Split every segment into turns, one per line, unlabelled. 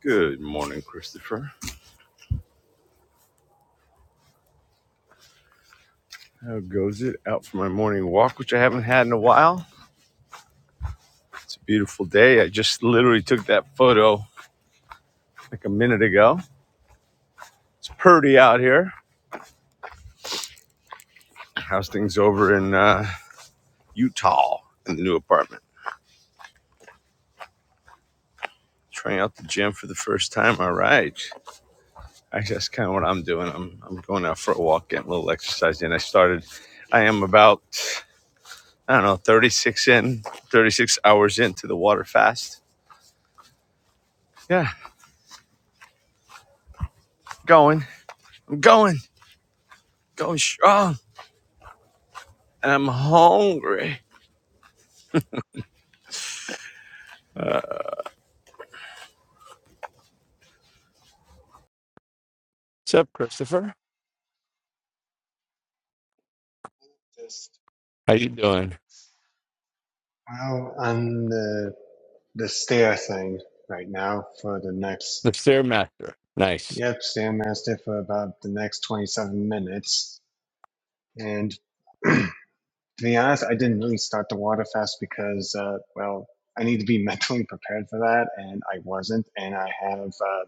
Good morning, Christopher. How goes it? Out for my morning walk, which I haven't had in a while. It's a beautiful day. I just literally took that photo like a minute ago. It's pretty out here. How's things over in uh, Utah in the new apartment? Trying out the gym for the first time. All right. Actually, that's kind of what I'm doing. I'm, I'm going out for a walk, getting a little exercise in. I started, I am about, I don't know, 36 in, 36 hours into the water fast. Yeah, going. I'm going, going strong I'm hungry. What's up, Christopher?
Just
How you doing?
well on the the stair thing right now for the next
The Stairmaster. Nice.
yep stairmaster for about the next 27 minutes and to be honest i didn't really start the water fast because uh, well i need to be mentally prepared for that and i wasn't and i have uh,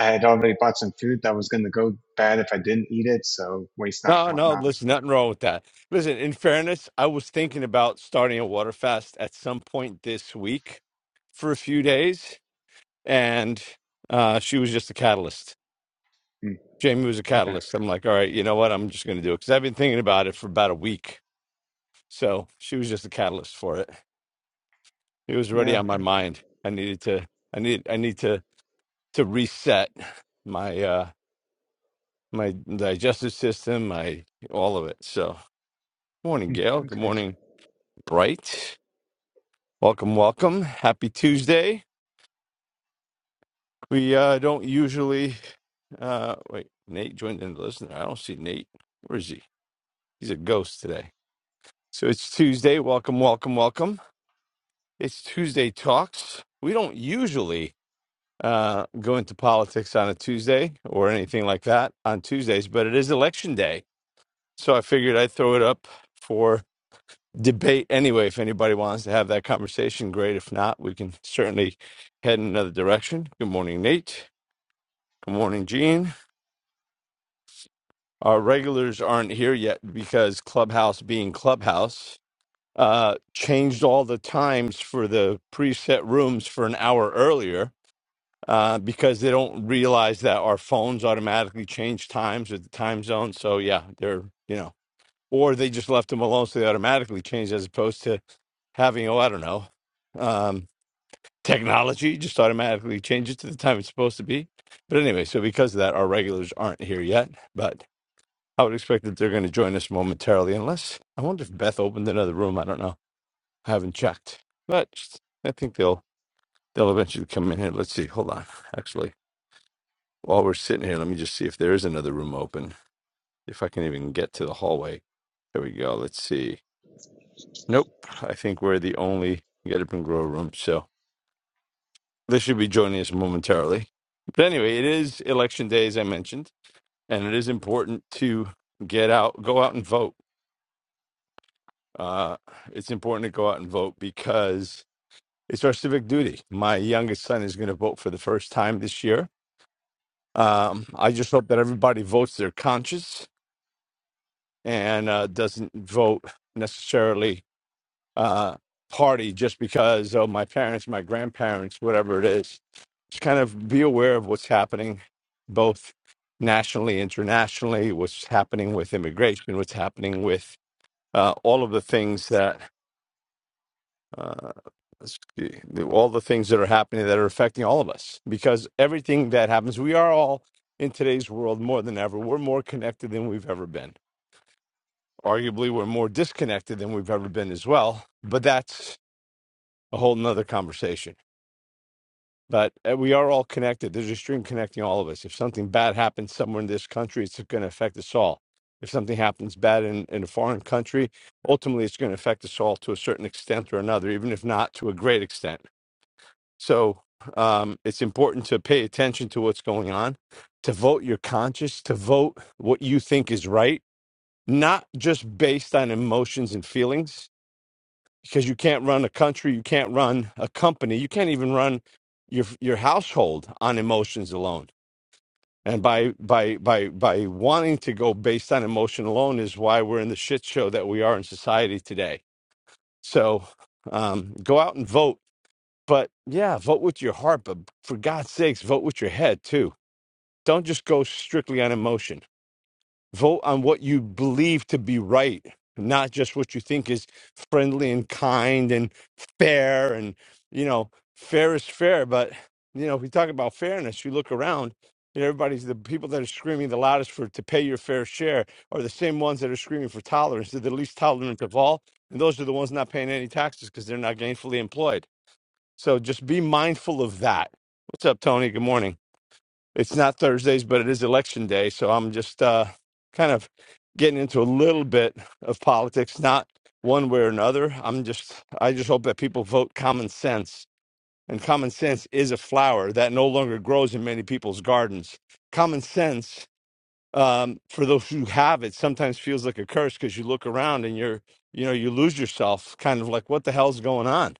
i had already bought some food that was going to go bad if i didn't eat it so waste not
No, no,
whatnot
listen, nothing wrong with that. Listen, in fairness, I was thinking about starting a water fast at some point this week for a few days, and uh, she was just a catalyst.
mm,
Jamie was a
okay
catalyst. I'm like, all right, you know what? I'm just going to do it because I've been thinking about it for about a week. So she was just a catalyst for it. It was already
yeah
on my mind. I needed to, I need, I need to, to reset my uh my digestive system, my all of it. So, morning,
mm,
Gail. Good
okay
morning, Bright. Welcome, welcome. Happy Tuesday. We uh, don't usually. Uh, wait, Nate joined in the listener. I don't see Nate. Where is he? He's a ghost today. So it's Tuesday. Welcome, welcome, welcome. It's Tuesday Talks. We don't usually uh, go into politics on a Tuesday or anything like that on Tuesdays, but it is election day. So I figured I'd throw it up for. debate anyway. If anybody wants to have that conversation, great. If not, we can certainly head in another direction. Good morning, Nate. Good morning, Gene. Our regulars aren't here yet because Clubhouse, being Clubhouse, uh, changed all the times for the preset rooms for an hour earlier. Uh, because they don't realize that our phones automatically change times with the time zone. So, yeah, they're, you know, or they just left them alone. So they automatically changed as opposed to having, oh, I don't know, Um, technology just automatically changes to the time it's supposed to be. But anyway, so because of that, our regulars aren't here yet. But I would expect that they're going to join us momentarily, unless I wonder if Beth opened another room. I don't know. I haven't checked, but I think they'll they'll eventually come in here. Let's see. Hold on. Actually, while we're sitting here, let me just see if there is another room open. If I can even get to the hallway. There we go. Let's see. Nope. I think we're the only Get Up and Grow room. So They should be joining us momentarily. But anyway, it is election day, as I mentioned, and it is important to get out, go out and vote. Uh, it's important to go out and vote because it's our civic duty. My youngest son is going to vote for the first time this year. Um, I just hope that everybody votes their conscience and uh, doesn't vote necessarily uh, party just because of my parents, my grandparents, whatever it is. Just kind of be aware of what's happening, both nationally, internationally, what's happening with immigration, what's happening with uh, all of the things that. Uh, s- all the things that are happening that are affecting all of us because everything that happens we are all in today's world more than ever we're more connected than we've ever been arguably we're more disconnected than we've ever been as well but that's a whole nother conversation But uh, we are all connected. There's a stream connecting all of us. If something bad happens somewhere in this country, it's going to affect us all. If something happens bad in, in a foreign country, ultimately it's going to affect us all to a certain extent or another, even if not to a great extent. So um, it's important to pay attention to what's going on, to vote your conscience, to vote what you think is right, not just based on emotions and feelings because you can't run a country, you can't run a company, you can't even run your your household on emotions alone. And by by by by wanting to go based on emotion alone is why we're in the shit show that we are in society today. So um, go out and vote, but yeah, vote with your heart. But for God's sakes, vote with your head too. Don't just go strictly on emotion. Vote on what you believe to be right, not just what you think is friendly and kind and fair. And, you know, fair is fair. But, you know, if we talk about fairness, you look around and everybody's the people that are screaming the loudest for to pay your fair share are the same ones that are screaming for tolerance. They're the least tolerant of all. And those are the ones not paying any taxes because they're not gainfully employed. So just be mindful of that. What's up, Tony? Good morning it's not Thursdays, but it is election day. So I'm just uh, kind of getting into a little bit of politics, not one way or another. I'm just, I just hope that people vote common sense. And common sense is a flower that no longer grows in many people's gardens. Common sense, um, for those who have it, sometimes feels like a curse because you look around and you're, you know, you lose yourself, kind of like, what the hell's going on?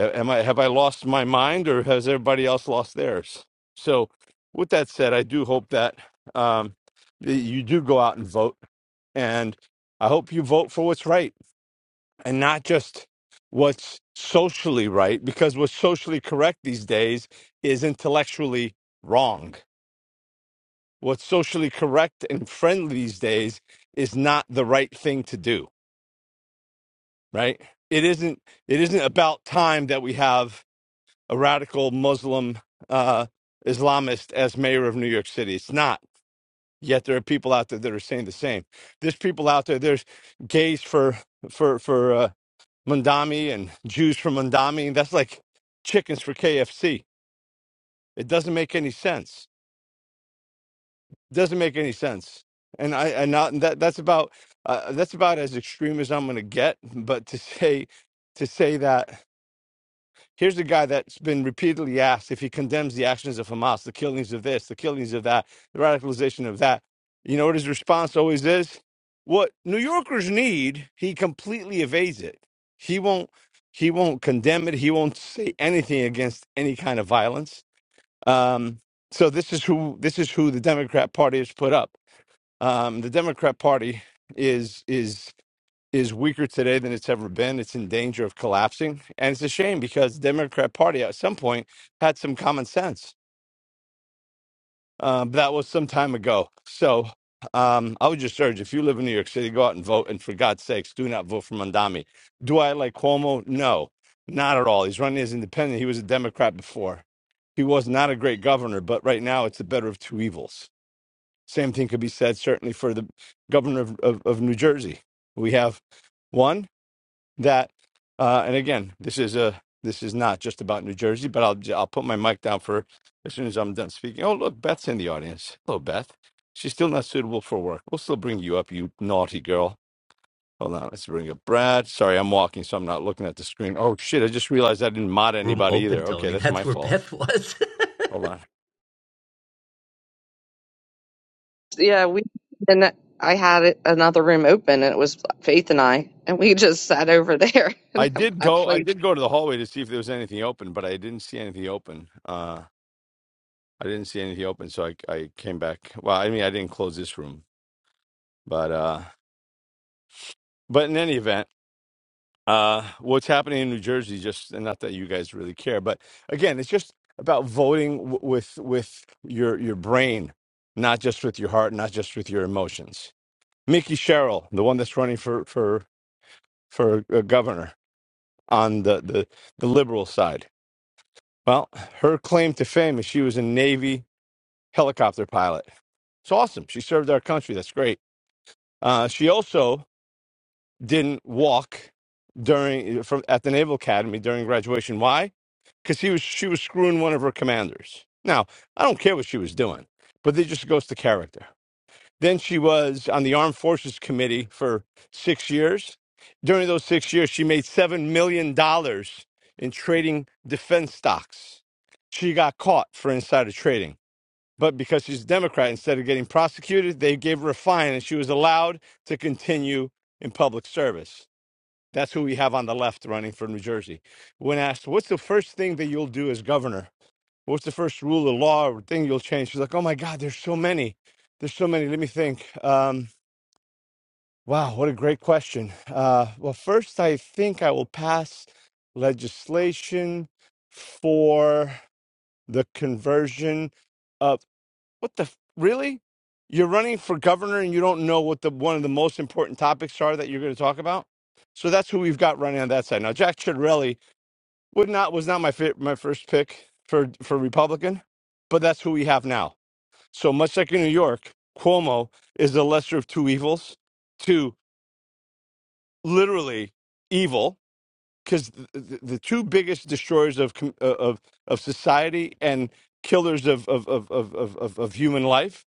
Uh, Am I have I lost my mind, or has everybody else lost theirs? So, with that said, I do hope that um, that you do go out and vote, and I hope you vote for what's right and not just what's socially right, because what's socially correct these days is intellectually wrong. What's socially correct and friendly these days is not the right thing to do. Right? It isn't. It isn't about time that we have a radical Muslim uh, Islamist as mayor of New York City. It's not. Yet there are people out there that are saying the same. There's people out there. There's gays for for for uh, Mundami and Jews for Mundami, and that's like chickens for KFC. It doesn't make any sense. It doesn't make any sense. And I and not and that that's about uh, that's about as extreme as I'm going to get. But to say to say that. Here's the guy that's been repeatedly asked if he condemns the actions of Hamas, the killings of this, the killings of that, the radicalization of that. You know what his response always is? What New Yorkers need, he completely evades it. He won't he won't condemn it. He won't say anything against any kind of violence. Um, so this is who this is who the Democrat Party has put up. Um, the Democrat Party is is is weaker today than it's ever been. It's in danger of collapsing, and it's a shame because the Democrat Party at some point had some common sense. Uh, but that was some time ago. So um, I would just urge if you live in New York City, go out and vote. And for God's sakes, do not vote for Mondami. Do I like Cuomo? No, not at all. He's running as independent. He was a Democrat before. He was not a great governor, but right now it's the better of two evils. Same thing could be said certainly for the governor of, of, of New Jersey. We have one that uh and again this is a this is not just about new jersey but i'll j- i'll put my mic down for as soon as i'm done speaking oh look beth's in the audience hello beth she's still not suitable for work we'll still bring you up you naughty girl hold on let's bring up brad sorry i'm walking so i'm not looking at the screen oh shit i just realized i didn't mod
room
anybody
open,
either okay
Tony.
that's
That's
my
where
fault
Beth was.
hold on
yeah, we and I had another room open, and it was Faith and I, and we just sat over there. And
i did
I, I
go i
played.
did go to the hallway to see if there was anything open but i didn't see anything open uh i didn't see anything open so i i came back well i mean i didn't close this room but uh But in any event, uh, what's happening in New Jersey, just and not that you guys really care, but again, it's just about voting w- with with your your brain, not just with your heart, not just with your emotions. Mickey Sherrill, the one that's running for for for uh, governor on the, the the liberal side. Well, her claim to fame is she was a Navy helicopter pilot. It's awesome. She served our country. That's great. Uh, she also didn't walk during eh, from at the Naval Academy during graduation. Why? Because he was she was screwing one of her commanders. Now I don't care what she was doing, but it just goes to character. Then she was on the Armed Forces Committee for six years. During those six years, she made seven million dollars in trading defense stocks. She got caught for insider trading. But because she's a Democrat, instead of getting prosecuted, they gave her a fine and she was allowed to continue in public service. That's who we have on the left running for New Jersey. When asked, what's the first thing that you'll do as governor? What's the first rule of law or thing you'll change? She's like, oh my God, there's so many. There's so many. Let me think. Um, wow, what a great question. Uh, well, first, I think I will pass legislation for the conversion what the f- really? You're running for governor and you don't know what the one of the most important topics are that you're going to talk about. So that's who we've got running on that side now. Jack Chiarelli would not was not my fi- my first pick for for Republican, but that's who we have now. So much like in New York, Cuomo is the lesser of two evils, two literally evil because the, the two biggest destroyers of com- uh, of of society and killers of of of of of, of of human life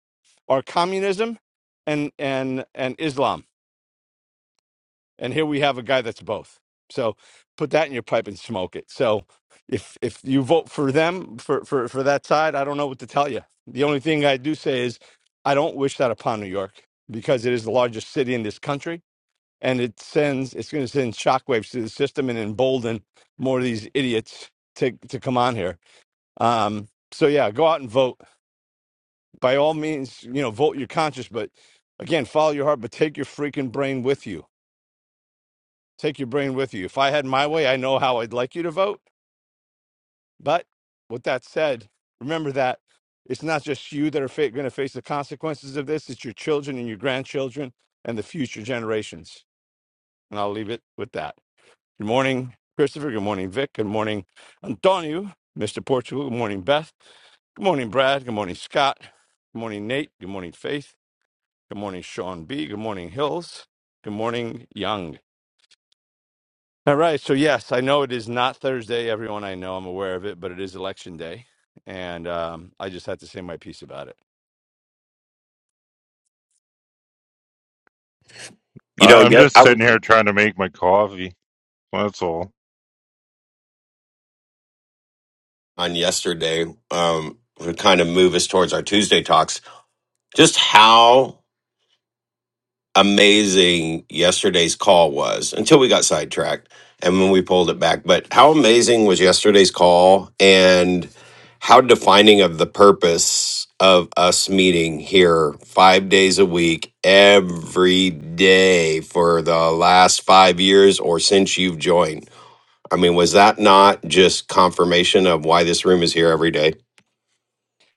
are communism and and and Islam. And here we have a guy that's both. So put that in your pipe and smoke it. So if if you vote for them for for for that side, I don't know what to tell you. The only thing I do say is I don't wish that upon New York because it is the largest city in this country and it sends it's going to send shockwaves to the system and embolden more of these idiots to to come on here. Um, so yeah, go out and vote by all means. You know, vote your conscience, but again, follow your heart. But take your freaking brain with you. Take your brain with you. If I had my way, I know how I'd like you to vote. But with that said, remember that it's not just you that are fa- going to face the consequences of this. It's your children and your grandchildren and the future generations. And I'll leave it with that. Good morning, Christopher. Good morning, Vic. Good morning, Antonio, Mr. Portugal. Good morning, Beth. Good morning, Brad. Good morning, Scott. Good morning, Nate. Good morning, Faith. Good morning, Sean B. Good morning, Hills. Good morning, Young. All right. So, yes, I know it is not Thursday. Everyone I know, I'm aware of it, but it is election day. And um, I just had to say my piece about it.
You know,
I- I'm
yet
just
I was
sitting here trying to make my coffee. That's all.
on yesterday um, to kind of move us towards our Tuesday talks. Just how amazing yesterday's call was until we got sidetracked and when we pulled it back. But how amazing was yesterday's call and how defining of the purpose of us meeting here five days a week every day for the last five years or since you've joined I mean, was that not just confirmation of why this room is here every day?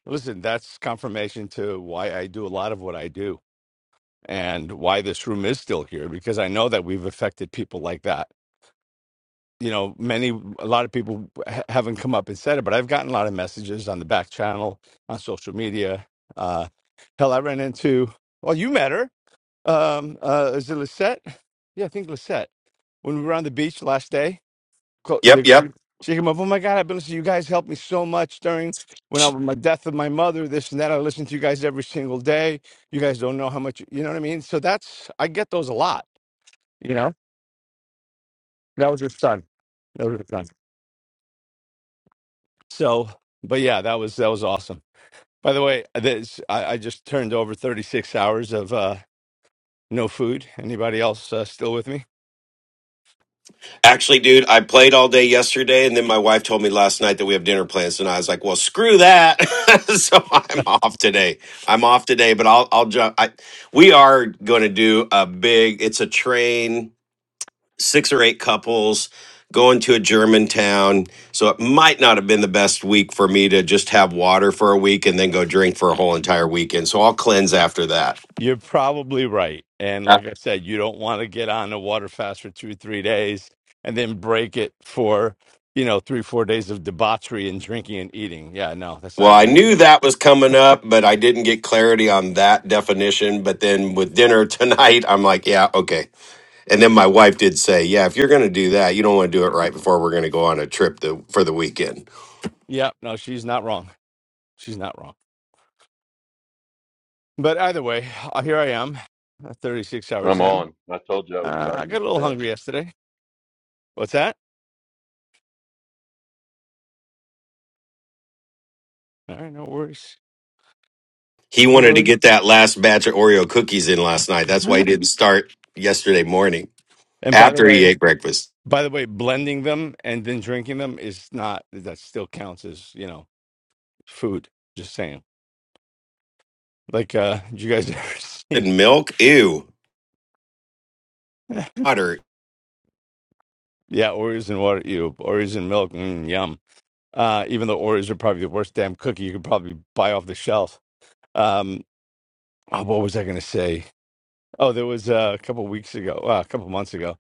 Listen, that's confirmation to why I do a lot of what I do and why this room is still here, because I know that we've affected people like that you know, many, a lot of people ha- haven't come up and said it, but I've gotten a lot of messages on the back channel, on social media. Uh, hell, I ran into, well, you met her. Um, uh, is it Lisette? Yeah, I think Lisette. When we were on the beach last day, co-
Yep,
the- she
yep.
she came up, oh my God, I've been listening you guys helped me so much during when I was my death of my mother, this and that. I listened to you guys every single day. You guys don't know how much, you know what I mean? So that's, I get those a lot, you know? that was her son. That was her son. So, but yeah, that was that was awesome. By the way, this I, I just turned over 36 hours of uh, no food. Anybody else uh, still with me?
Actually, dude, I played all day yesterday, and then my wife told me last night that we have dinner plans, and I was like, "Well, screw that!" so I'm off today. I'm off today, but I'll I'll jump. I, we are going to do a big. It's a train, six or eight couples going to a German town. So it might not have been the best week for me to just have water for a week and then go drink for a whole entire weekend. So I'll cleanse after that.
You're probably right. And like I said, you don't want to get on a water fast for two, three days and then break it for, you know, three, four days of debauchery and drinking and eating. Yeah, no, that's
Well,
not a
I
good
knew
idea.
that was coming up, but I didn't get clarity on that definition. But then with dinner tonight, I'm like, yeah, okay. And then my wife did say, yeah, if you're going to do that, you don't want to do it right before we're going to go on a trip the, for the weekend.
Yeah, no, she's not wrong. She's not wrong. But either way, uh, here I am, uh, 36 hours
I'm
in.
on. I told you I was
Uh, I
starting
got a little
today.
hungry yesterday. What's that? All right, no worries.
He
No
wanted to
worries.
get that last batch of Oreo cookies in last night. That's why he didn't start yesterday morning
And by the
after he
way,
ate breakfast.
by the way, blending them and then drinking them is not that still counts as, you know, food. Just saying. Like uh did you guys ever see
And milk, ew, water.
Yeah, Oreos and water you know, Oreos and milk, mm, yum. Uh even though Oreos are probably the worst damn cookie you could probably buy off the shelf. Um oh, what was I gonna say? Oh, there was uh, a couple weeks ago, uh, a couple months ago,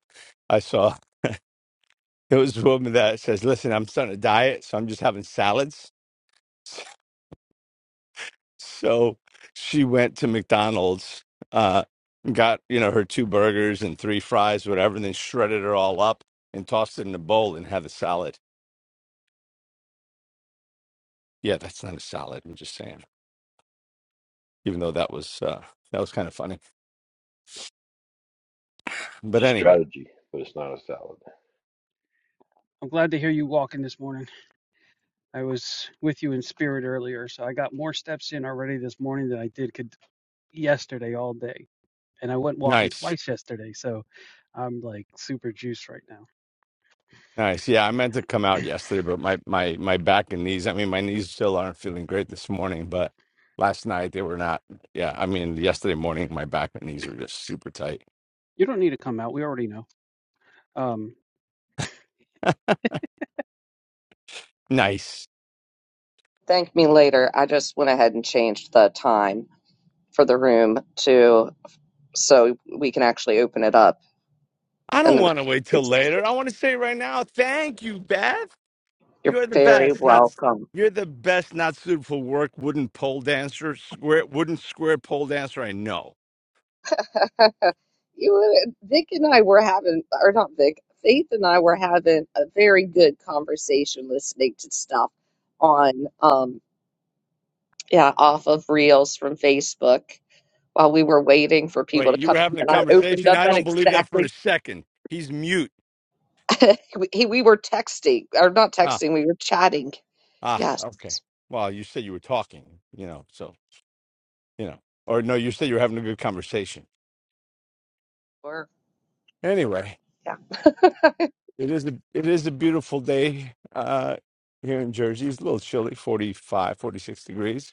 I saw there was a woman that says, Listen, I'm starting a diet, so I'm just having salads So she went to McDonald's, uh, and got, you know, her two burgers and three fries, whatever, and then shredded it all up and tossed it in a bowl and had a salad. Yeah, that's not a salad. I'm just saying, even though that was, uh, that was kind of funny. But
It's a
anyway,
strategy, but it's not a salad.
I'm glad to hear you walking this morning. I was with you in spirit earlier, so I got more steps in already this morning than I did could yesterday all day. And I went walking
nice.
twice yesterday, so I'm like super juiced right now.
Nice. Yeah, I meant to come out yesterday, but my, my, my back and knees, I mean, my knees still aren't feeling great this morning, but last night they were not. Yeah, I mean, yesterday morning, my back and knees were just super tight.
You don't need to come out. We already know. Um,
Nice.
Thank me later. I just went ahead and changed the time for the room to so we can actually open it up.
I
And
don't
the
want to wait till later. I want to say right now, thank you, Beth.
you're
You're the
very
best. Not
welcome.
you're the best. Not suited for work. Wooden pole dancer, square wooden square pole dancer. I know.
You, Vic and I were having, or not Vic, Faith and I were having a very good conversation listening to stuff on, um, yeah, off of Reels from Facebook while we were waiting for people
Wait,
to
you
come.
were having a
And I opened
conversation.
up
I
at
don't believe that for a
exactly
second. He's mute.
we, he- we were texting or not
Ah,
texting, we were chatting.
ah.
Yes,
Okay. Well, you said you were talking. You know. So you know. Or no, you said you were having a good conversation.
we were
Anyway,
yeah.
it is a it is a beautiful day uh, here in Jersey. It's a little chilly, 45, 46 degrees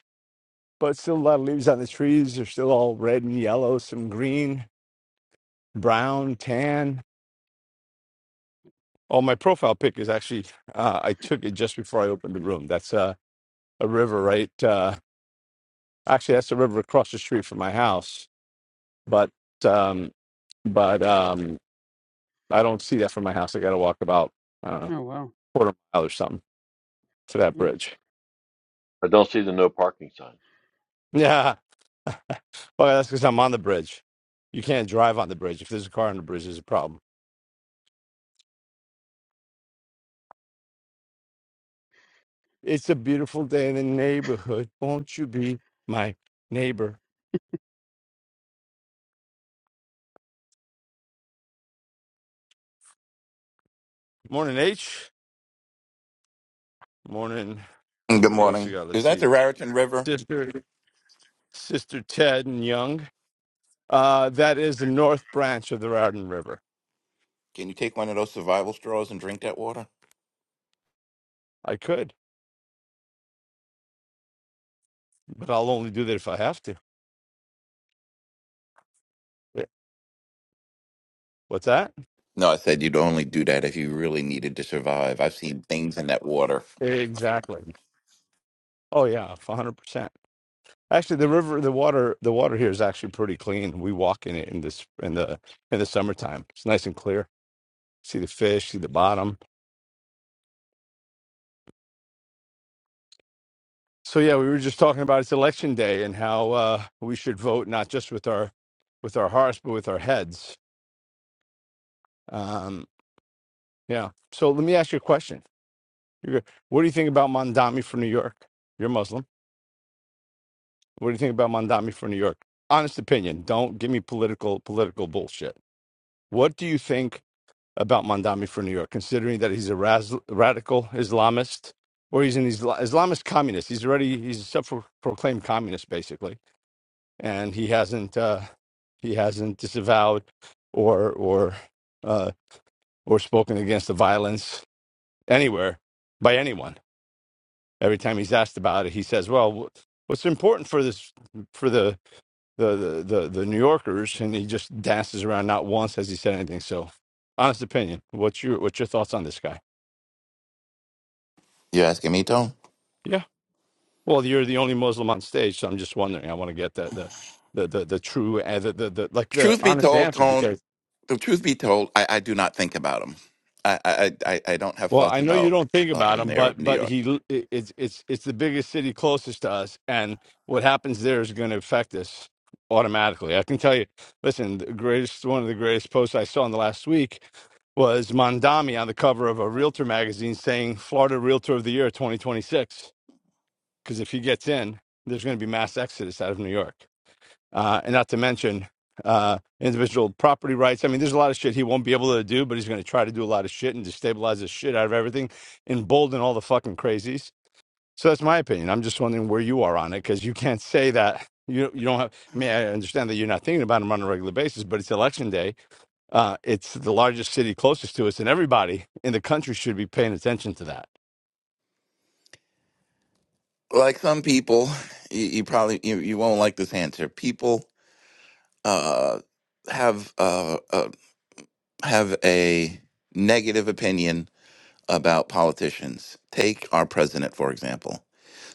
but still a lot of leaves on the trees. They're still all red and yellow, some green, brown, tan. Oh, my profile pic is actually uh, I took it just before I opened the room. That's uh, a river, right? Uh, actually, that's a river across the street from my house, but um, but um, I don't see that from my house. I got to walk about I don't know
oh wow.
quarter mile or something to that
Mm.
bridge.
I don't see the no parking signs.
Yeah, well, that's because I'm on the bridge. You can't drive on the bridge. If there's a car on the bridge, there's a problem. It's a beautiful day in the neighborhood. Won't you be my neighbor? Morning, H. Morning.
Good
Who else we
morning.
got? Let's
Is that the
see.
Raritan River?
Sister, Sister Ted and Young. Uh, that is the North Branch of the Raritan River.
Can you take one of those survival straws and drink that water?
I could, but I'll only do that if I have to. Yeah. What's that?
No, I said you'd only do that if you really needed to survive. I've seen things in that water.
Exactly. Oh yeah, one hundred percent. Actually, the river, the water, the water here is actually pretty clean. We walk in it in this in the in the summertime. It's nice and clear. See the fish, see the bottom So yeah, we were just talking about it's election day and how uh, we should vote not just with our with our hearts but with our heads. Um, yeah. So let me ask you a question. You're, what do you think about Mandami from New York? You're Muslim. What do you think about Mandami from New York? Honest opinion. Don't give me political political bullshit. What do you think about Mandami from New York? Considering that he's a raz- radical Islamist or he's an Isla- Islamist communist. He's already he's a self-proclaimed communist basically and he hasn't uh, he hasn't disavowed or or uh, or spoken against the violence anywhere by anyone. Every time he's asked about it, he says, "Well, wh- what's important for this for the the the the, the New Yorkers?" And he just dances around. Not once has he said anything. So, honest opinion, what's your what's your thoughts on this guy?
You asking me, Tone?
Yeah. Well, you're the only Muslim on stage, so I'm just wondering. I want to get that the the the, the true and the, the the like the
Truth be
honest
told,
answer
Tone.
because
The truth be told, I, I do not think about them. I I I, I don't have
Well, I
thoughts
know you
about
don't think
uh,
about
the
him,
mayor of
but
New
but
York.
he l- i- it's it's it's the biggest city closest to us, and what happens there is going to affect us automatically. I can tell you. Listen, the greatest one of the greatest posts I saw in the last week was Mondami on the cover of a realtor magazine saying Florida Realtor of the Year 2026. Because if he gets in, there's going to be mass exodus out of New York uh, and not to mention uh, individual property rights. I mean, there's a lot of shit he won't be able to do, but he's going to try to do a lot of shit and destabilize the shit out of everything, embolden all the fucking crazies. So that's my opinion. I'm just wondering where you are on it because you can't say that you you don't have. I mean, I understand that you're not thinking about him on a regular basis, but it's election day. Uh, it's the largest city closest to us, and everybody in the country should be paying attention to that.
Like some people, you, you probably you, you won't like this answer. People uh, have uh, uh, have a negative opinion about politicians. Take our president, for example.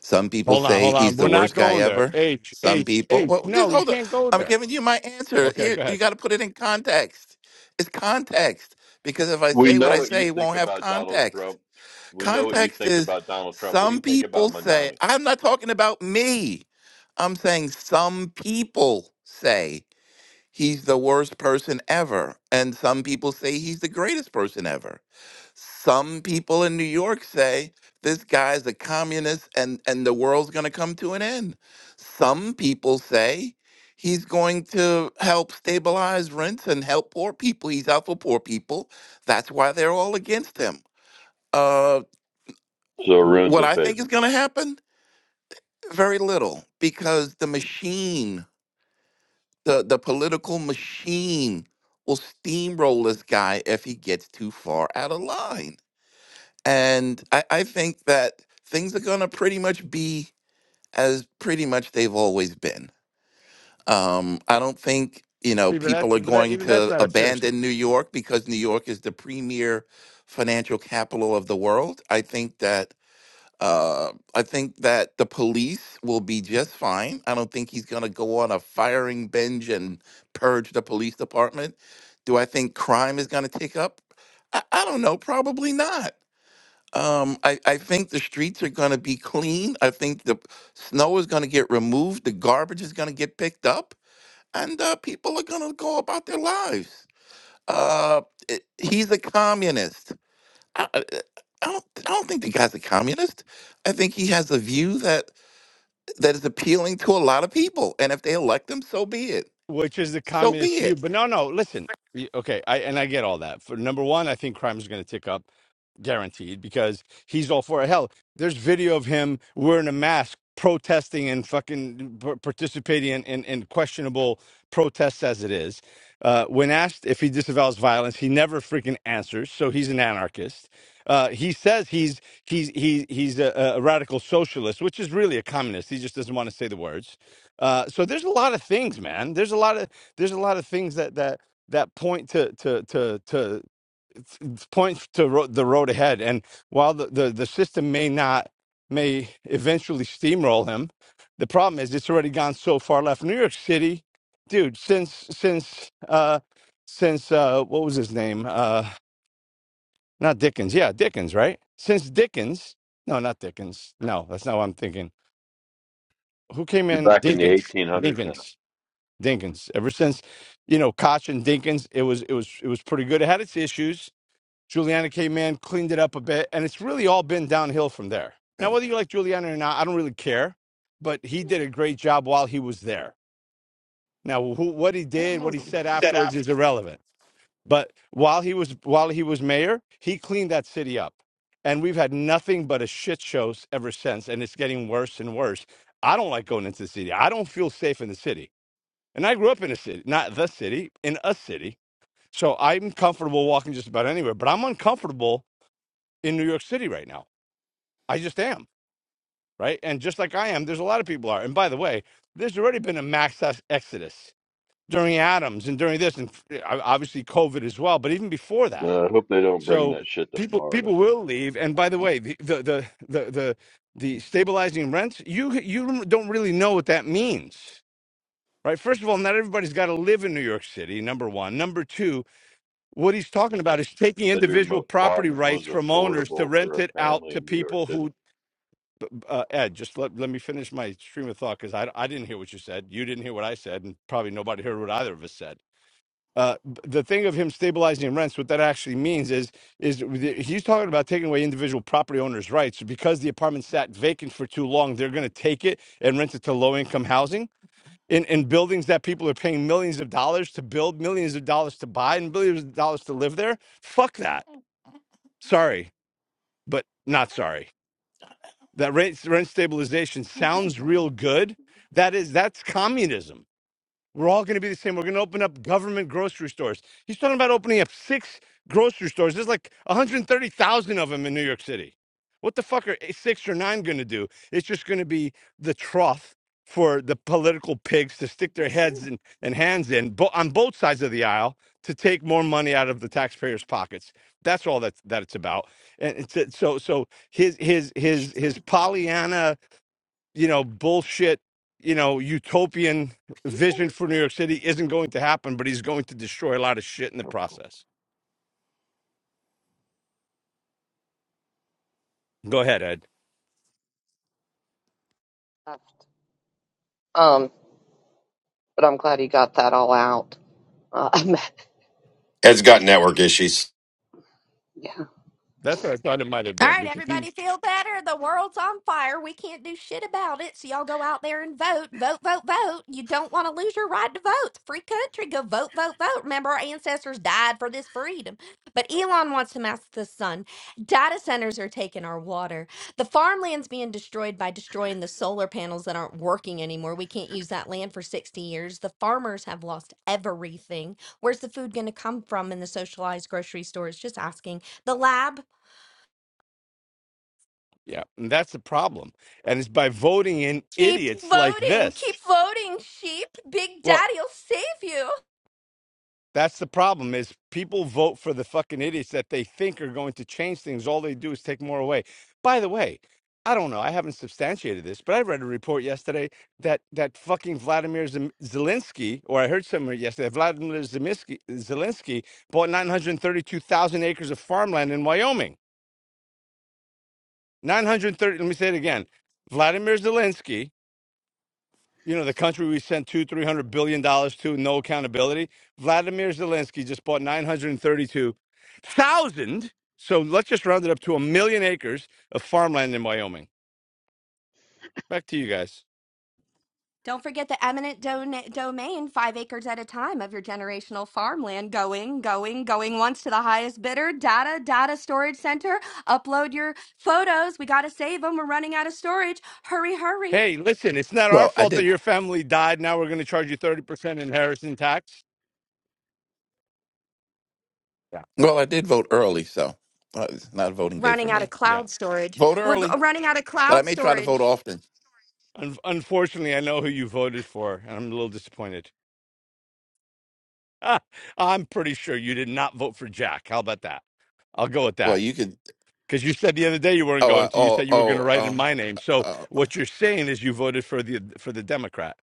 Some people
Hold on,
say
hold on.
he's
We're
the
not
worst guy
going there.
ever.
H
Some
H
people,
H.
well,
No,
just
you
hold on.
can't go
I'm
there.
giving you my answer.
Okay,
Here,
go ahead.
you got to put it in context. It's context because if I
We
say what
know
I
what you
say, it
think
won't have
about Donald
context.
Trump. We know what you
Context
think
is
about Donald Trump. What do
some
you think
people
about
say,
Mondami?
I'm not talking about me. I'm saying some people say he's the worst person ever. And some people say he's the greatest person ever some people in New York say this guy's a communist and, and the world's going to come to an end. Some people say he's going to help stabilize rents and help poor people. He's out for poor people. That's why they're all against him. Uh,
So
w-
Arun's
what
in
I think
favor.
is going to happen? Very little, because the machine, the, the political machine, will steamroll this guy if he gets too far out of line And I, I think that things are going to pretty much be as pretty much they've always been. Um, I don't think, you know,
See, but
people
that's
are
but that
going
even that's
to
not a fish,
abandon New York because New York is the premier financial capital of the world. I think that. Uh, I think that the police will be just fine. I don't think he's going to go on a firing binge and purge the police department. Do I think crime is going to tick up? I, I don't know. Probably not. Um, I, I think the streets are going to be clean. I think the snow is going to get removed. The garbage is going to get picked up, and uh, people are going to go about their lives. Uh, it- he's a communist. I, I I don't. I don't think the guy's a communist. I think he has a view that that is appealing to a lot of people, and if they elect him, so be it.
which is the
So
communist
be
view.
it.
But no, no, listen. Y- Okay, I and I get all that. For number one, I think crime is going to tick up, guaranteed, because he's all for it. Hell, there's video of him wearing a mask, protesting and fucking p- participating in, in, in questionable protests as it is. Uh, when asked if he disavows violence, he never freaking answers. So he's an anarchist. Uh, he says he's he's he's he's a, a radical socialist, which is really a communist. He just doesn't want to say the words Uh, so there's a lot of things, man. There's a lot of there's a lot of things that that that point to to to to it's- it's points to ro- the road ahead. And while the, the the system may not may eventually steamroll him, the problem is it's already gone so far left. New York City, dude. Since since uh since uh what was his name? Uh, not Dickens. Yeah, Dickens. Right. Since Dickens. No, not Dickens. No, that's not what I'm thinking. Who came
You're
in?
back in the
Dinkins.
1800s now.
Dinkins. Dinkins. Ever since, you know, Koch and Dinkins, it was it was it was pretty good. It had its issues. Juliana came in, cleaned it up a bit, and it's really all been downhill from there.
Uh,
Now, whether you like Juliana or not, I don't really care, but he did a great job while he was there. Now, who, what he did, what he said
Set up.
afterwards is irrelevant. But while he was while he was mayor, he cleaned that city up, and we've had nothing but a shit show ever since, and it's getting worse and worse. I don't like going into the city. I don't feel safe in the city. And I grew up in a city, not the city, in a city. So I'm comfortable walking just about anywhere, but I'm uncomfortable in New York City right now. I just am, right? And just like I am, there's a lot of people are. And by the way, there's already been a mass ex- exodus during Adams and during this, and f- uh, obviously COVID as well, but even before that.
Well, I hope they don't bring
So
that shit to
people
Florida.
people will leave. And by the way, the the the the the, the stabilizing rents, you you don't really know what that means right? First of all, not everybody's got to live in New York City, number one. Number two, what he's talking about is taking
Bedroom
individual property
apartment was
rights from owners to
affordable
rent
for a
it out
family
to
in New York
people
City.
who uh, ed just let, let me finish my stream of thought because I, I didn't hear what you said you didn't hear what i said and probably nobody heard what either of us said uh, b- the thing of him stabilizing rents what that actually means is is the- he's talking about taking away individual property owners rights because the apartment sat vacant for too long they're going to take it and rent it to low income housing in, in buildings that people are paying millions of dollars to build, millions of dollars to buy, and billions of dollars to live there. Fuck that. Sorry, but not sorry. That rent, rent stabilization sounds real good. That is, that's communism we're all going to be the same. We're going to open up government grocery stores. He's talking about opening up six grocery stores. There's like 130,000 of them in New York City. What the fuck are eh, six or nine going to do? It's just going to be the trough for the political pigs to stick their heads and, and hands in bo- on both sides of the aisle to take more money out of the taxpayers' pockets. That's all that that it's about. And it's, so so so his his
That's
his his
true.
Pollyanna you know, bullshit, you know, utopian
People.
vision for New York City isn't going to happen, but he's going to destroy a lot of shit in the process. Go ahead, Ed.
Um, but I'm glad he got that all out. Uh,
Ed's got network issues.
yeah.
That's what I thought it might have
All
been
right,
because he,
everybody feel better. The world's on fire. We can't do shit about it. So y'all go out there and vote. Vote, vote, vote. You don't want to lose your right to vote. It's a Free country. Go vote, vote, vote. Remember, our ancestors died for this freedom. But Elon wants to mask the sun. Data centers are taking our water. The farmland's being destroyed by destroying the solar panels that aren't working anymore. We can't use that land for 60 years. The farmers have lost everything. Where's the food going to come from in the socialized grocery stores? Just asking. The lab?
yeah, and that's the problem. And it's by voting in
Keep
idiots like
voting. Keep
this.
voting, sheep. Big
Well,
Daddy'll save you.
That's the problem is people vote for the fucking idiots that they think are going to change things. All they do is take more away. By the way, I don't know. I haven't substantiated this, but I read a report yesterday that that fucking Vladimir Zem- Zelensky, or I heard somewhere yesterday, Vladimir Zemisky, Zelensky bought 932,000 acres of farmland in Wyoming. 930, let me say it again. Vladimir Zelensky you know, the country we sent two, three hundred billion dollars to, no accountability. Vladimir Zelensky just bought nine hundred and thirty-two thousand. So let's just round it up to a million acres of farmland in Wyoming. Back to you guys.
Don't forget the eminent dona- domain, five acres at a time of your generational farmland. Going, going, going once to the highest bidder. Data, data storage center. Upload your photos. We got to save them. We're running out of storage. Hurry, hurry.
Hey, listen, it's not our
Well, I
fault
did.
that your family died. Now we're going to charge you thirty percent inheritance tax. Yeah,
Well, I did vote early, so uh, it's not a voting day
Running
for
out of
me.
yeah.
cloud storage.
Vote
We're g-
early,
running out of
but I
cloud
may try to vote
storage.
often.
Un- unfortunately, I know who you voted for, and I'm a little disappointed. Ah, I'm pretty sure you did not vote for Jack. How about that? I'll go with
Well,
that.
you could.
Because you said the other day you weren't
Oh,
going
I,
to. You
oh,
said you were going to
oh,
write
uh,
in my name. So
uh,
what you're saying is you voted for the for the Democrat.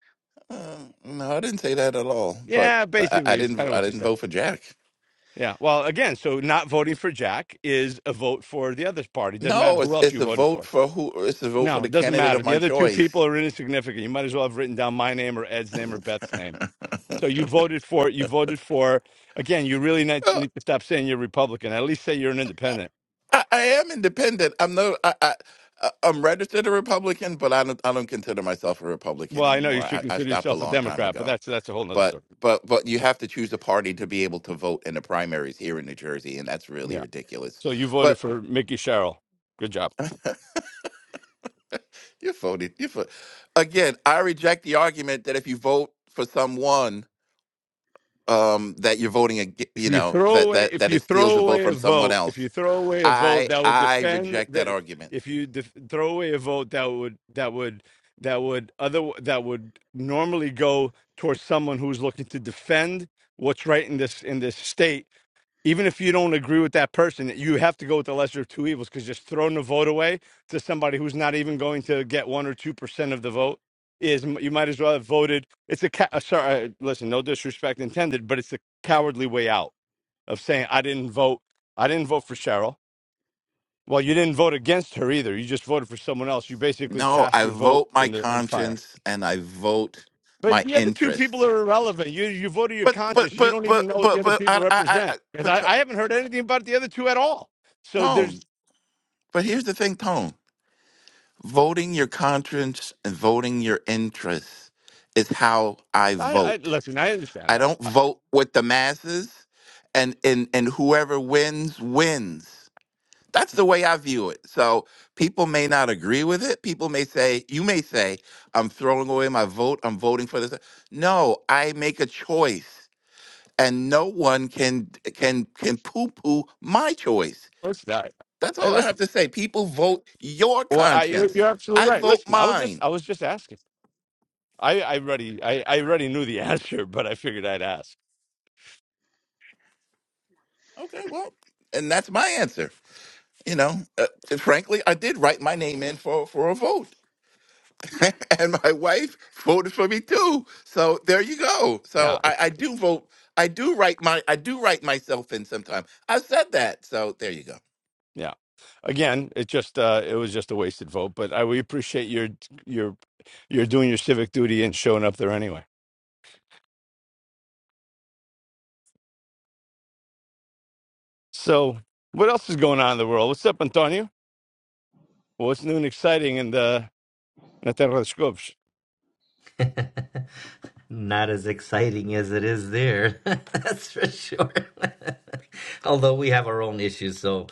uh, no, I didn't say that at all. But
Yeah,
I, I
basically, it's kind
didn't.
of
I
what you
didn't
said.
vote for Jack.
Yeah. Well, again, so not voting for Jack is a vote for the other party. Doesn't matter
No,
who
it's
else you
it's a
voted
vote
for.
for who? It's a vote for
No,
the
it doesn't
candidate
matter.
of
The
my
other two
choice.
people are insignificant. You might as well have written down my name or Ed's name or Beth's name. So you voted for you voted for again. You really need
Uh,
need to stop saying you're Republican. At least say you're an independent.
I, I am independent. I'm no. I, I, I- I'm registered a Republican, but I don't. I don't consider myself a Republican
Well, I know you
anymore.
should
I, I
consider
stopped a
yourself a
long time
Democrat, but
ago.
that's that's a whole nother
but
story.
but but you have to choose a party to be able to vote in the primaries here in New Jersey, and that's really ridiculous.
So you voted
But
for Mickey Sherrill. Good job.
you voted. You voted. Again, I reject the argument that if you vote for someone, um, that you're voting, ag-
If
you
you
know,
throw
that
away,
that
if
that
you
it steals
throw
a vote
away a
from someone
vote, if you
else.
throw away a vote
I
that would
I
defend
reject that
that,
argument.
if you def- throw away a vote that would that would that would other that would normally go towards someone who's looking to defend what's right in this in this state even if you don't agree with that person, you have to go with the lesser of two evils because just throwing the vote away to somebody who's not even going to get one or two percent of the vote is you might as well have voted. It's a ca- uh, sorry, uh, listen, no disrespect intended, but it's a cowardly way out of saying I didn't vote. I didn't vote for Cheryl. Well, you didn't vote against her either. You just voted for someone else. You basically
No,
cast
I
your vote
vote my
in the in fire.
conscience and I vote
But
my
the other two people
interests.
are irrelevant. You you vote your
But but
conscience. You
but
don't even
but
know what the
but
other
but
people
I I I
represent
I-
because
but
I, I haven't heard anything about the other two at all. So there's
Tone. But here's the thing, Tone. Voting your conscience and voting your interests is how I
I, I
vote.
listen. I understand
I
that.
don't vote with the masses and and, and whoever wins wins. That's the way I view it. So people may not agree with it. People may say, you may say, I'm throwing away my vote. I'm voting for this. No, I make a choice and no one can can can poo-poo my choice.
Listen, I,
That's
I-
all I
listen.
have to say. People vote your
Well, I, you're, you're
conscience.
absolutely
I
right.
vote
Listen, I was just
mine.
I was just asking. I I already I, I already knew the answer, but I figured I'd ask.
Okay, well, and that's my answer. You know, uh, frankly, I did write my name in for for a vote, and my wife voted for me too. So there you go. So
Yeah,
I, I
it's-
do vote. I do write my. I do write myself in sometime. I said that. So there you go.
yeah. Again, it just uh, it was just a wasted vote. But I we appreciate your your you're doing your civic duty and showing up there anyway. So what else is going on in the world? What's up, Antonio? Well, it's new and exciting, and uh, not that other scopes.
Not as exciting as it is there. That's for sure. Although we have our own issues, so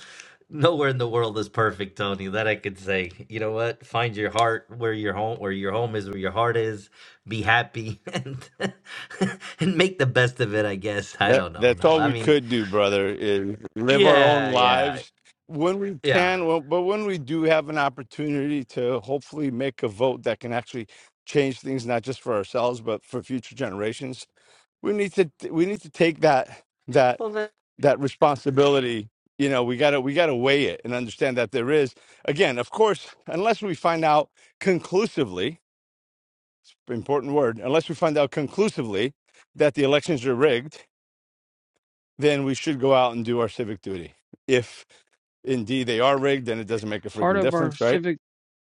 nowhere in the world is perfect, Tony. That I could say. You know what? Find your heart where your home where your home is, where your heart is. Be happy and and make the best of it, I guess. I
That
don't know.
that's
No.
all
I
we
mean,
could do, brother, is live our own
yeah, yeah.
lives when we
Yeah.
can. Well, but when we do have an opportunity to hopefully make a vote that can actually change things, not just for ourselves but for future generations, we need to we need to take that that
Well, that.
that responsibility. You know, we gotta we gotta weigh it and understand that there is again, of course, unless we find out conclusively important word. Unless we find out conclusively that the elections are rigged, then we should go out and do our civic duty. If indeed they are rigged, then it doesn't make a
Part
freaking
of our
difference, right?
civic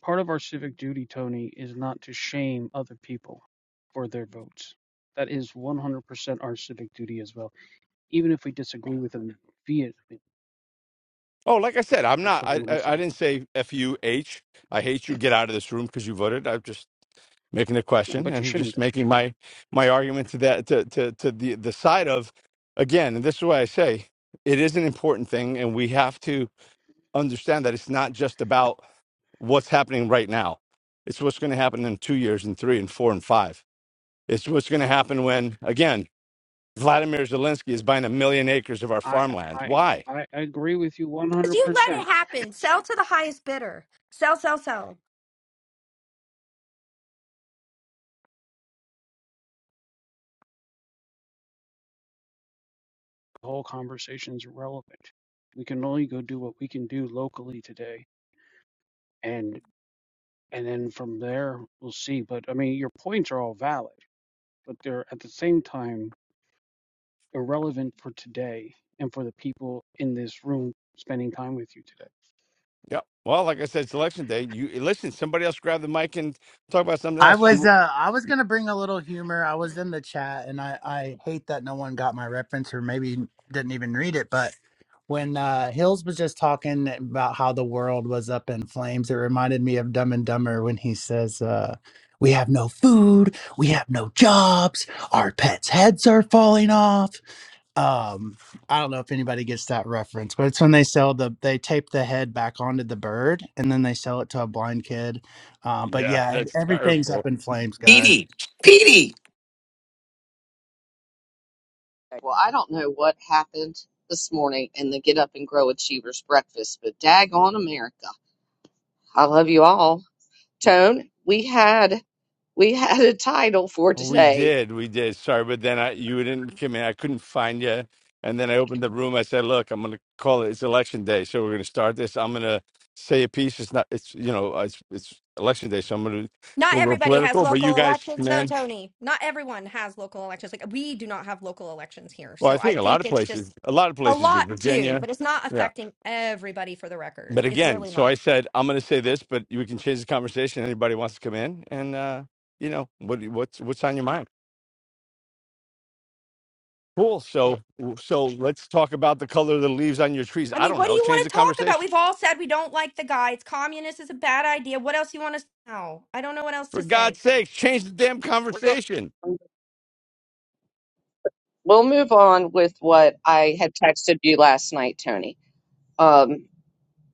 part of our civic duty, Tony, is not to shame other people for their votes. That is 100% our civic duty as well, even if we disagree with them vehemently.
Oh, like I said, I'm
That's
not.
what
I
I'm going to
I, I
say.
didn't say f u h. I hate you. Get out of this room because you voted. I'm just making a
No,
question
but you
and
should
just making my my argument to that to to to the the side of again. And this is why I say it is an important thing, and we have to understand that it's not just about what's happening right now. It's what's going to happen in two years and three and four and five. It's what's going to happen when, again, Vladimir Zelensky is buying a million acres of our
I
farmland.
I
Why?
I agree with you 100%.
'Cause You let it happen. Sell to the highest bidder. Sell, sell, sell.
The whole conversation's irrelevant. We can only go do what we can do locally today, and and then from there we'll see. But I mean, your points are all valid, but they're at the same time irrelevant for today and for the people in this room spending time with you today.
Yeah. Well, like I said, it's election day. You listen. Somebody else grab the mic and talk about something
I
else.
was
You,
uh I was gonna bring a little humor. I was in the chat and I I hate that no one got my reference or maybe didn't even read it, but when uh Hills was just talking about how the world was up in flames, it reminded me of Dumb and Dumber when he says uh we have no food, we have no jobs, our pets' heads are falling off um i don't know if anybody gets that reference but it's when they sell the they tape the head back onto the bird and then they sell it to a blind kid uh, but
yeah,
yeah
that's
everything's
terrible.
up in flames guys
Petey, Petey,
Okay, Well, I don't know what happened this morning in the Get Up and Grow Achievers breakfast, but daggone America. I love you all. Tone, we had we had a title for
Oh, we
today.
did, we did. Sorry, but then I you didn't come in. I couldn't find you, and then I opened the room. I said, "Look, I'm going to call it. It's election day, so we're going to start this. I'm going to say a piece. It's not. It's you know, it's it's election day, so I'm going to
Not
go a little
everybody has
political. But you
local
guys,
elections, though,
man,
Tony. Not everyone has local elections. Like we do not have local elections here,
well, I
so I
think a lot
think
of
it's just
places, a lot of
a
places do.
lot do,
Virginia,
but it's not
yeah.
affecting everybody. For the record,
But
it's
again,
really
so I
not.
said I'm going to say this, but we can change the conversation. Anybody wants to come in, and uh, you know, what what's what's on your mind? Cool. So,
It-
so let's talk about the color of the leaves on your trees.
I
I
mean,
don't
what do
know.
you
Change
want
the
to talk about?
conversation.
We've all said we don't like the guy. It's communist. It's a bad idea. What else you want to? know? I don't know what else
For
to say.
God's sake, change the damn
We're going
conversation.
we'll move on with what I had texted you last night, Tony. um,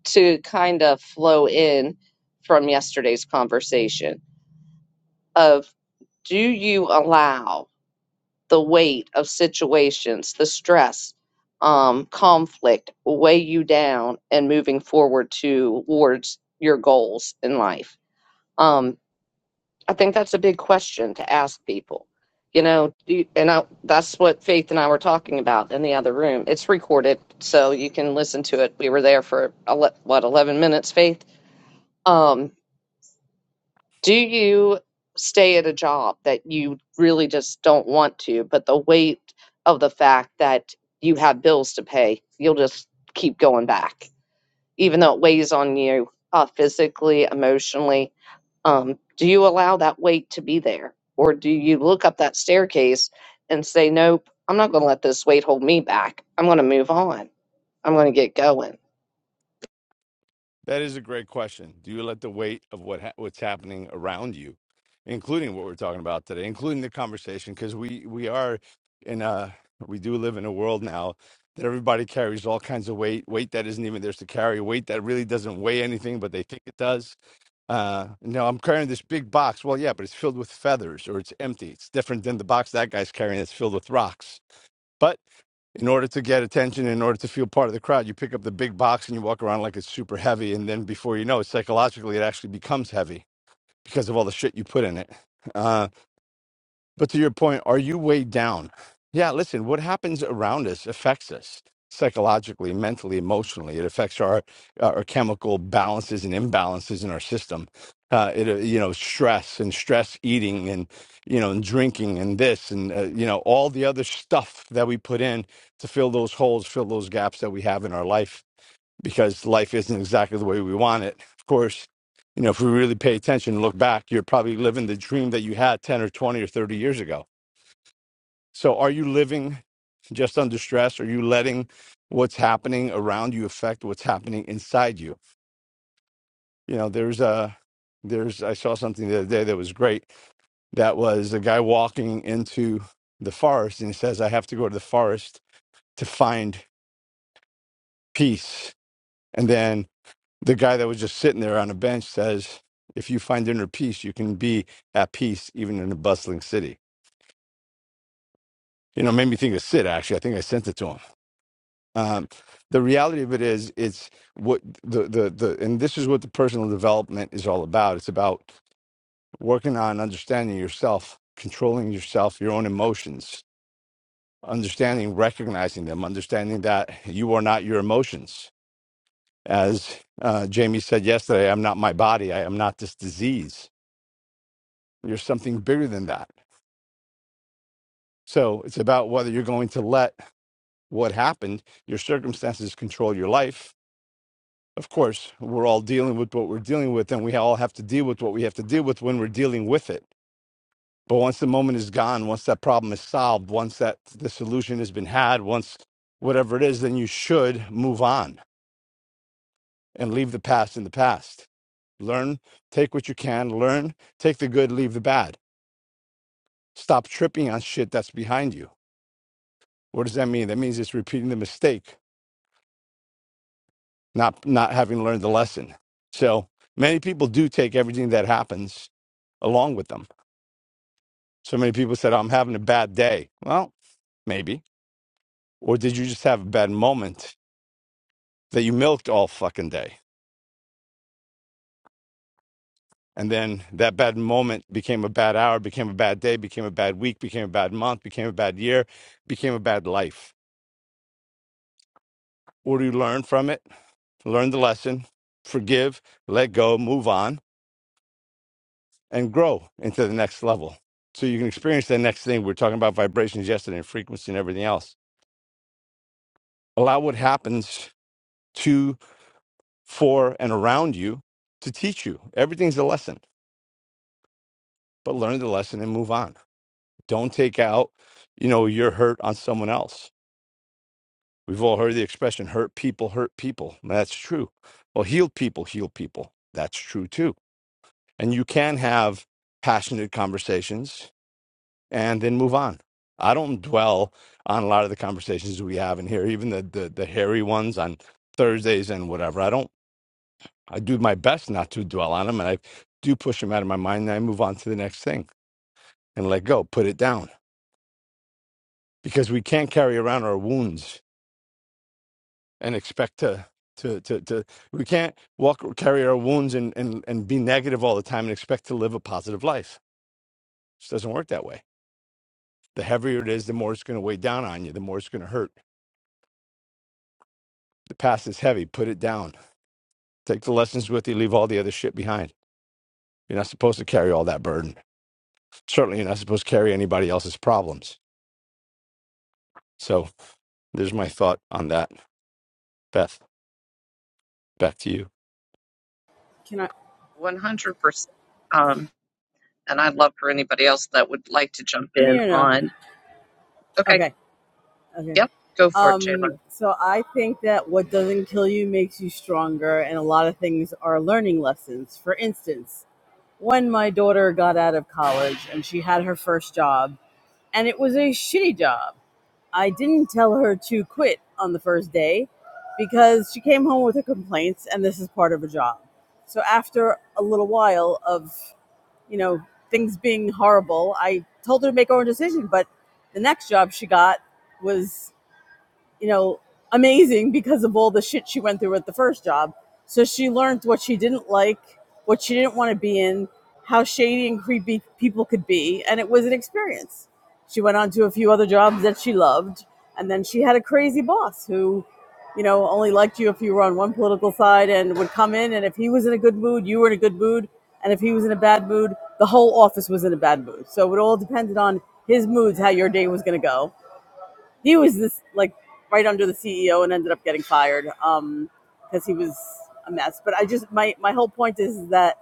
to kind of flow in from yesterday's conversation of do you allow the weight of situations, the stress, um, conflict weigh you down and moving forward towards your goals in life? Um, I think that's a big question to ask people. You know, do you- and I, that's what Faith and I were talking about in the other room. It's recorded, so you can listen to it. We were there for ele- what eleven minutes, Faith Um, do you stay at a job that you really just don't want to, but the weight of the fact that you have bills to pay, you'll just keep going back, even though it weighs on you uh, physically, emotionally? Um, do you allow that weight to be there? Or do you look up that staircase and say, nope, I'm not going to let this weight hold me back. I'm going to move on. I'm going to get going.
That is a great question. Do you let the weight of what ha- what's happening around you, including what we're talking about today, including the conversation, because we we are in a we do live in a world now that everybody carries all kinds of weight, weight that isn't even theirs to carry, weight that really doesn't weigh anything, but they think it does Uh, no, I'm carrying this big box. Well, yeah, but it's filled with feathers or it's empty. It's different than the box that guy's carrying that's filled with rocks. But in order to get attention, in order to feel part of the crowd, you pick up the big box and you walk around like it's super heavy. And then before you know it, psychologically, it actually becomes heavy because of all the shit you put in it. Uh, but to your point, are you weighed down? Yeah, listen, what happens around us affects us psychologically, mentally, emotionally. It affects our uh, our chemical balances and imbalances in our system. Uh, it uh, you know stress and stress eating and you know and drinking and this and uh, you know all the other stuff that we put in to fill those holes, fill those gaps that we have in our life because life isn't exactly the way we want it. Of course, you know, if we really pay attention and look back, you're probably living the dream that you had 10 or 20 or 30 years ago. So are you living just under stress? Are you letting what's happening around you affect what's happening inside you? You know, there's a there's I saw something the other day that was great. That was a guy walking into the forest and he says, I have to go to the forest to find peace. And then The guy that was just sitting there on a bench says, if you find inner peace, you can be at peace even in a bustling city. You know, it made me think of Sid, actually. I think I sent it to him. Um, the reality of it is, it's what the, the, the, and this is what the personal development is all about. It's about working on understanding yourself, controlling yourself, your own emotions, understanding, recognizing them, understanding that you are not your emotions. As uh, Jamie said yesterday, I'm not my body. I am not this disease You're something bigger than that. So it's about whether you're going to let what happened, your circumstances control your life. Of course, we're all dealing with what we're dealing with, and we all have to deal with what we have to deal with when we're dealing with it. But once the moment is gone, once that problem is solved, once that the solution has been had, once whatever it is, then you should move on and leave the past in the past. Learn, take what you can, learn, take the good, leave the bad. Stop tripping on shit that's behind you. What does that mean? That means it's repeating the mistake not not having learned the lesson. So many people do take everything that happens along with them. So many people said, "I'm having a bad day." Well, maybe. Or did you just have a bad moment that you milked all fucking day? And then that bad moment became a bad hour, became a bad day, became a bad week, became a bad month, became a bad year, became a bad life. Or do you learn from it? Learn the lesson, forgive, let go, move on and grow into the next level. So you can experience the next thing. We are talking about vibrations yesterday and frequency and everything else. Allow what happens to, for, and around you to teach you. Everything's a lesson, but learn the lesson and move on. Don't take out, you know, your hurt on someone else. We've all heard the expression hurt people hurt people. That's true. Well, healed people heal people. That's true too. And you can have passionate conversations and then move on. I don't dwell on a lot of the conversations we have in here, even the the, the hairy ones on Thursdays and whatever. I don't. I do my best not to dwell on them, and I do push them out of my mind, and I move on to the next thing and let go, put it down, because we can't carry around our wounds and expect to. To, to, to we can't walk carry our wounds and, and and be negative all the time and expect to live a positive life it just doesn't work that way the heavier it is the more it's going to weigh down on you the more it's going to hurt the past is heavy put it down Take the lessons with you, leave all the other shit behind. You're not supposed to carry all that burden. Certainly, you're not supposed to carry anybody else's problems. So, there's my thought on that. Beth, back to you.
Can I
100%. Um, And I'd love for anybody else that would like to jump
hear me
in
or no?
on. Okay.
Okay. Okay.
Yep. Go for it,
Um,
Jalen.
so I think that what doesn't kill you makes you stronger, and a lot of things are learning lessons. For instance, when my daughter got out of college and she had her first job, and it was a shitty job, I didn't tell her to quit on the first day because she came home with her complaints, and this is part of a job. So after a little while of you know, things being horrible, I told her to make her own decision. But the next job she got was you know, amazing because of all the shit she went through at the first job. So she learned what she didn't like, what she didn't want to be in, how shady and creepy people could be, and it was an experience. She went on to a few other jobs that she loved, and then she had a crazy boss who, you know, only liked you if you were on one political side and would come in, and if he was in a good mood, you were in a good mood, and if he was in a bad mood, the whole office was in a bad mood. So it all depended on his moods, how your day was going to go he was this like right under the CEO and ended up getting fired because um, he was a mess. But I just my my whole point is that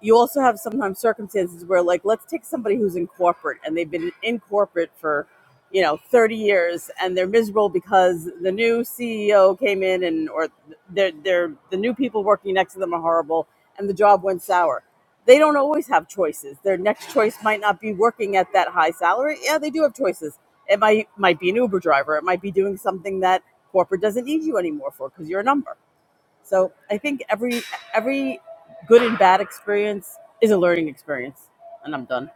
you also have sometimes circumstances where like let's take somebody who's in corporate and they've been in corporate for you know 30 years and they're miserable because the new ceo came in and or they're, they're the new people working next to them are horrible and the job went sour they don't always have choices their next choice might not be working at that high salary yeah they do have choices it might might be an uber driver it might be doing something that corporate doesn't need you anymore for because you're a number so I think every every good and bad experience is a learning experience. And I'm done.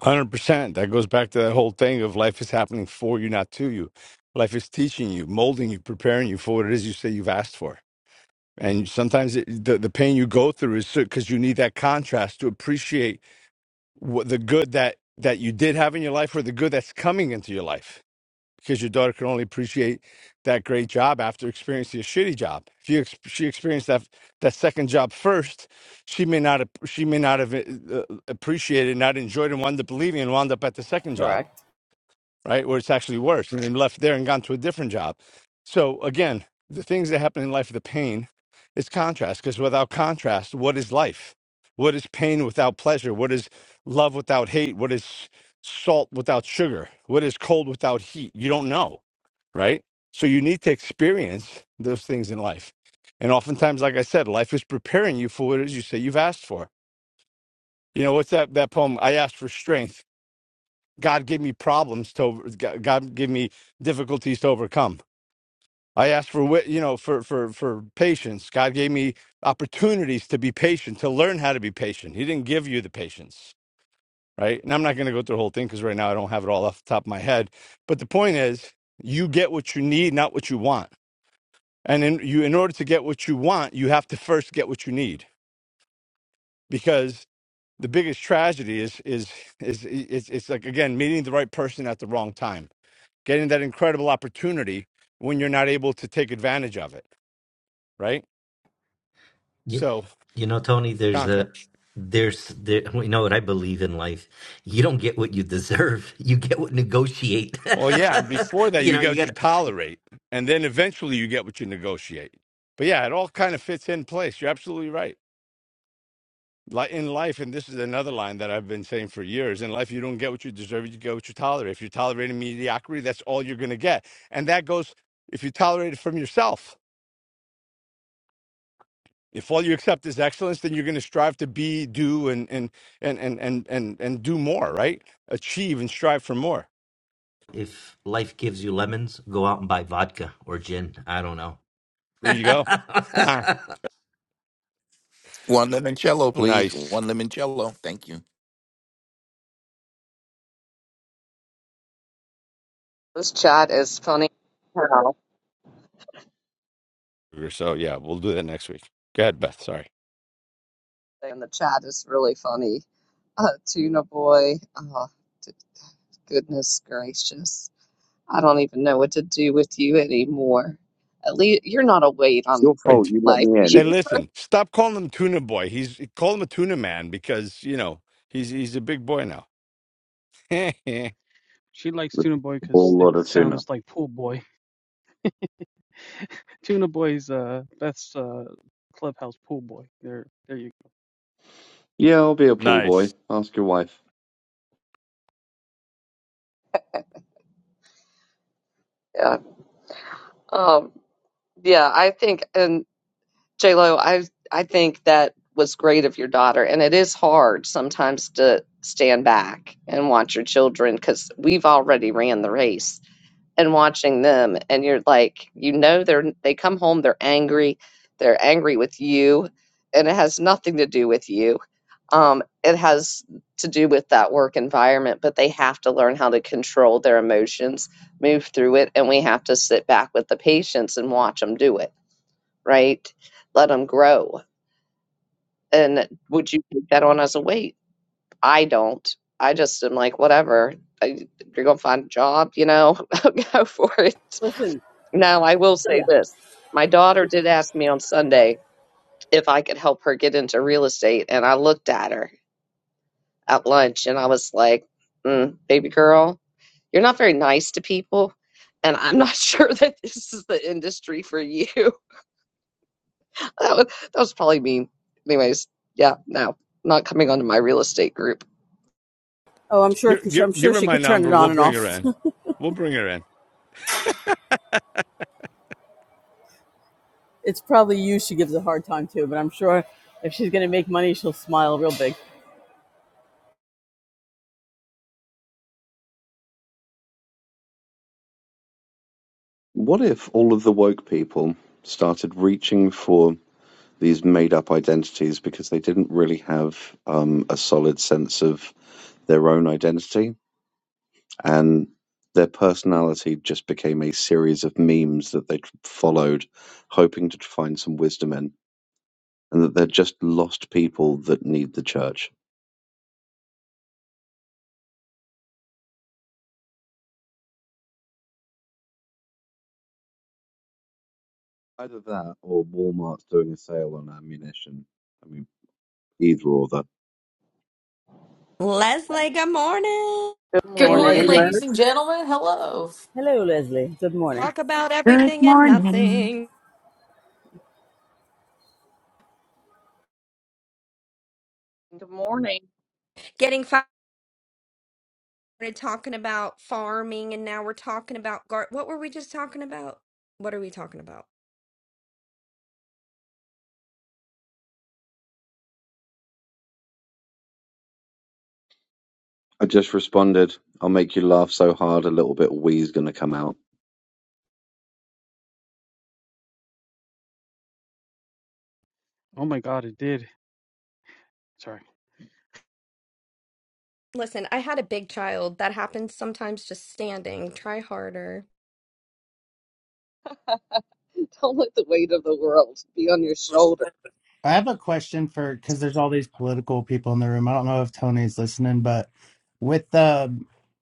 100%. That goes back to that whole thing of life is happening for you, not to you. Life is teaching you, molding you, preparing you for what it is you say you've asked for. And sometimes it, the, the pain you go through is because you need that contrast to appreciate what the good that, that you did have in your life or the good that's coming into your life because your daughter can only appreciate that great job after experiencing a shitty job. If you ex- she experienced that that second job first, she may not ap- she may not have uh, appreciated, not enjoyed, and wound up leaving and wound up at the second job,
Correct.
right, where it's actually worse, and then left there and gone to a different job. So again, the things that happen in life, the pain, is contrast. Because without contrast, what is life? What is pain without pleasure? What is love without hate? What is salt without sugar? What is cold without heat? You don't know right? So you need to experience those things in life. And oftentimes, like I said, life is preparing you for what it is you say you've asked for. You know, what's that, that poem? I asked for strength. God gave me problems to, over, God God gave me difficulties to overcome. I asked for, wit- you know, for, for, for patience. God gave me opportunities to be patient, to learn how to be patient. He didn't give you the patience, right? And I'm not going to go through the whole thing because right now I don't have it all off the top of my head. But the point is, you get what you need, not what you want And in, you, in order to get what you want, you have to first get what you need. Because the biggest tragedy is is is it's, it's like again meeting the right person at the wrong time, getting that incredible opportunity when you're not able to take advantage of it. Right.
You,
So
you know, Tony, there's a
contracts.
there's there you know what I believe in life. You don't get what you deserve. You get what negotiate.
Well, yeah. And before that,
you
you
know,
get
you
what you
got to
tolerate, and then eventually you get what you negotiate. But yeah, it all kind of fits in place. You're absolutely right. Like in life, and this is another line that I've been saying for years in life, you don't get what you deserve, you get what you tolerate. If you're tolerating mediocrity, that's all you're going to get. And that goes if you tolerate it from yourself. If all you accept is excellence, then you're going to strive to be, do, and and and and and and and do more, right? Achieve and strive for more.
if life gives you lemons, go out and buy vodka or gin. I don't know.
There you go.
One limoncello, please.
nice.
One limoncello. Thank you.
This chat is funny. as hell,
So yeah, we'll do that next week. Go ahead, Beth. Sorry.
And the chat is really funny. Uh, tuna boy. Oh, d- goodness gracious. I don't even know what to do with you anymore. At least you're not a weight
It's
on
your fault
Right.
you let
life.
me in.
And
You are.
listen, stop calling him tuna boy. He's call him a tuna man because you know he's he's a big boy now. give,
She likes Tuna Boy
The
because
ball
it
lot of tuna.
sounds like Pool Boy. Tuna Boy's uh Beth's uh clubhouse Pool Boy. There, there you.
Yeah, I'll be a pool boy.
Nice.
Ask your wife.
Yeah. Um, yeah, I think, and Lo, I I think that was great of your daughter, and it is hard sometimes to stand back and watch your children because we've already ran the race and watching them, and you're like, you know, they're they come home, they're angry, they're angry with you, and it has nothing to do with you. Um, it has to do with that work environment, but they have to learn how to control their emotions, move through it, and we have to sit back with the patients and watch them do it, right? Let them grow and would you take that on as a weight? I don't. I just am like, whatever. I, you're gonna find a job, you know, go for it.
Listen,
Now, I will say
yeah.
this. My daughter did ask me on Sunday if I could help her get into real estate, and I looked at her at lunch and I was like, mm, baby girl, you're not very nice to people. And I'm not sure that this is the industry for you. That was, that was probably mean. Anyways, yeah, no, not coming onto my real estate group.
Oh, I'm sure.
give, give
I'm
give
sure
her
she
my
could turn it
number.
on
We'll
and
bring her
off.
in. We'll bring her in.
it's probably you she gives a hard time to, but I'm sure if she's gonna make money, she'll smile real big.
What if all of the woke people started reaching for these made up identities because they didn't really have um, a solid sense of their own identity and their personality just became a series of memes that they tr- followed, hoping to find some wisdom in, and that they're just lost people that need the church? Either that or Walmart's doing a sale on ammunition. I mean. Either or that.
Leslie, good morning.
Good
Good
Hey,
morning,
morning,
Leslie.
ladies and
Liz.
gentlemen. Hello.
Hello, Leslie. Good morning.
Talk about
Good
everything and
morning.
nothing.
Good morning.
Getting started talking about farming and now we're talking about gar- what were we just talking about? What are we talking about?
I just responded, I'll make you laugh so hard a little bit of wee's gonna come out.
Oh my God, it did. Sorry.
Listen, I had a big child. That happens sometimes just standing. Try harder.
Don't let the weight of the world be on your shoulder.
I have a question for because there's all these political people in the room. I don't know if Tony's listening, but with the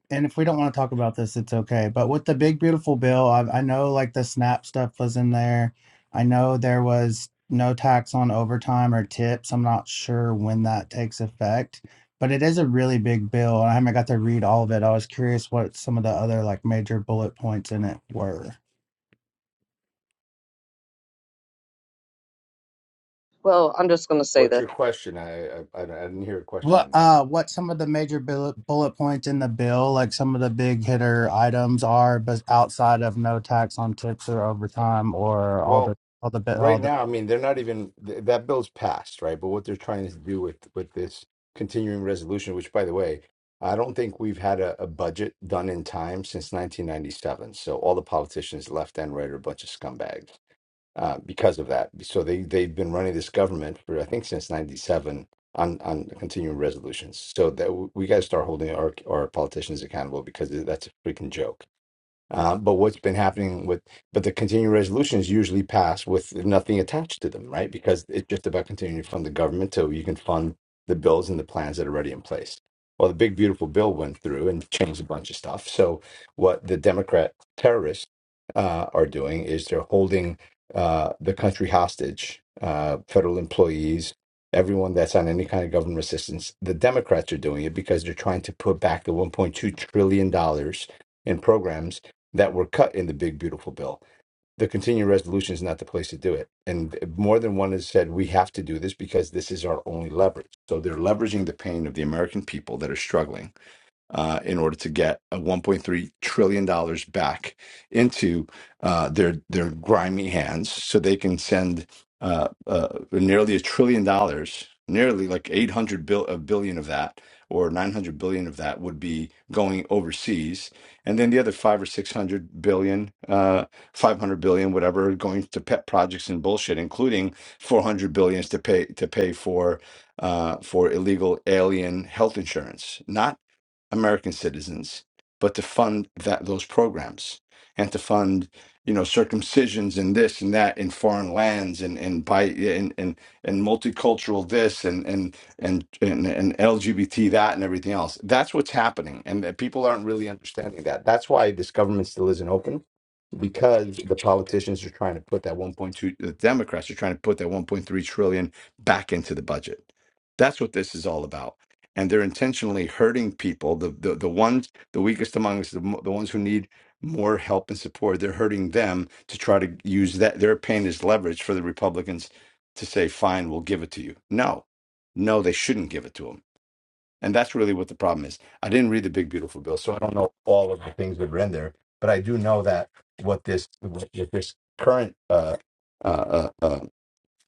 and if we don't want to talk about this, it's okay. But with the big beautiful bill, I, I know like the SNAP stuff was in there. I know there was no tax on overtime or tips. I'm not sure when that takes effect, but it is a really big bill, and I haven't got to read all of it. I was curious what some of the other like major bullet points in it were.
Well, I'm just going to say
What's
this.
your question? I, I I I didn't hear a question
What
in that.
uh what some of the major bullet bullet points in the bill, like some of the big hitter items are, but outside of no tax on tips or overtime or all the
Well,
all the bit
right
all the.
now, I mean, they're not even th- that bill's passed, right? But what they're trying to do with with this continuing resolution, which, by the way, I don't think we've had a, a budget done in time since 1997. So all the politicians, left and right, are a bunch of scumbags. uh, because of that. So they they've been running this government for I think since '97 on on continuing resolutions. So that w- we got to start holding our our politicians accountable because that's a freaking joke. Uh, but what's been happening with, but the continuing resolutions usually pass with nothing attached to them, right? Because it's just about continuing to fund the government till you can fund the bills and the plans that are already in place. Well, the big beautiful bill went through and changed a bunch of stuff. So what the Democrat terrorists uh, are doing is they're holding uh, the country hostage, uh, federal employees, everyone that's on any kind of government assistance. The Democrats are doing it because they're trying to put back the 1.2 trillion dollars in programs that were cut in the big beautiful bill the continuing resolution is not the place to do it and more than one has said we have to do this because this is our only leverage so they're leveraging the pain of the american people that are struggling uh, in order to get a 1.3 trillion dollars back into uh, their their grimy hands, so they can send uh, uh, nearly a trillion dollars, nearly like 800 bil- a billion of that, or 900 billion of that would be going overseas, and then the other five or 600 billion, uh, 500 billion, whatever, going to pet projects and bullshit, including 400 billions to pay to pay for uh, for illegal alien health insurance, not American citizens, but to fund that those programs and to fund, you know, circumcisions and this and that in foreign lands and and by and and, and multicultural this and and, and and and LGBT that and everything else. That's what's happening, and that people aren't really understanding that. That's why this government still isn't open. Because the politicians are trying to put that 1.2, the Democrats are trying to put that 1.3 trillion back into the budget. That's what this is all about and they're intentionally hurting people the the, the ones the weakest among us the, mo- the ones who need more help and support they're hurting them to try to use that their pain as leverage for the republicans to say fine we'll give it to you no no they shouldn't give it to them and that's really what the problem is i didn't read the big beautiful bill so i don't know all of the things that were in there but i do know that what this what what this current uh uh, uh, uh,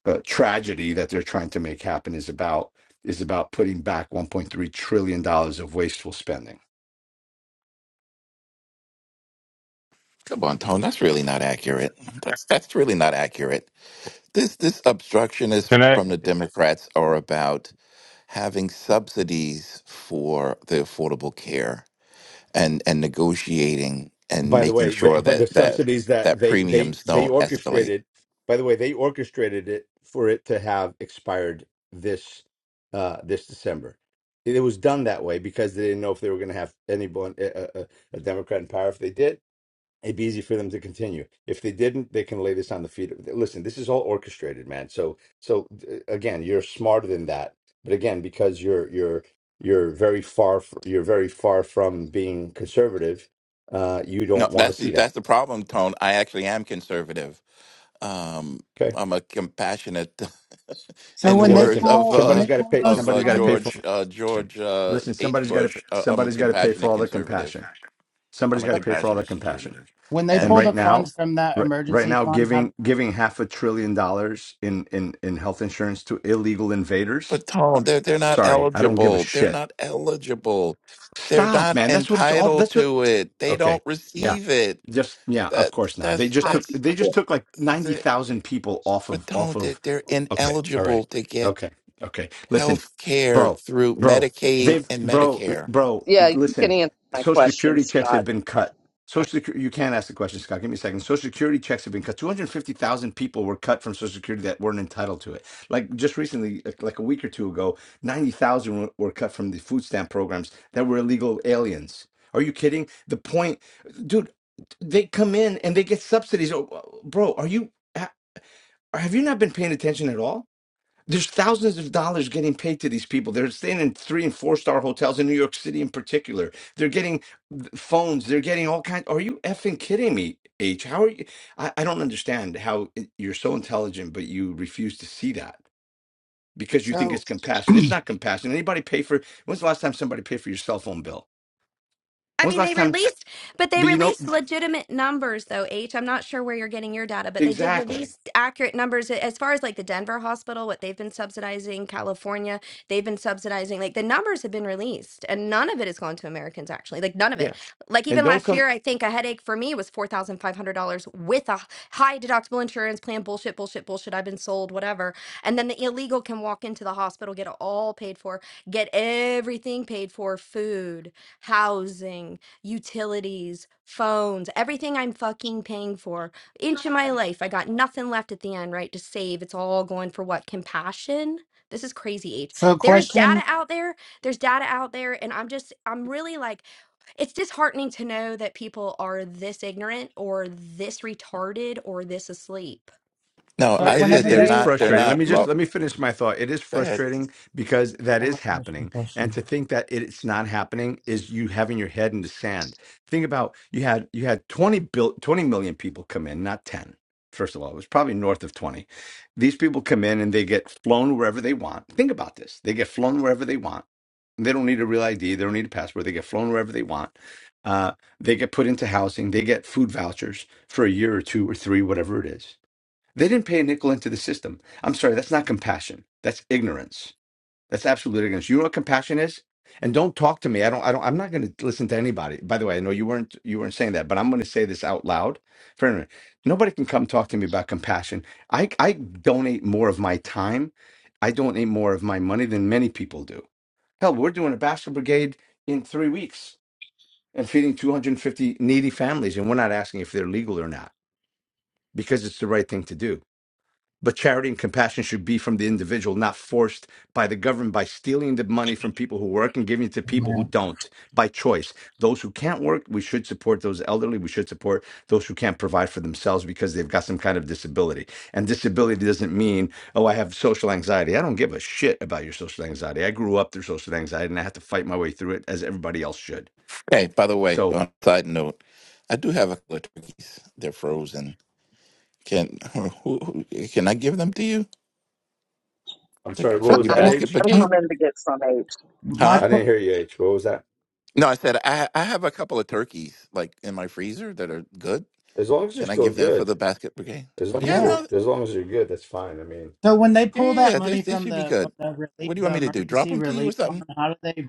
uh, tragedy that they're trying to make happen is about is about putting back 1.3 trillion dollars of wasteful spending.
Come on, Tone. That's really not accurate. That's that's really not accurate. This this obstructionists
Can I,
from
can
the Democrats are about having subsidies for the affordable care and and negotiating and
By the
making
way, the,
sure
but the
that that
subsidies that
that
they they
premiums
they
don't escalate.
orchestrated, by the way, they orchestrated it for it to have expired this uh this December. It was done that way because they didn't know if they were going to have anyone a, a, a Democrat in power if they did. it'd be easy for them to continue. If they didn't, they can lay this on the feet. of- Listen, this is all orchestrated, man. So, so uh, again, you're smarter than that. But again, because you're you're you're very far f- you're very far from being conservative, uh, you
No,
don't want to
that's the,
see that.
that's the problem, Tone. I actually am conservative. Um,
Okay.
I'm a compassionate,
So
in the
when
Yeah.
they
words
Listen,
of
pull when
uh,
somebody's
they
got to
pull
pay.
those
of
Somebody's
uh,
got to pay
funds
for. all
George uh,
the compassion.
George uh,
Listen,
H.
somebody's got to
Bush. Uh, I'm a
somebody's got to pay for
compassionate
all the
conservative.
compassion.
I'm
Somebody's
a
got to pay for all the
compassionate
compassion.
conservative
when they
and
and.
pull
right
the
now
funds from that
right, right
emergency
now
fund, how
giving giving half a trillion dollars in in in health insurance to illegal invaders
But Tom, they're they're not
sorry i don't give a
eligible. They're
shit
not eligible. They're
stop
not
man that's what it's all
entitled
that's what
to it. They
Okay.
don't
Yeah.
receive it.
Just yeah, of
That
course not. They
that's
just
Hi.
took
that's
they just took like
the
90,000 people off
but
of off
Tom, they're,
of
they're
Okay. All right.
ineligible to get
Okay. Okay. Listen,
health care
bro.
through
Bro.
Medicaid
They've
and
bro,
Medicare.
bro,
Yeah, you can
listen.
answer my
Social
question,
security checks have
Scott.
been cut. Social Secu- you can't ask the question, Scott. Give me a second. Social security checks have been cut. 250,000 people were cut from social security that weren't entitled to it. Like just recently, like like a week or two ago, 90,000 were were cut from the food stamp programs that were illegal aliens. Are you kidding? The point, dude, they come in and they get subsidies. Oh, Bro, are you, ha- have you not been paying attention at all? There's thousands of dollars getting paid to these people. They're staying in three and four star hotels in New York City in particular. They're getting phones. They're getting all kinds. Are you effing kidding me, H? How are you? I, I don't understand how it- you're so intelligent, but you refuse to see that because you think it's
so
compassion. It's not compassion. Anybody pay for, when's the last time somebody paid for your cell phone bill?
I
When's
mean,
the
they
last time?
released, but they
But you know.
released legitimate numbers, though, H. I'm not sure where you're getting your data, but they did
Exactly.
release accurate numbers as far as like the Denver hospital, what they've been subsidizing, California, they've been subsidizing. Like the numbers have been released, and none of it has gone to Americans, actually. Like none of
Yeah.
it. Like
And
even
don't
last
come
year, I think a headache for me was $4,500 with a high deductible insurance plan. Bullshit, bullshit, bullshit. I've been sold, whatever. And then the illegal can walk into the hospital, get it all paid for, get everything paid for, food housing, utilities, phones, everything I'm fucking paying for. Inch of my life, I got nothing left at the end, right? To save. It's all going for what? Compassion? This is crazy age.
so
There is data
question
out there. There's data out there. And I'm just, I'm really like, it's disheartening to know that people are this ignorant or this retarded or this asleep.
No,
Well,
so
I
It is
said
whenever
it
they're
is
they
not they're
oh,
frustrating. Let
not
me just
real
low.
let me finish my thought. It is
Go ahead.
frustrating because that
I'm
is
gonna finish my
happening. And
question.
to think that it's not happening is you having your head in the sand. Think about you had you had 20 bill, 20 million people come in, not 10. First of all, it was probably north of 20. These people come in and they get flown wherever they want. Think about this. They get flown wherever they want. They don't need a real ID. They don't need a passport. They get flown wherever they want. Uh, they get put into housing. They get food vouchers for a year or two or three, whatever it is they didn't pay a nickel into the system. I'm sorry, that's not compassion. That's ignorance. That's absolute ignorance. You know what compassion is? And don't talk to me. I don't I don't I'm not going to listen to anybody. By the way, I know you weren't you weren't saying that, but I'm going to say this out loud for everyone. Nobody can come talk to me about compassion. I I donate more of my time. I donate more of my money than many people do. Hell, we're doing a basket brigade in 3 weeks and feeding 250 needy families and we're not asking if they're legal or not because it's the right thing to do but charity and compassion should be from the individual, not forced by the government by stealing the money from people who work and giving it to people who
Man.
don't by choice. Those who can't work, we should support those elderly. We should support those who can't provide for themselves because they've got some kind of disability. And disability doesn't mean, oh, I have social anxiety. I don't give a shit about your social anxiety. I grew up through social anxiety and I had to fight my way through it as everybody else should.
Hey, by the way,
So
on a side note, I do have a couple of turkeys. They're frozen. Can who, who, can I give them to you?
I'm
Thank
sorry,
you
what
for
was
the
that,
So
H?
basketball
I'm
uh,
game.
coming to get some aid.
my
Huh?
I
que-
didn't hear you, H. What was that?
No, I said I I have a couple of turkeys like in my freezer that are good.
As long as they're
Can I
still
give that for
good.
the basket brigade?
As long as
Yeah,
yeah.
you're
no,
as long as you're good, that's fine. I mean,
So when they
yeah,
pull
yeah,
that
yeah. They,
money
they
from
should be
the of
good.
the relief,
What do you want
the
me to do? Drop
emergency
them to you or
relief fund,
something?
how do they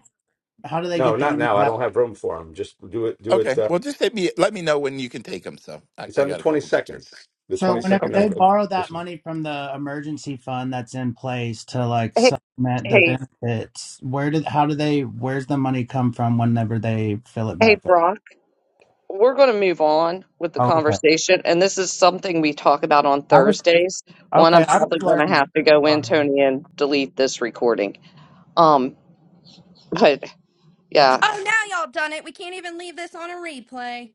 How do they
no,
get the
not
money
now. I
back?
don't have room for them. Just do it. Do it.
Okay.
Uh,
Well, just let me let me know when you can take them. So I,
it's
I
on the
got a
twenty
couple good
second.
turkeys.
The twenty
So whenever
second
Okay.
they
of, of
borrow that
this month.
money from the emergency fund that's in place to like
Hey,
supplement the
hey,
benefits, where did how do they where's the money come from whenever they fill it
hey,
back up?
Brock. We're going to move on with the
Oh, okay.
conversation, and this is something we talk about on
I was
Thursdays. One, I'm
okay, I was
probably going to
learning.
have to go in,
Sorry.
Tony, and delete this recording. Um, but yeah,
Oh, now y'all done it. We can't even leave this on a replay.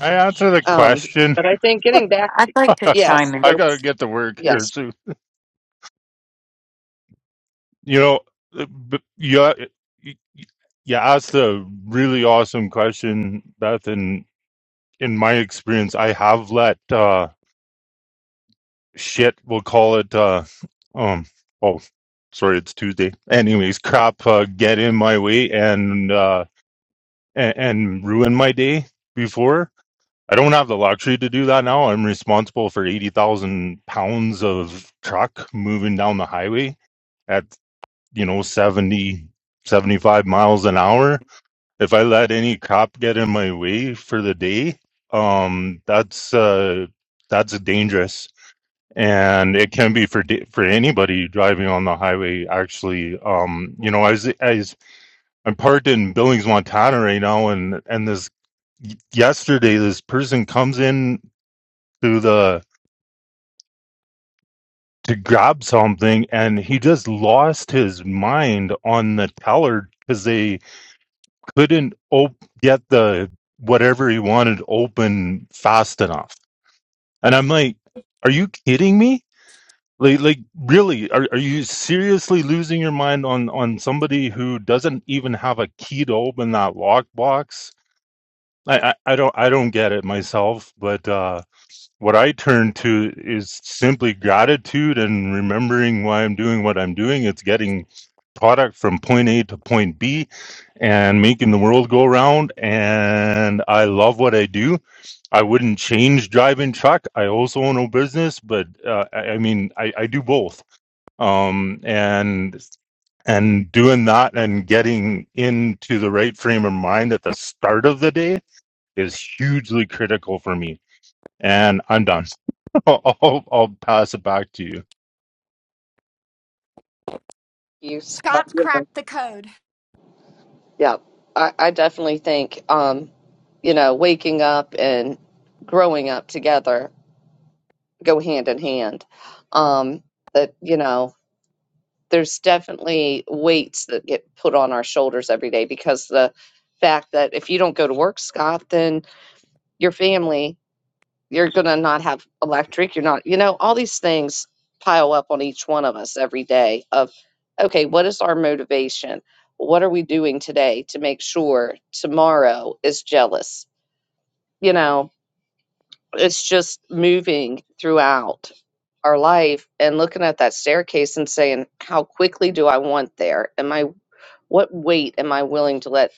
I answer the
um,
question?
but I think getting back
I'd
to
like to
yes,
chime
I
in.
go
got to get to work here
yes,
soon. You know, uh, b- you, you you asked a really awesome question, Beth. And in my experience, I have let uh, shit, we'll call it, uh, um, oh, sorry, it's Tuesday. Anyways, crap uh, get in my way and, uh, and, and ruin my day before. I don't have the luxury to do that now. I'm responsible for 80,000 pounds of truck moving down the highway at, you know, 70 75 miles an hour. If I let any cop get in my way for the day, um, that's, uh, that's dangerous. And it can be for da- for anybody driving on the highway. Actually, um, you know, I was, I was I'm parked in Billings, Montana, right now, and and this yesterday this person comes in to the to grab something and he just lost his mind on the teller because they couldn't op- get the whatever he wanted open fast enough and i'm like are you kidding me like, like really are, are you seriously losing your mind on on somebody who doesn't even have a key to open that lockbox I, I i don't i don't get it myself but uh what I turn to is simply gratitude and remembering why I'm doing what I'm doing. It's getting product from point A to point B and making the world go round. And I love what I do. I wouldn't change driving truck. I also own a business, but uh, I, I mean, I, I do both. Um, and and doing that and getting into the right frame of mind at the start of the day is hugely critical for me. And I'm done. I'll, I'll I'll pass it back to you.
you. Scott.
Scott's cracked the code.
Yeah, I, I definitely think, um, you know, waking up and growing up together go hand in hand. Um, that, you know, there's definitely weights that get put on our shoulders every day because the fact that if you don't go to work, Scott, then your family you're going to not have electric. You're not, you know, all these things pile up on each one of us every day of, okay, what is our motivation? What are we doing today to make sure tomorrow is jealous? You know, it's just moving throughout our life and looking at that staircase and saying, how quickly do I want there? Am I, what weight am I willing to let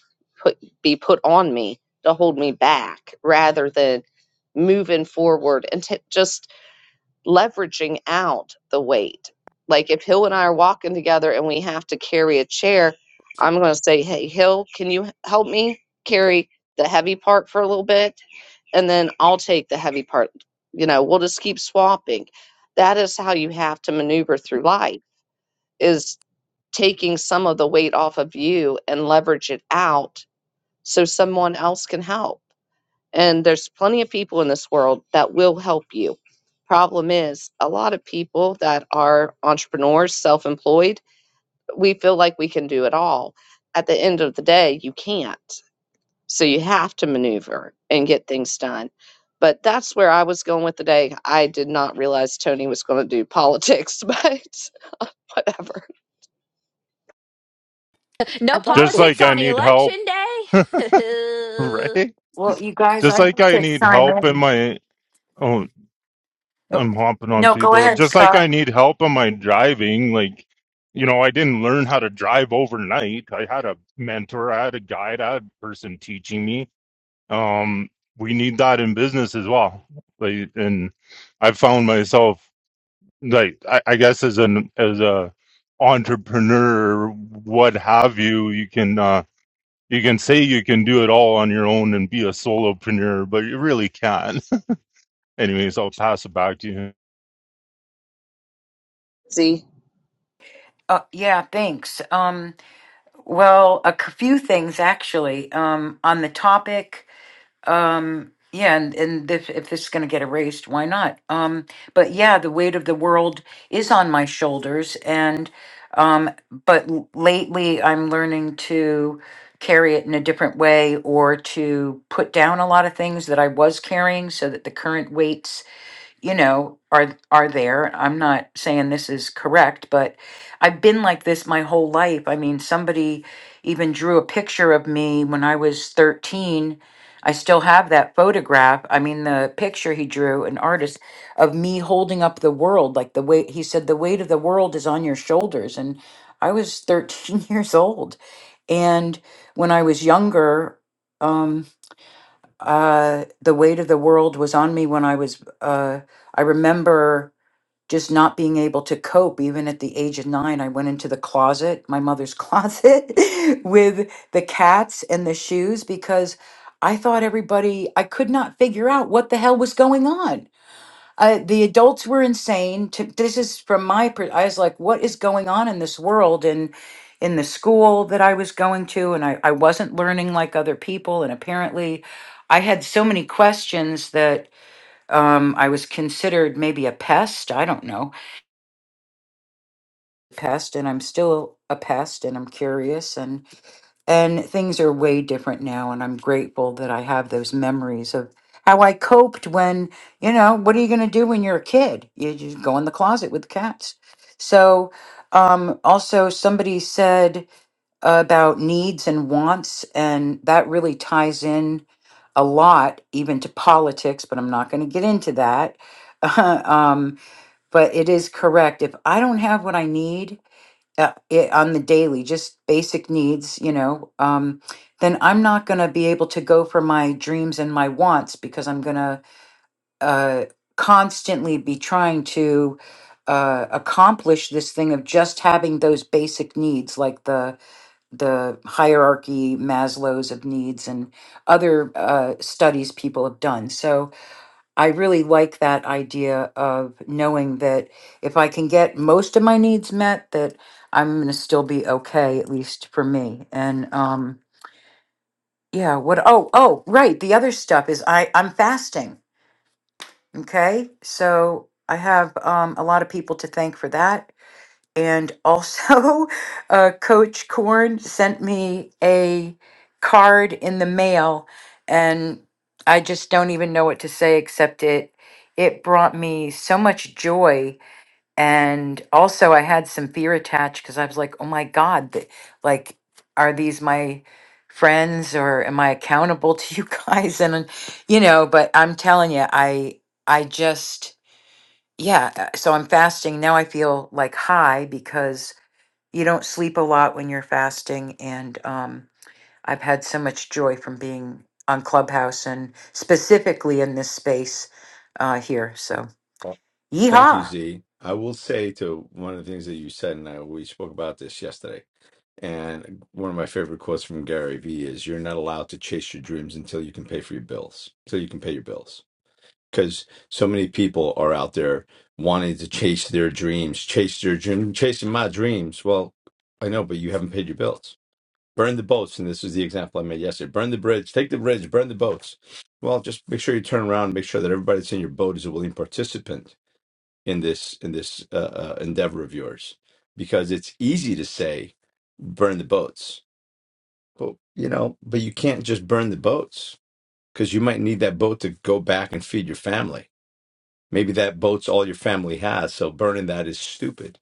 put, be put on me to hold me back rather than moving forward and t- just leveraging out the weight. Like if Hill and I are walking together and we have to carry a chair, I'm going to say, "Hey Hill, can you help me carry the heavy part for a little bit?" And then I'll take the heavy part. You know, we'll just keep swapping. That is how you have to maneuver through life is taking some of the weight off of you and leverage it out so someone else can help and there's plenty of people in this world that will help you. Problem is, a lot of people that are entrepreneurs, self employed, we feel like we can do it all. At the end of the day, you can't. So you have to maneuver and get things done. But that's where I was going with the day. I did not realize Tony was going to do politics, but whatever.
No
I'd like
Just
to,
politics
like I
on
need help,
election day.
right?
well, you guys,
Just
I'd
like
like
I
to
need
chime
help in
in.
my oh,
Oh,
I'm hopping on
no, go
people.
ahead,
Just like I
Scott.
need help in my driving. Like, you know, I didn't learn how to drive overnight. I had a mentor, I had a guide, I had a person teaching me. Um, we need that in business as well. Like, and I found myself like I, I guess as an as a entrepreneur, what have you, you can. uh You can say you can do it all on your own and be a solopreneur, but you really can't. Anyways, I'll pass it back to you.
See,
Uh, yeah, thanks. Um, well, a c- few things actually um, on the topic. Um, yeah, and, and if, if this is going to get erased, why not? Um, but yeah, the weight of the world is on my shoulders, and um, but l- lately I'm learning to carry it in a different way or to put down a lot of things that I was carrying so that the current weights you know are are there i'm not saying this is correct but i've been like this my whole life i mean somebody even drew a picture of me when i was 13 i still have that photograph i mean the picture he drew an artist of me holding up the world like the weight he said the weight of the world is on your shoulders and i was 13 years old and when i was younger um, uh, the weight of the world was on me when I was, uh, I remember just not being able to cope. Even at the age of nine, I went into the closet, my mother's closet, with the cats and the shoes because I thought everybody, I could not figure out what the hell was going on uh, the adults were insane. To, this is from my. per- I was like, "What is going on in this world?" And in the school that I was going to, and I, I wasn't learning like other people. And apparently, I had so many questions that um, I was considered maybe a pest. I don't know, pest, and I'm still a pest, and I'm curious. And things are way different now. And I'm grateful that I have those memories of how I coped when, you know, what are you going to do when you're a kid? You just go in the closet with the cats. So, um, also, somebody said about needs and wants, and that really ties in a lot, even to politics, but I'm not going to get into that. um, but it is correct. If I don't have what I need, uh, i on the daily, just basic needs, you know, um, then I'm not going to be able to go for my dreams and my wants because I'm going to uh, constantly be trying to uh, accomplish this thing of just having those basic needs, like the the hierarchy Maslow's of needs and other uh, studies people have done. So I really like that idea of knowing that if I can get most of my needs met, that I'm going to still be okay, at least for me. And um, yeah, what? Oh, oh, right. The other stuff is I I'm fasting. Okay, so I have um, a lot of people to thank for that. And also, uh, Coach Korn sent me a card in the mail, and I just don't even know what to say except it. It brought me so much joy, and also I had some fear attached because I was like, "Oh my God, that like, are these my friends, or am I accountable to you guys?" And and, you know, but I'm telling you, I I just yeah. uh, So I'm fasting now. I feel like high because you don't sleep a lot when you're fasting and um, i've had so much joy from being on clubhouse and specifically in this space uh, here so
Thank you,
yeehaw
Z. I will say to one of the things that you said, and I, we spoke about this yesterday. And one of my favorite quotes from Gary Vee is, "You're not allowed to chase your dreams until you can pay for your bills. Until you can pay your bills." because so many people are out there wanting to chase their dreams, chase their dream, chasing my dreams. Well, I know, but you haven't paid your bills. Burn the boats, and this is the example I made yesterday. Burn the bridge, take the bridge, burn the boats. Well, just make sure you turn around, and make sure that everybody that's in your boat is a willing participant in this in this uh, uh, endeavor of yours, because it's easy to say burn the boats, but you know, but you can't just burn the boats because you might need that boat to go back and feed your family Maybe that boat's all your family has, so burning that is stupid.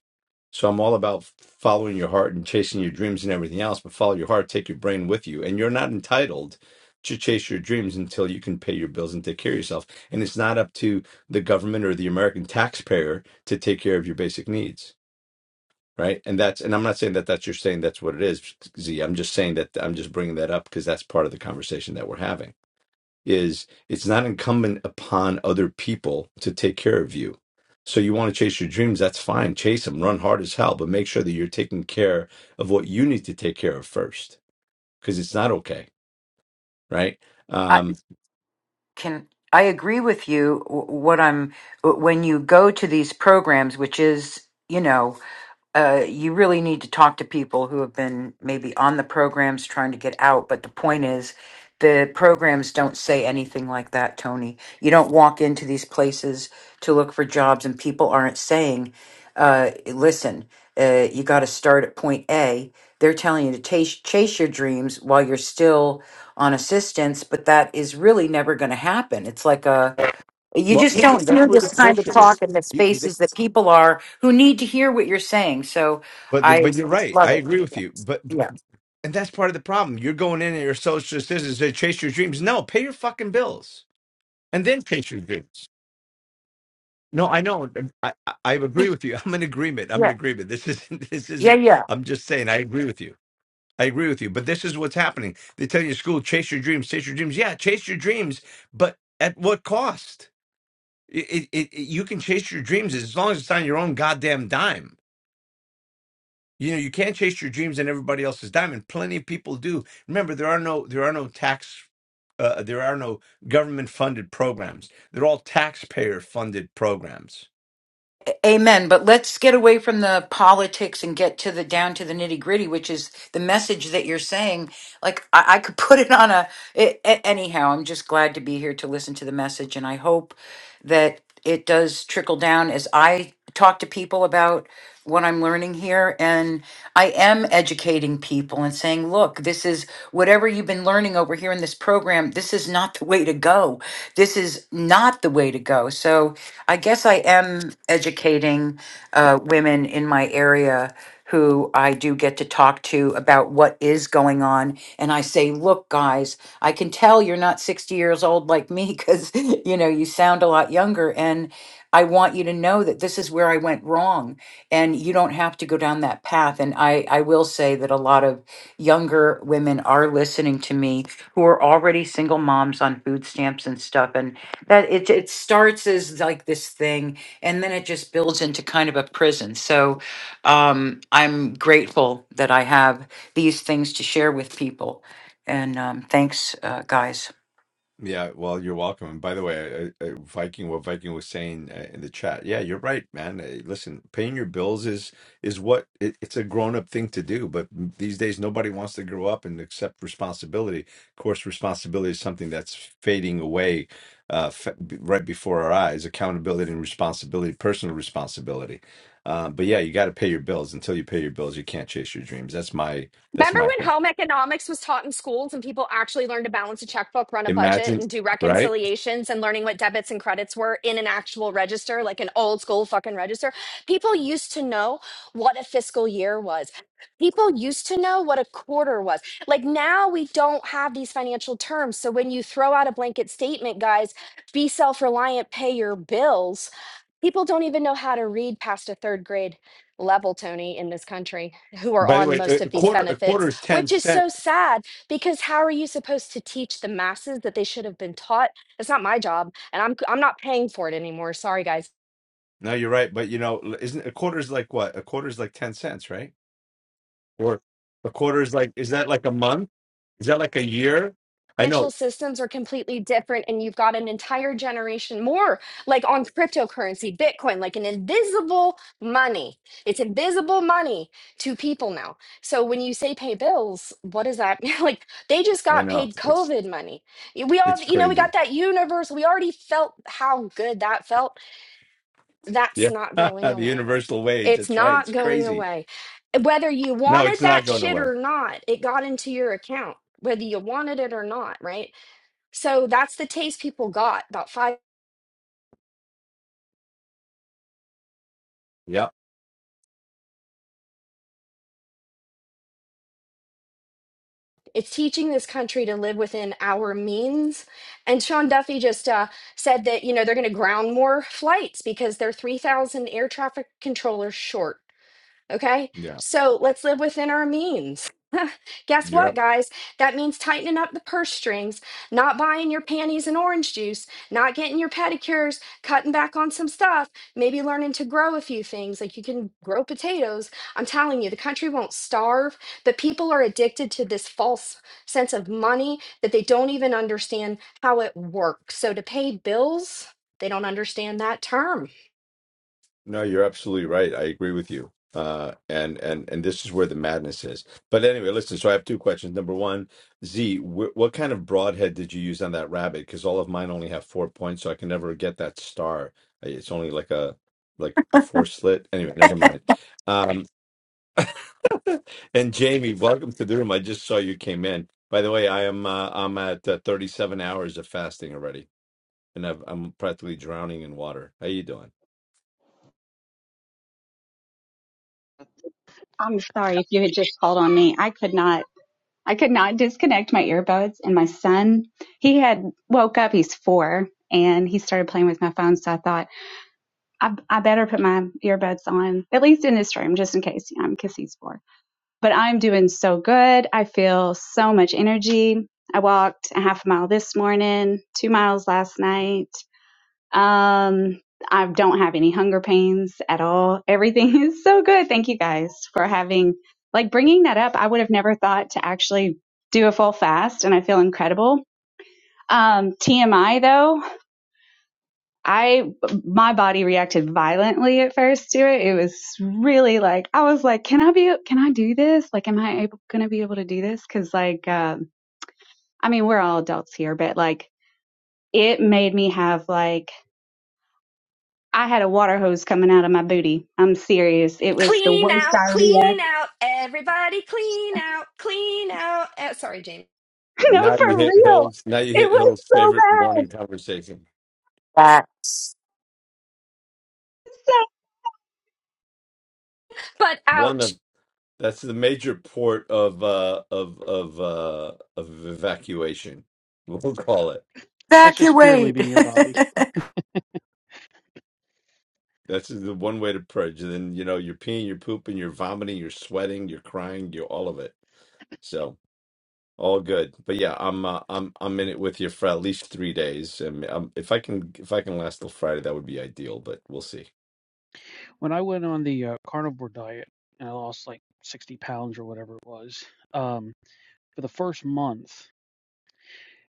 So I'm all about following your heart and chasing your dreams and everything else, but follow your heart, take your brain with you. And you're not entitled to chase your dreams until you can pay your bills and take care of yourself. And it's not up to the government or the American taxpayer to take care of your basic needs. Right. And that's, and I'm not saying that that's you're saying that's what it is, Z. I'm just saying that I'm just bringing that up because that's part of the conversation that we're having is it's not incumbent upon other people to take care of you. So you want to chase your dreams, that's fine. Chase them, run hard as hell, but make sure that you're taking care of what you need to take care of first because it's not okay, right?
i
Um,
can i agree with you wh- what i'm wh- when you go to these programs which is you know uh, you really need to talk to people who have been maybe on the programs trying to get out. But the point is, the programs don't say anything like that, Tony. You don't walk into these places to look for jobs, and people aren't saying, uh, listen, uh, you got to start at point A. They're telling you to chase, chase your dreams while you're still on assistance, but that is really never going to happen. It's like a you
well,
just don't
again, that's
hear
where the
this kind of
bullshit
talk
is.
in the
You, the-
spaces that people are who need to hear what you're saying. So
but
I
but you're right.
love
I
it.
agree with
Yeah.
you. But
Yeah.
and that's part of the problem. You're going in and you're a social citizen to chase your dreams. No, pay your fucking bills and then chase your dreams. No, I know. I, I I agree with you. I'm in agreement. I'm in
Yeah.
agreement. This isn't. This
Yeah.
isn't.
Yeah.
I'm just saying. I agree with you. I agree with you. But this is what's happening. They tell you in school, chase your dreams, chase your dreams. Yeah, chase your dreams, but at what cost? It, it, it, you can chase your dreams as long as it's on your own goddamn dime. You know, you can't chase your dreams on everybody else's diamond. plenty of people do. Remember, there are no there are no tax uh, there are no government funded programs. They're all taxpayer funded programs.
Amen. But let's get away from the politics and get to the down to the nitty gritty, which is the message that you're saying. Like I, I could put it on a, it, a- anyhow, I'm just glad to be here to listen to the message. And I hope that it does trickle down as I talk to people about what I'm learning here. And I am educating people and saying, look, this is whatever you've been learning over here in this program, this is not the way to go. This is not the way to go. So I guess I am educating uh, women in my area who I do get to talk to about what is going on. And I say, look, guys, I can tell you're not 60 years old like me because, you know, you sound a lot younger. And I want you to know that this is where I went wrong and you don't have to go down that path. And I, I will say that a lot of younger women are listening to me who are already single moms on food stamps and stuff. And that it, it starts as like this thing and then it just builds into kind of a prison. So, um, I'm grateful that I have these things to share with people. And um, thanks, uh, guys.
Yeah, well, you're welcome. And by the way, I, I, Viking, what Viking was saying uh, in the chat, yeah, you're right, man. Uh, Listen, paying your bills is is what it, it's a grown up thing to do. But these days, nobody wants to grow up and accept responsibility. Of course, responsibility is something that's fading away uh, fa- b- right before our eyes. Accountability and responsibility, personal responsibility. Uh, but yeah, you got to pay your bills. Until you pay your bills, you can't chase your dreams. That's my that's
Remember
my
when
thing.
home economics was taught in schools and people actually learned to balance a checkbook, run a budget,
Imagine,
and do
right?
reconciliations and learning what debits and credits were in an actual register, like an old school fucking register? People used to know what a fiscal year was. People used to know what a quarter was. Like now we don't have these financial terms. So when you throw out a blanket statement, guys, be self reliant, pay your bills, people don't even know how to read past a third grade level, Tony, in this country who are
By the
on
way, a
most of
a
these
quarter a
benefits,
quarter is ten
which is
cent.
so sad because how are you supposed to teach the masses that they should have been taught? It's not my job, and I'm I'm not paying for it anymore. Sorry, guys.
No, you're right, but you know, isn't a quarter is like what? A quarter is like ten cents, right? Or a quarter is like is that like a month? Is that like a year? I
financial
know,
systems are completely different and you've got an entire generation more like on cryptocurrency bitcoin like an invisible money it's invisible money to people now so when you say pay bills what is that like they just
I
got
know.
paid
It's
covid money we all
it's
you know we got
crazy.
that universe we already felt how good that felt that's
Yeah,
not going
the
away
universal wage.
it's
That's right.
not
It's
going
crazy.
away whether you
No,
wanted
it's not
that
going
shit
away.
or not it got into your account whether you wanted it or not right so that's the taste people got about five.
Yeah,
It's teaching this country to live within our means. And Sean Duffy just uh, said that, you know, they're going to ground more flights because they're 3,000 air traffic controllers short. Okay.
yeah.
So let's live within our means. Guess what,
You're
guys? That means tightening up the purse strings, not buying your panties and orange juice, not getting your pedicures, cutting back on some stuff, maybe learning to grow a few things. Like you can grow potatoes. I'm telling you, the country won't starve, but people are addicted to this false sense of money that they don't even understand how it works. So to pay bills, they don't understand that term
No, you're absolutely right. I agree with you. Uh, and and and this is where the madness is. But anyway, listen. So I have two questions. Number one, Z, wh what kind of broadhead did you use on that rabbit? Because all of mine only have four points, so I can never get that star. I- It's only like a like a four slit. Anyway, never mind. Um, and Jamie, welcome to the room. I just saw you came in. By the way, I am uh, I'm at uh, 37 hours of fasting already, and I've, I'm practically drowning in water. How you doing?
I'm sorry if you had just called on me. I could not I could not disconnect my earbuds and my son, he had woke up, he's 4 and he started playing with my phone so I thought I, I better put my earbuds on at least in this room just in case, you know, cuz he's 4. But I'm doing so good. I feel so much energy. I walked a half a mile this morning, 2 miles last night. Um, I don't have any hunger pains at all. Everything is so good. Thank you guys for having, like, bringing that up. I would have never thought to actually do a full fast, and I feel incredible. Um, TMI though, I, my body reacted violently at first to it. It was really like, I was like, can I be, can I do this? Like, am I able, gonna be able to do this? Cause like, um, I mean, we're all adults here, but like, it made me have like, I had a water hose coming out of my booty. I'm serious. It was the
Clean
worst
out,
diarrhea.
clean out, everybody clean out, clean out. Uh, sorry, James.
No,
Now you
for
hit
real.
Hill's. Now you
It
hit
was
Hill's
so
favorite
bad.
morning conversation.
That's
So,
But
One
ouch.
of that's the major port of uh of of uh of evacuation. We'll call it.
That's just fear
evacuate.
leaving your body.
That's the one way to purge. And then you know you're peeing, you're pooping, you're vomiting, you're sweating, you're crying, you're all of it. So all good. But yeah, I'm uh, I'm I'm in it with you for at least three days. And um, if I can if I can last till Friday, that would be ideal. But we'll see.
When I went on the uh, carnivore diet and I lost like 60 pounds or whatever it was, um, for the first month,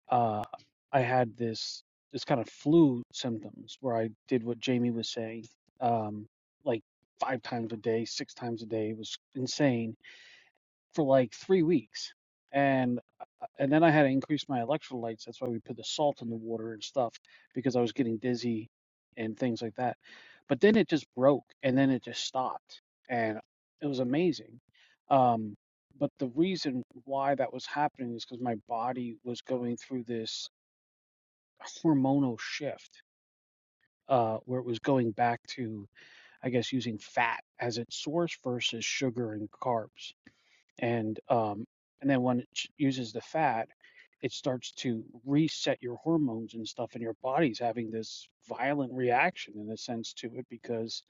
uh, I had this this kind of flu symptoms where I did what Jamie was saying, um, like five times a day, six times a day. It was insane for like three weeks, and uh, and then I had to increase my electrolytes. That's why we put the salt in the water and stuff because I was getting dizzy and things like that. But then it just broke, and then it just stopped, and it was amazing. Um, but the reason why that was happening is because my body was going through this hormonal shift uh, where it was going back to, I guess, using fat as its source versus sugar and carbs. And um, and then when it uses the fat, it starts to reset your hormones and stuff, and your body's having this violent reaction in a sense to it because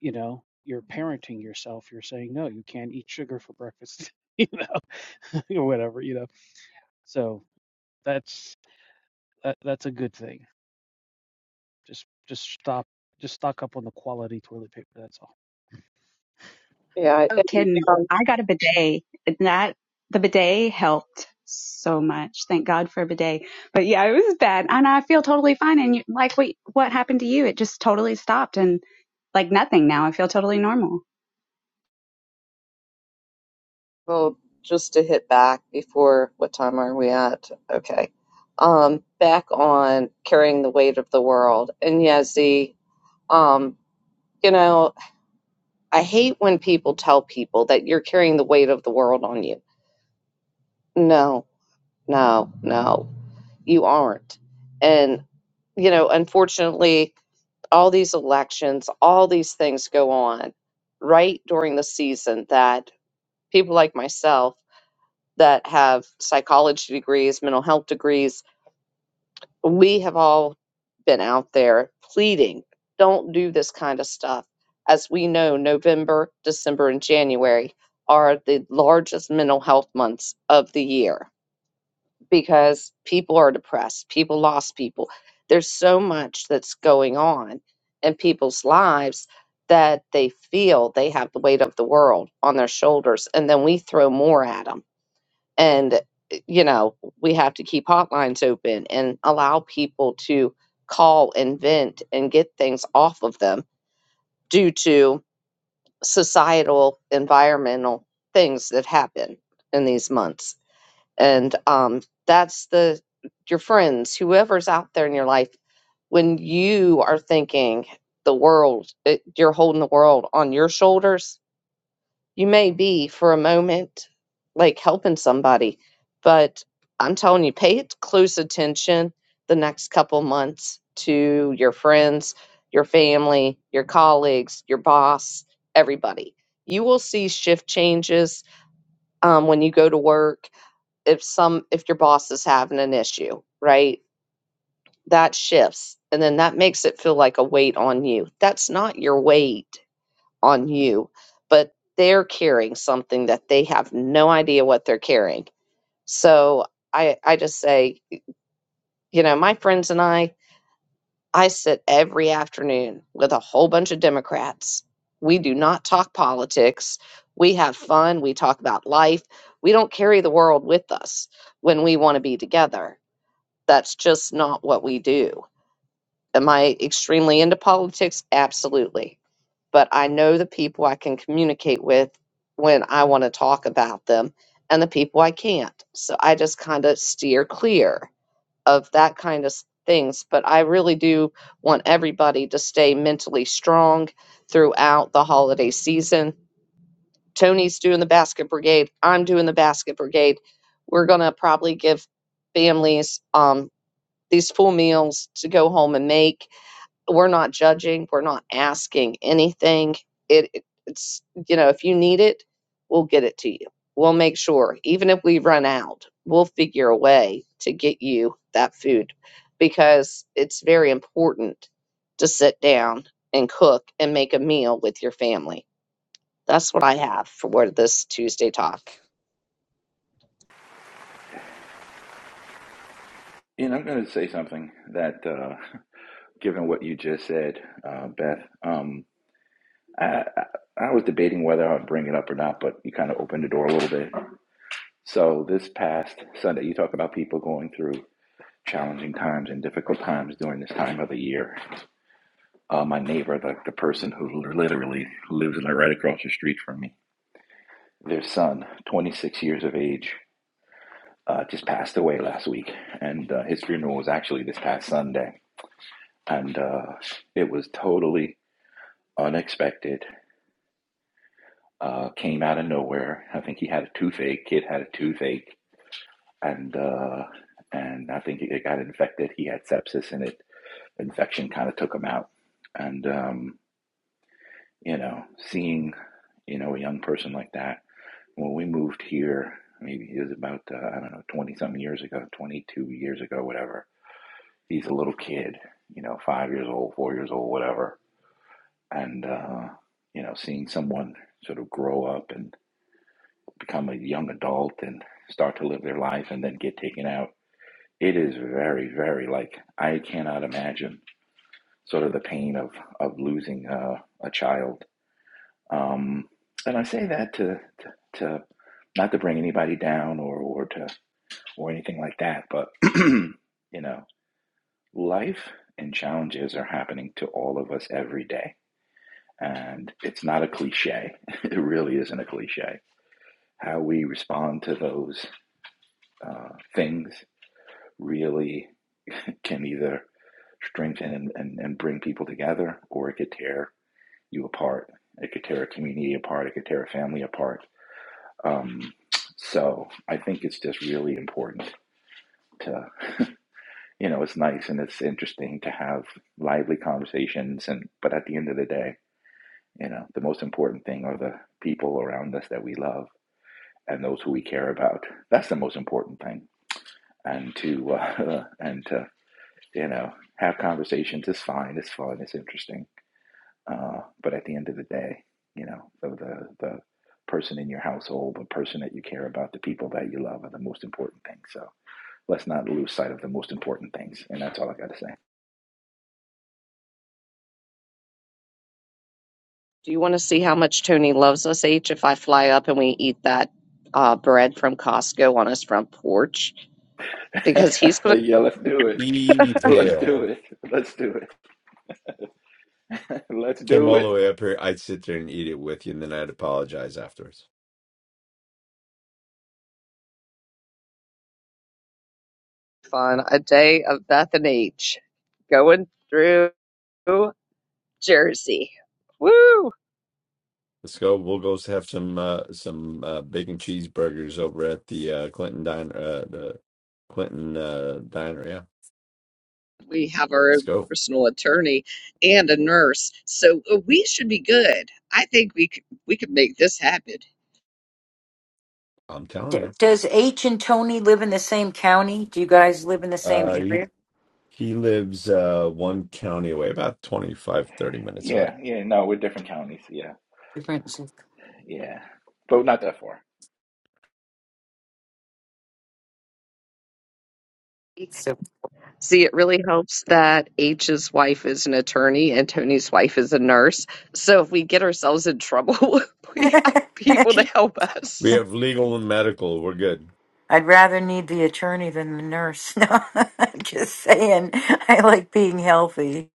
you know you're parenting yourself. You're saying no, you can't eat sugar for breakfast, you know, or whatever, you know. So that's that, that's a good thing. Just just stop just stock up on the quality toilet paper, that's all.
yeah,
no
it-
kidding. I got a bidet. And That the bidet helped so much. Thank God for a bidet. But yeah, it was bad, and I feel totally fine. And you, like, what what happened to you? It just totally stopped, and like nothing now. I feel totally normal.
Well, just to hit back before, what time are we at? Okay. Um, back on carrying the weight of the world. And yeah, Z, um, you know, I hate when people tell people that you're carrying the weight of the world on you. No, no, no, you aren't. And, you know, unfortunately, all these elections, all these things go on right during the season that people like myself that have psychology degrees, mental health degrees. We have all been out there pleading, don't do this kind of stuff. As we know, November, December, and January are the largest mental health months of the year because people are depressed, people lost people. There's so much that's going on in people's lives that they feel they have the weight of the world on their shoulders, and then we throw more at them and eh, you know we have to keep hotlines open and allow people to call and vent and get things off of them due to societal environmental things that happen in these months and um, that's the your friends whoever's out there in your life when you are thinking the world it, you're holding the world on your shoulders you may be for a moment like helping somebody, but I'm telling you, pay it close attention the next couple months to your friends, your family, your colleagues, your boss, everybody. You will see shift changes um, when you go to work. If some, if your boss is having an issue, right? That shifts, and then that makes it feel like a weight on you. That's not your weight on you, but they're carrying something that they have no idea what they're carrying. So I I just say, you know, my friends and I, I sit every afternoon with a whole bunch of Democrats. We do not talk politics. We have fun, we talk about life. We don't carry the world with us when we want to be together. That's just not what we do. Am I extremely into politics? Absolutely but I know the people I can communicate with when I want to talk about them and the people I can't. So I just kind of steer clear of that kind of s- things. But I really do want everybody to stay mentally strong throughout the holiday season. Tony's doing the basket brigade. I'm doing the basket brigade. We're going to probably give families um, these full meals to go home and make we're not judging. We're not asking anything. It, it- it's you know, if you need it, we'll get it to you. We'll make sure, even if we run out, we'll figure a way to get you that food because it's very important to sit down and cook and make a meal with your family. That's what I have for this Tuesday talk.
And I'm going to say something that, uh, given what you just said, uh, Beth, um, I, I I was debating whether I would bring it up or not, but you kind of opened the door a little bit. So this past Sunday, you talk about people going through challenging times and difficult times during this time of the year. Uh, my neighbor, the, the person who literally lives like, right across the street from me, their son, 26 years of age, uh, just passed away last week, and uh, his funeral was actually this past Sunday, and uh, it was totally unexpected. Uh, came out of nowhere. I think he had a toothache. Kid had a toothache, and uh, and I think it got infected. He had sepsis in it infection kind of took him out. And, um, you know, seeing, you know, a young person like that, when we moved here, maybe it was about, uh, I don't know, 20 something years ago, 22 years ago, whatever. He's a little kid, you know, five years old, four years old, whatever. And, uh, you know, seeing someone sort of grow up and become a young adult and start to live their life and then get taken out, it is very, very like, I cannot imagine sort of the pain of, of losing uh, a child Um, and I say that to to not to bring anybody down or or to or anything like that, but you know, life and challenges are happening to all of us every day, and it's not a cliche. It really isn't a cliche. How we respond to those uh, things really can either strengthen and, and, and bring people together, or it could tear you apart. It could tear a community apart. It could tear a family apart Um, so I think it's just really important to, you know, it's nice and it's interesting to have lively conversations. And but at the end of the day, you know, the most important thing are the people around us that we love and those who we care about. That's the most important thing. And to uh, and to you know have conversations is fine. It's fun. It's interesting. Uh, but at the end of the day, you know, the, the the person in your household, the person that you care about, the people that you love are the most important thing. So let's not lose sight of the most important things. And that's all I got
Do you want to see how much Tony loves us, H, if I fly up and we eat that uh, bread from Costco on his front porch? Because
to
he's going to
say. yeah, let's do it. Let's do
Evil.
it. Let's do it. Let's
Came
do
all the
it.
way up here. I'd sit there and eat it with you, and then I'd apologize afterwards.
on a day of Beth and Ch- going through Jersey. Woo!
Let's go. We'll go have some uh, some uh, bacon cheeseburgers over at the uh, Clinton diner. Uh, the Clinton uh, diner. Yeah,
We have our
let's
own
go.
personal attorney and a nurse, so uh, we should be good. I think we could, we could make this happen.
I'm telling
D-
you.
Does H and Tony live in the same county? Do you guys live in the same
Uh, he
area?
he lives uh, one county away, about twenty five thirty minutes away.
Yeah, yeah, no, we're different counties. Yeah,
Different. zip-
yeah. But not that far.
So.
See, it really helps that H's wife is an attorney and Tony's wife is a nurse. So if we get ourselves in trouble, we have people to help
We
us.
have legal and medical. We're good.
I'd rather need the attorney than the nurse. No, I'm just saying. I like being healthy.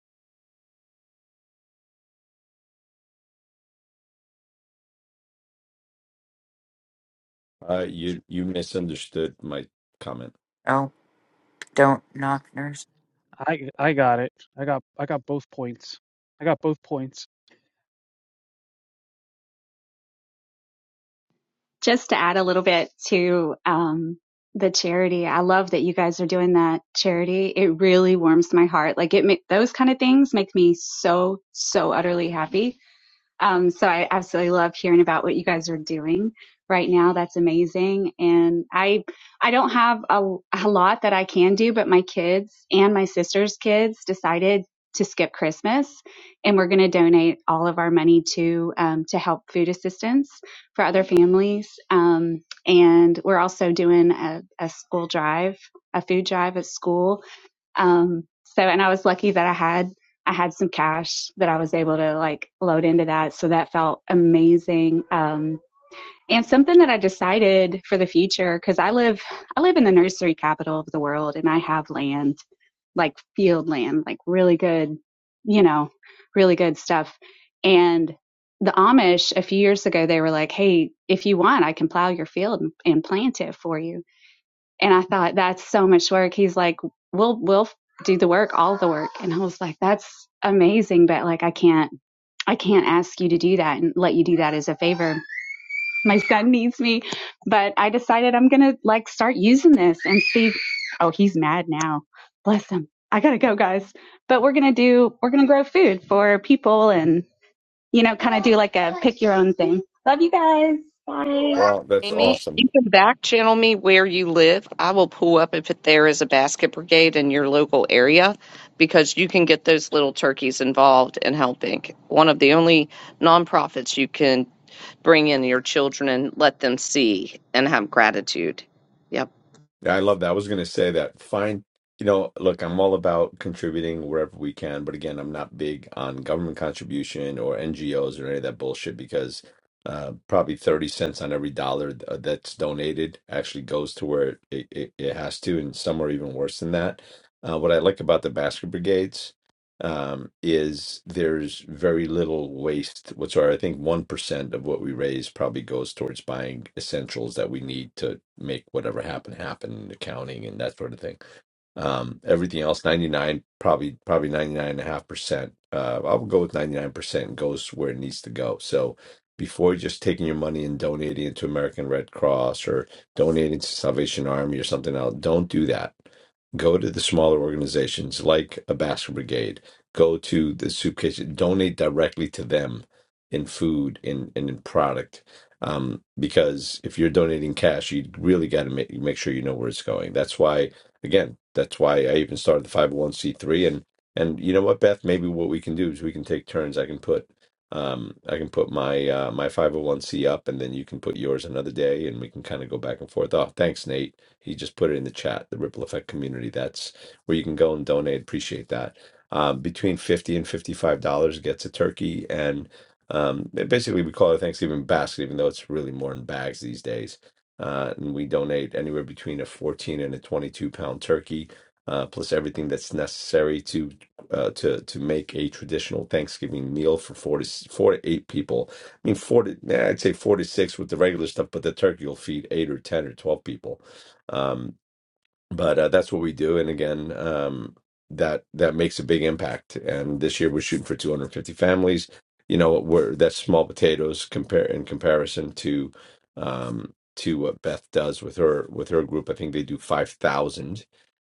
Uh, you you misunderstood my comment.
Oh, don't knock
I I got it. I got I got both points. I got both points.
just to add a little bit to um, the charity, I love that you guys are doing that charity. It really warms my heart. Like it, those kind of things make me so so utterly happy um, so I absolutely love hearing about what you guys are doing right now. That's amazing. And I, I don't have a, a lot that I can do, but my kids and my sister's kids decided to skip Christmas and we're going to donate all of our money to, um, to help food assistance for other families. Um, and we're also doing a, a school drive, a food drive at school um, so, and I was lucky that I had, I had some cash that I was able to like load into that. So that felt amazing. Um, and something that I decided for the future, cause I live, I live in the nursery capital of the world and I have land, like field land, like really good, you know, really good stuff. And the Amish a few years ago, they were like, Hey, if you want, I can plow your field and, and plant it for you. And I thought, that's so much work. He's like, we'll, we'll do the work, all the work. And I was like, that's amazing. But like, I can't, I can't ask you to do that and let you do that as a favor. My son needs me, but I decided I'm going to like start using this and see. Oh, he's mad now. Bless him. I got to go guys, but we're going to do, we're going to grow food for people and, you know, kind of do like a pick your own thing. Love you guys. Bye.
Well, that's
Amy,
awesome.
you can back channel me where you live. I will pull up if there is a basket brigade in your local area because you can get those little turkeys involved in helping. One of the only nonprofits you can bring in your children and let them see and have gratitude. Yep.
Yeah, I love that. I was going to say that. Find, you know, look, I'm all about contributing wherever we can, but again, I'm not big on government contribution or NGOs or any of that bullshit because uh, probably 30 cents on every dollar th- that's donated actually goes to where it, it, it has to, and some are even worse than that. Uh, what I like about the basket brigades um, is there's very little waste whatsoever. I think 1% of what we raise probably goes towards buying essentials that we need to make whatever happen happen, accounting and that sort of thing. Um, everything else, 99, probably, probably 99.5%. Uh, I'll go with 99% goes where it needs to go. So before just taking your money and donating it to American Red Cross or donating to Salvation Army or something else, don't do that go to the smaller organizations like a basket brigade go to the soup kitchen, donate directly to them in food and and in product. Um, because if you're donating cash, you really got to make make sure you know where it's going. That's why, again, that's why I even started the 501c3. And and you know what, Beth, maybe what we can do is we can take turns. I can put um I can put my uh my 501c up and then you can put yours another day and we can kind of go back and forth. Oh, thanks, Nate. He just put it in the chat, the Ripple Effect community. That's where you can go and donate. Appreciate that um, between 50 and 55 dollars gets a turkey and um, ba- basically we call it a thanksgiving basket even though it's really more in bags these days uh, and we donate anywhere between a 14 and a 22 pound turkey uh, plus everything that's necessary to uh, to to make a traditional Thanksgiving meal for four to s- four to eight people. I mean, four to eh, I'd say four to six with the regular stuff, but the turkey will feed eight or ten or twelve people. Um, but uh, that's what we do and again um that that makes a big impact and this year we're shooting for 250 families you know we're that's small potatoes compare in comparison to um to what beth does with her with her group i think they do 5000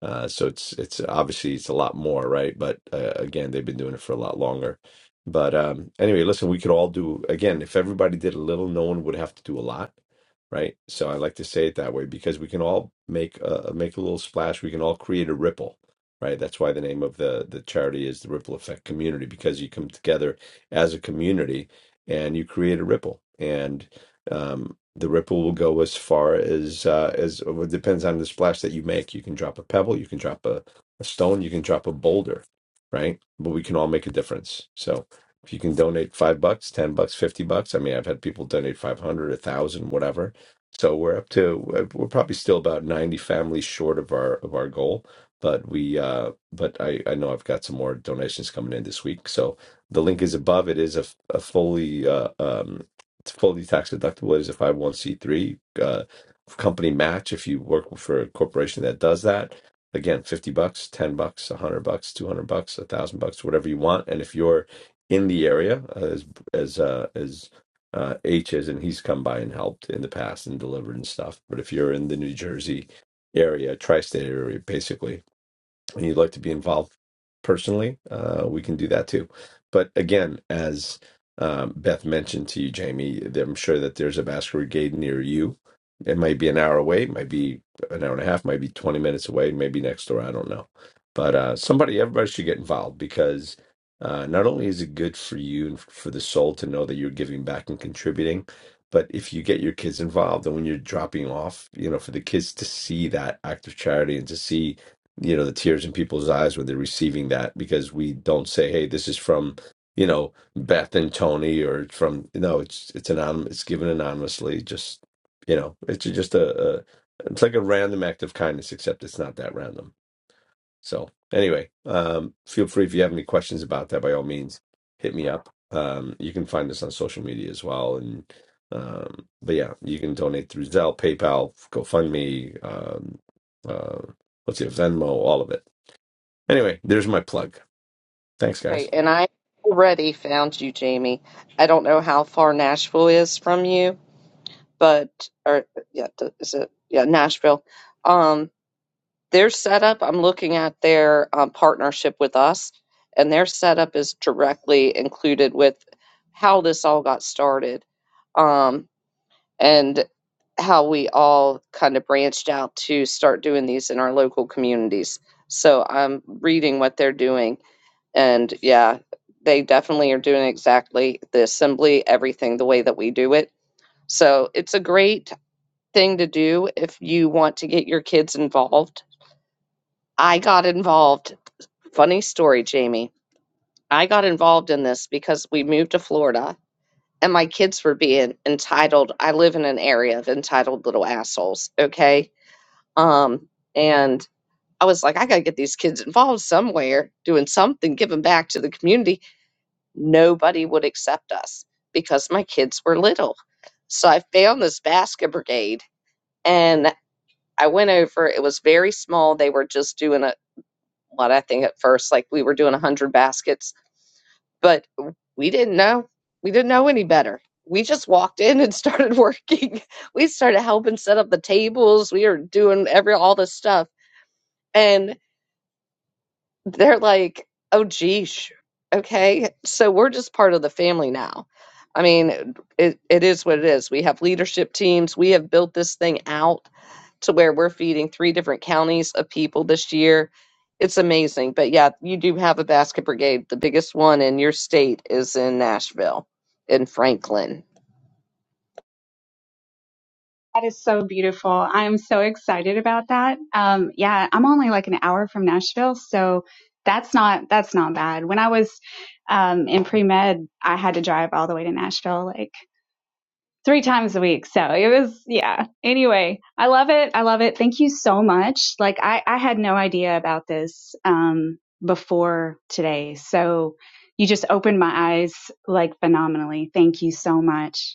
uh so it's it's obviously it's a lot more right but uh, again they've been doing it for a lot longer but um anyway listen we could all do again if everybody did a little no one would have to do a lot right? So I like to say it that way because we can all make a make a little splash. We can all create a ripple, right? That's why the name of the the charity is the Ripple Effect Community because you come together as a community and you create a ripple, and um, the ripple will go as far as uh, as well, it depends on the splash that you make. You can drop a pebble, you can drop a, a stone, you can drop a boulder, right? But we can all make a difference. So. If you can donate five bucks, ten bucks, fifty bucks. I mean, I've had people donate five hundred, a thousand, whatever so we're up to uh, we're probably still about 90 families short of our of our goal, but we uh but I I know I've got some more donations coming in this week. So the link is above. It is a, a fully uh um it's fully tax deductible. It is a 501c3 uh company match if you work for a corporation that does that. Again, 50 bucks, 10 bucks, 100 bucks, 200 bucks, 1000 bucks, whatever you want. And if you're in the area uh, as as uh as uh, H's, and he's come by and helped in the past and delivered and stuff. But if you're in the New Jersey area, tri-state area, basically, and you'd like to be involved personally, uh, we can do that too. But again, as um, Beth mentioned to you, Jamie, that I'm sure that there's a basket brigade near you. It might be an hour away, it might be an hour and a half, might be 20 minutes away, maybe next door. I don't know. But uh, somebody, everybody should get involved because uh, not only is it good for you and for the soul to know that you're giving back and contributing, but if you get your kids involved and when you're dropping off, you know, for the kids to see that act of charity and to see you know the tears in people's eyes when they're receiving that because we don't say hey this is from you know beth and tony or from no it's it's anonymous it's given anonymously just you know it's just a, a it's like a random act of kindness except it's not that random so anyway um feel free if you have any questions about that by all means hit me up um you can find us on social media as well and um but yeah you can donate through zelle paypal gofundme um uh, what's your venmo all of it Anyway, there's my plug. Thanks, guys.
Okay, and I already found you, Jamie. I don't know how far Nashville is from you, but or yeah, th- is it yeah Nashville? Um, their setup. I'm looking at their um, partnership with us, and their setup is directly included with how this all got started, um, and how we all kind of branched out to start doing these in our local communities. So I'm reading what they're doing and yeah, they definitely are doing exactly the assembly, everything the way that we do it. So it's a great thing to do if you want to get your kids involved. I got involved. Funny story, Jamie. I got involved in this because we moved to Florida and my kids were being entitled. I live in an area of entitled little assholes, okay? Um and I was like I got to get these kids involved somewhere, doing something, giving back to the community nobody would accept us because my kids were little. So I found this basket brigade and I went over. It was very small. They were just doing a what I think at first, like we were doing 100 baskets, but we didn't know. We didn't know any better. We just walked in and started working. We started helping set up the tables. We were doing every all this stuff. and. they're like, oh, geesh. Okay. So we're just part of the family now. I mean, it, it is what it is. We have leadership teams. We have built this thing out to where we're feeding three different counties of people this year. It's amazing. But yeah, you do have a basket brigade. The biggest one in your state is in Nashville, in Franklin.
That is so beautiful. I'm so excited about that. Um, yeah, I'm only like an hour from Nashville, so that's not that's not bad. When I was um, in pre med, I had to drive all the way to Nashville like three times a week. So it was yeah. Anyway, I love it. I love it. Thank you so much. Like I I had no idea about this um, before today, so you just opened my eyes like phenomenally. Thank you so much.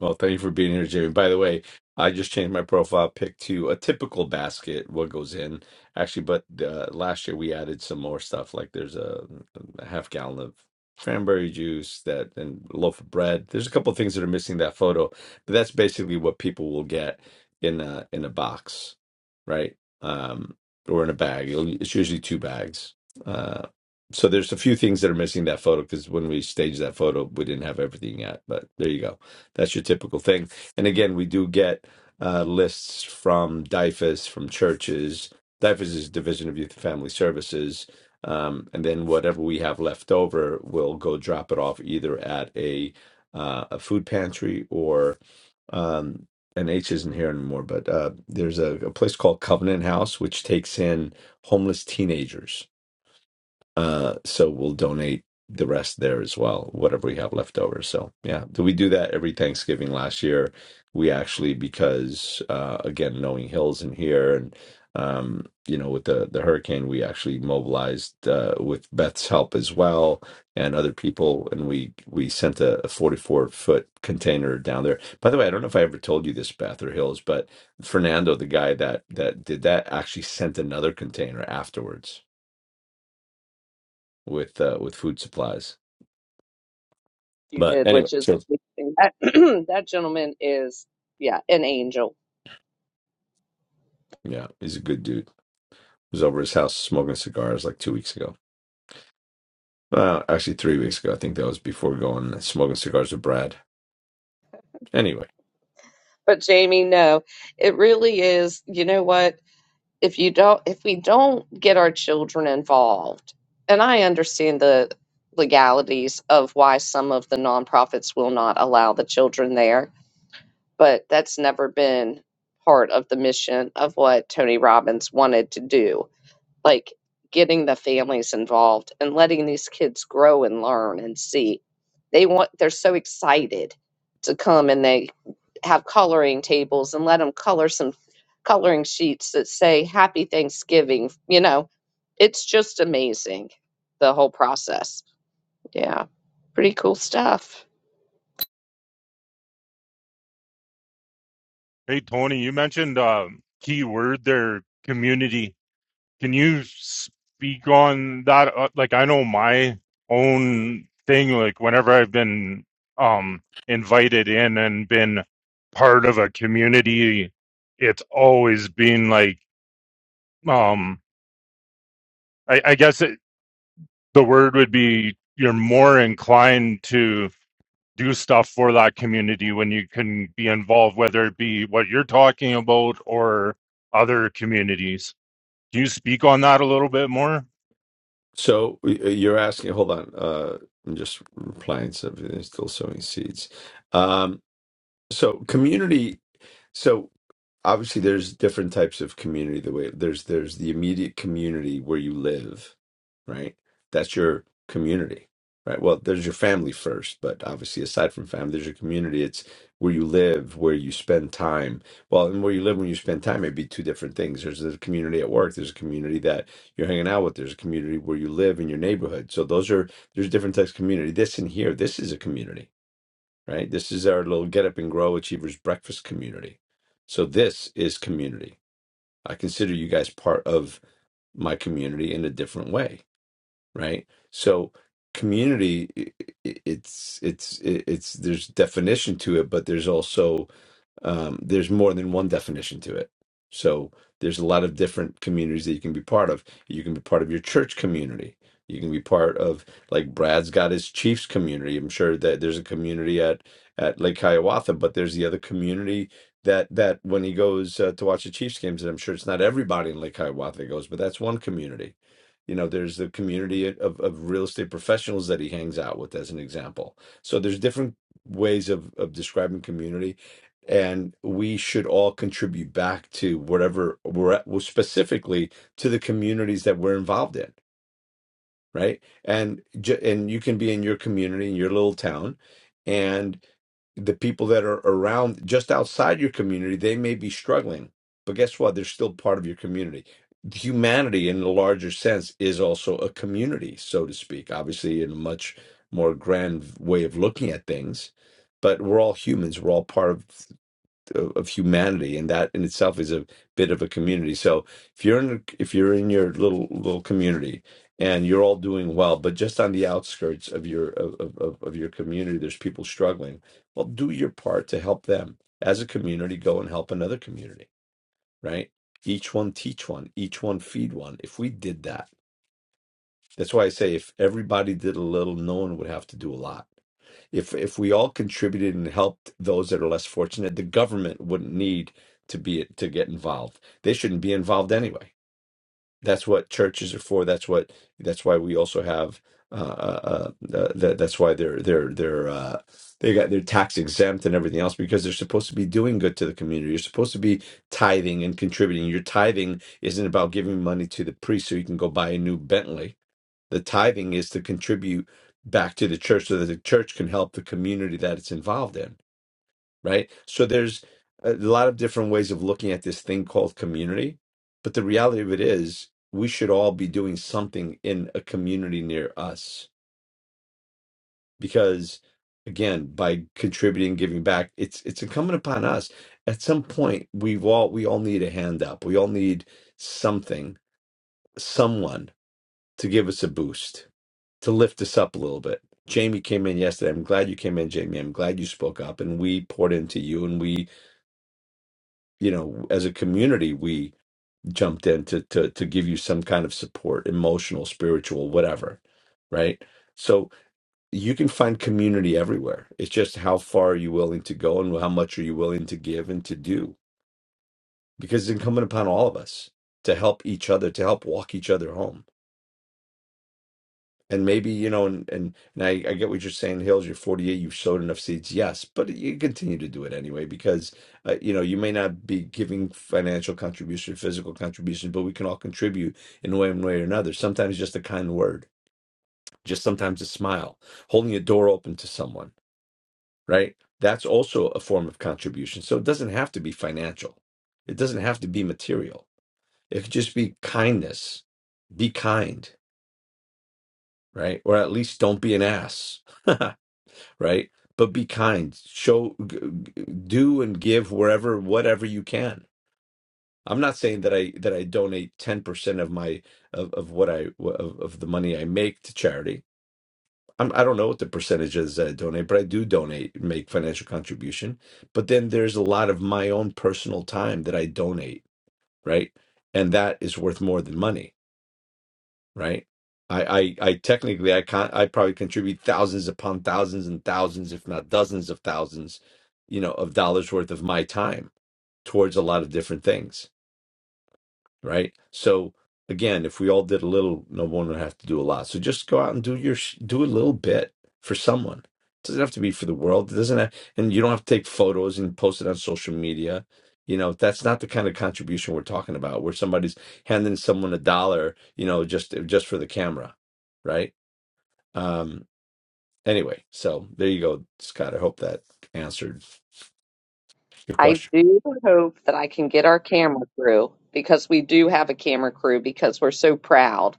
Well, thank you for being here, Jamie. By the way, I just changed my profile pic to a typical basket, what goes in. Actually, but uh, last year we added some more stuff. Like there's a, a half gallon of cranberry juice that and a loaf of bread. There's a couple of things that are missing that photo, but that's basically what people will get in a in a box, right? Um, or in a bag. It'll, it's usually two bags. Uh, so there's a few things that are missing that photo because when we staged that photo, we didn't have everything yet. But there you go. That's your typical thing. And again, we do get uh, lists from DIFAS, from churches. DIFAS is Division of Youth and Family Services. Um, and then whatever we have left over, we'll go drop it off either at a uh, a food pantry or um, and H isn't here anymore, but uh, there's a, a place called Covenant House, which takes in homeless teenagers uh, so we'll donate the rest there as well, whatever we have left over. So yeah, do we do that every Thanksgiving last year? We actually because uh, again, knowing Hills in here and um, you know with the the hurricane, we actually mobilized uh, with Beth's help as well and other people, and we we sent a, a 44 foot container down there. By the way, I don't know if I ever told you this, Beth or Hills, but Fernando, the guy that that did that, actually sent another container afterwards with uh, with food supplies.
you
But
did,
anyway,
which is
so
that, that gentleman is, yeah, an angel.
yeah, he's a good dude. I was over his house smoking cigars like two weeks ago. Well, actually, three weeks ago. I think that was before going smoking cigars with Brad. Anyway,
But Jamie, no, it really is. You know what? If you don't, if we don't get our children involved, and I understand the legalities of why some of the nonprofits will not allow the children there, but that's never been part of the mission of what Tony Robbins wanted to do like getting the families involved and letting these kids grow and learn and see. They want they're so excited to come and they have coloring tables and let them color some coloring sheets that say happy Thanksgiving, you know. It's just amazing the whole process. Yeah. Pretty cool stuff.
Hey, Tony, you mentioned uh, key word there, community. Can you speak on that? Uh, Like, I know my own thing, like, whenever I've been um, invited in and been part of a community, it's always been like, um, I, I guess it, the word would be you're more inclined to do stuff for that community when you can be involved, whether it be what you're talking about or other communities. Can you speak on that a little bit more?
so uh, you're asking. Hold on. Uh, I'm just replying. So still sowing seeds. Um, so community. So obviously there's different types of community the way there's there's the immediate community where you live, right? That's your community. Right. Well, there's your family first, but obviously aside from family, there's your community. It's where you live, where you spend time. Well, and where you live when you spend time may be two different things. There's a community at work, there's a community that you're hanging out with, there's a community where you live in your neighborhood. So those are there's different types of community. This and here, this is a community right? This is our little Get Up and Grow Achievers Breakfast community. So this is community. I consider you guys part of my community in a different way, right? So community i- i- it's it's it's there's definition to it, but there's also um, there's more than one definition to it. So there's a lot of different communities that you can be part of. You can be part of your church community. You can be part of like Brad's got his Chiefs community. I'm sure that there's a community at at Lake Hiawatha, but there's the other community that that when he goes uh, to watch the Chiefs games, and I'm sure it's not everybody in Lake Hiawatha that goes, but that's one community. You know, there's the community of of real estate professionals that he hangs out with, as an example. So there's different ways of of describing community and we should all contribute back to whatever we're at, well, specifically to the communities that we're involved in, right? And ju- and you can be in your community in your little town, and the people that are around just outside your community they may be struggling, but guess what? They're still part of your community. Humanity, in the larger sense, is also a community, so to speak. Obviously, in a much more grand way of looking at things, but we're all humans. We're all part of of, of humanity and that in itself is a bit of a community so if you're in if you're in your little little community and you're all doing well but just on the outskirts of your of, of, of of your community there's people struggling well do your part to help them as a community go and help another community right each one teach one each one feed one if we did that that's why i say if everybody did a little no one would have to do a lot if if we all contributed and helped those that are less fortunate, the government wouldn't need to be to get involved. They shouldn't be involved anyway. That's what churches are for. That's what that's why we also have. Uh, uh, uh, uh, that, that's why they're they're they're uh, they got they're tax exempt and everything else because they're supposed to be doing good to the community. You're supposed to be tithing and contributing. Your tithing isn't about giving money to the priest so you can go buy a new Bentley the tithing is to contribute back to the church so that the church can help the community that it's involved in, right? So there's a lot of different ways of looking at this thing called community, but the reality of it is we should all be doing something in a community near us because again by contributing giving back it's it's incumbent upon us at some point we've all we all need a hand up we all need something someone to give us a boost to lift us up a little bit. Jamie came in yesterday. I'm glad you came in, Jamie. I'm glad you spoke up and we poured into you and we, you know, as a community, we jumped in to to to give you some kind of support, emotional, spiritual, whatever. Right? So you can find community everywhere. It's just how far are you willing to go and how much are you willing to give and to do? Because it's incumbent upon all of us to help each other, to help walk each other home And maybe, you know, and and and I, I get what you're saying, Hills, you're 48, you've sowed enough seeds, yes, but you continue to do it anyway because uh, you know, you may not be giving financial contribution, physical contribution, but we can all contribute in one way or another. Sometimes just a kind word, just sometimes a smile, holding a door open to someone, right? That's also a form of contribution. So it doesn't have to be financial. It doesn't have to be material. It could just be kindness. Be kind, right? Or at least don't be an ass right? But be kind. Show, g- g- do, and give wherever, whatever you can. I'm not saying that I that I donate 10 percent of my of, of what I of, of the money I make to charity. I'm, I don't know what the percentage is that I donate, but I do donate, make financial contribution. But then there's a lot of my own personal time that I donate, right? And that is worth more than money right? I, I, I technically I can't I probably contribute thousands upon thousands and thousands, if not dozens of thousands, you know, of dollars worth of my time towards a lot of different things right? So again, if we all did a little, no one would have to do a lot. So just go out and do your sh- do a little bit for someone. It doesn't have to be for the world. It doesn't have, and you don't have to take photos and post it on social media. You know, that's not the kind of contribution we're talking about, where somebody's handing someone a dollar, you know, just just for the camera, right? Um anyway, so there you go, Scott. I hope that answered your
I
question.
do hope that I can get our camera crew because we do have a camera crew because we're so proud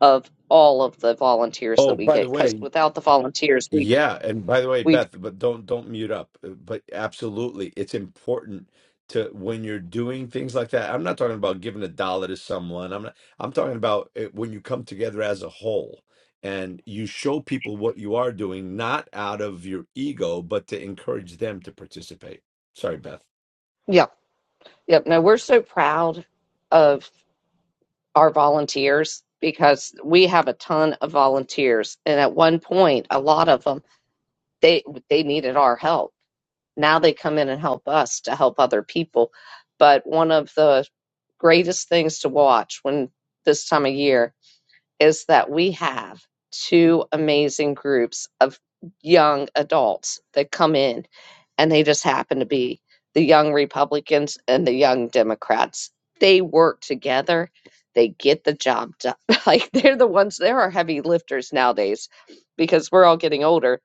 of all of the volunteers
Oh,
that we
by the
get. Because
way,
without the volunteers, we c-
Yeah, and by the way,
we
Beth, but don't don't mute up. uh, But absolutely, it's important to when you're doing things like that. I'm not talking about giving a dollar to someone. I'm not, I'm talking about uh, when you come together as a whole and you show people what you are doing, not out of your ego, but to encourage them to participate. Sorry, Beth.
yeah yep no we're so proud of our volunteers because we have a ton of volunteers and at one point a lot of them they they needed our help. Now they come in and help us to help other people. But one of the greatest things to watch when this time of year is that we have two amazing groups of young adults that come in and they just happen to be the young Republicans and the young Democrats. They work together. They get the job done. Like they're the ones, There are heavy lifters nowadays because we're all getting older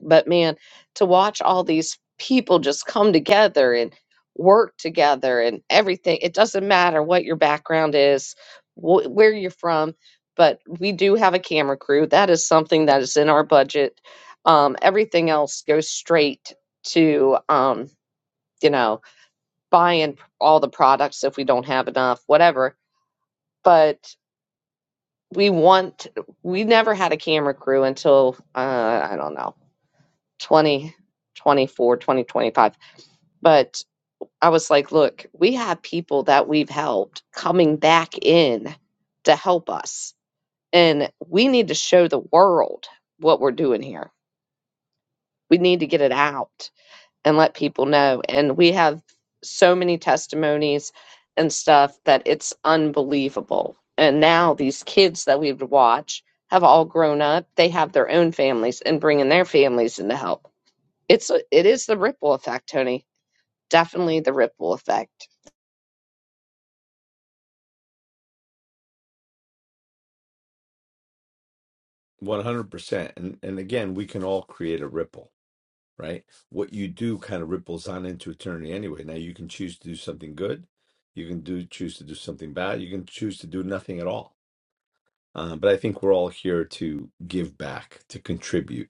but man, to watch all these people just come together and work together and everything, it doesn't matter what your background is, wh- where you're from, but we do have a camera crew. That is something that is in our budget. Um, everything else goes straight to, um, you know, buying all the products if we don't have enough, whatever. But we want, we never had a camera crew until, uh, I don't know, 20 24 2025. But I was like, look, we have people that we've helped coming back in to help us. And we need to show the world what we're doing here. We need to get it out and let people know. And we have so many testimonies and stuff that it's unbelievable. And now these kids that we've watched have all grown up. They have their own families and bringing their families in to help. It's a, it is the ripple effect, Tony. Definitely the ripple effect.
100%. And and again, we can all create a ripple. right? What you do kind of ripples on into eternity anyway. Now you can choose to do something good, you can do choose to do something bad, you can choose to do nothing at all. Um, but I think we're all here to give back, to contribute.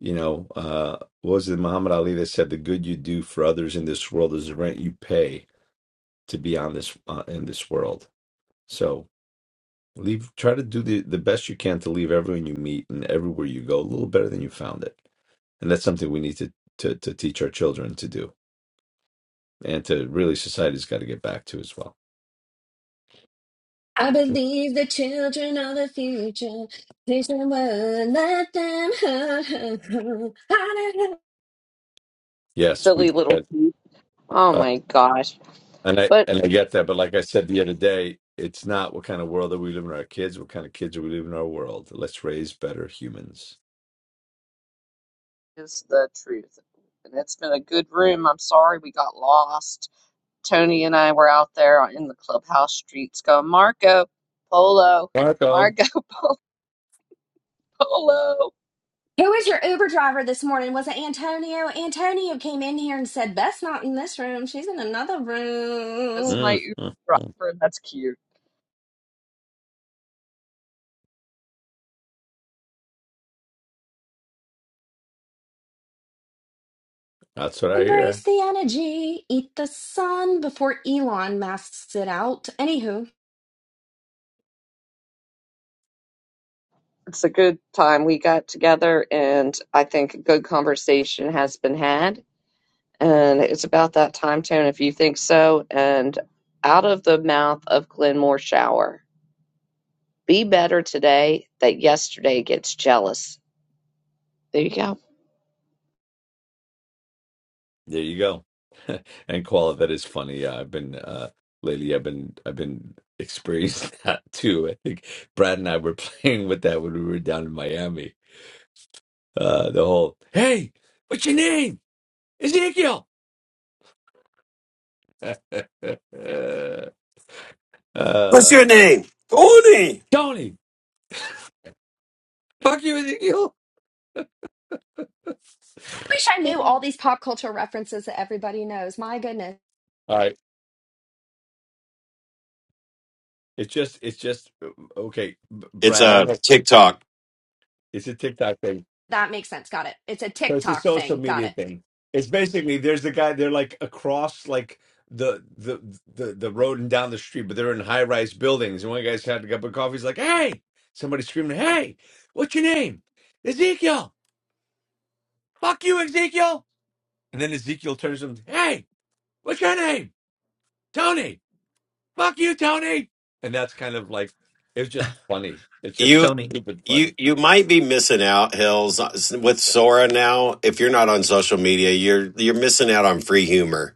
You know, uh, what was it Muhammad Ali that said, "The good you do for others in this world is the rent you pay to be on this uh, in this world." So leave, try to do the the best you can to leave everyone you meet and everywhere you go a little better than you found it, and that's something we need to to, to teach our children to do. and to really society's got to get back to as well.
I believe the children are the future. Please don't let them.
Yes, we
silly little
get,
goose. Oh
uh,
my gosh.
and I
But
and I get that, but like I said the other day, it's not what kind of world are we living in our kids. What kind of kids are we living in our world? Let's raise better humans.
is the truth. And it's been a good room. I'm sorry we got lost. Tony and I were out there in the clubhouse streets going, Marco Polo,
Marco,
Marco Po- Polo.
Who was your Uber driver this morning? Was it Antonio? Antonio came in here and said, Beth's not in this room. She's in another room.
That's my
mm,
Uber
mm, mm.
driver, and that's cute.
that's what I
Embrace
hear.
the energy. Eat the sun before Elon masks it out. Anywho.
It's a good time we got together, and I think a good conversation has been had. And it's about that time, Tony, if you think so. And out of the mouth of Glenmore Shower. Be better today that yesterday gets jealous. There you go.
There you go. and Koala, that is funny. Yeah, I've been uh, lately. I've been I've been experiencing that too. I think Brad and I were playing with that when we were down in Miami. Uh, the whole hey, what's your name? Ezekiel.
what's
uh,
your name? Tony.
Tony, fuck you, Ezekiel.
wish I knew all
All
these pop culture references that everybody knows. My goodness.
right. It's just, it's just, okay, B-
It's
Brad, I'm
a
like,
TikTok
it's a TikTok thing.
That makes sense. Got it. It's a
So it's a
TikTok
social
thing. Got
media
it.
thing. It's basically, there's a guy, they're like across like the, the, the, the road and down the street, but they're in high rise buildings. And one guy's had a cup of coffee. He's like, hey, somebody screaming, hey, what's your name? Ezekiel. Fuck you, Ezekiel. And then Ezekiel turns to him, hey, what's your name? Tony. fuck you, Tony. And that's kind of like it was just funny. It's
You
just stupid
you
funny.
you might be missing out, Hills, with Sora now. If you're not on social media, you're you're missing out on free humor.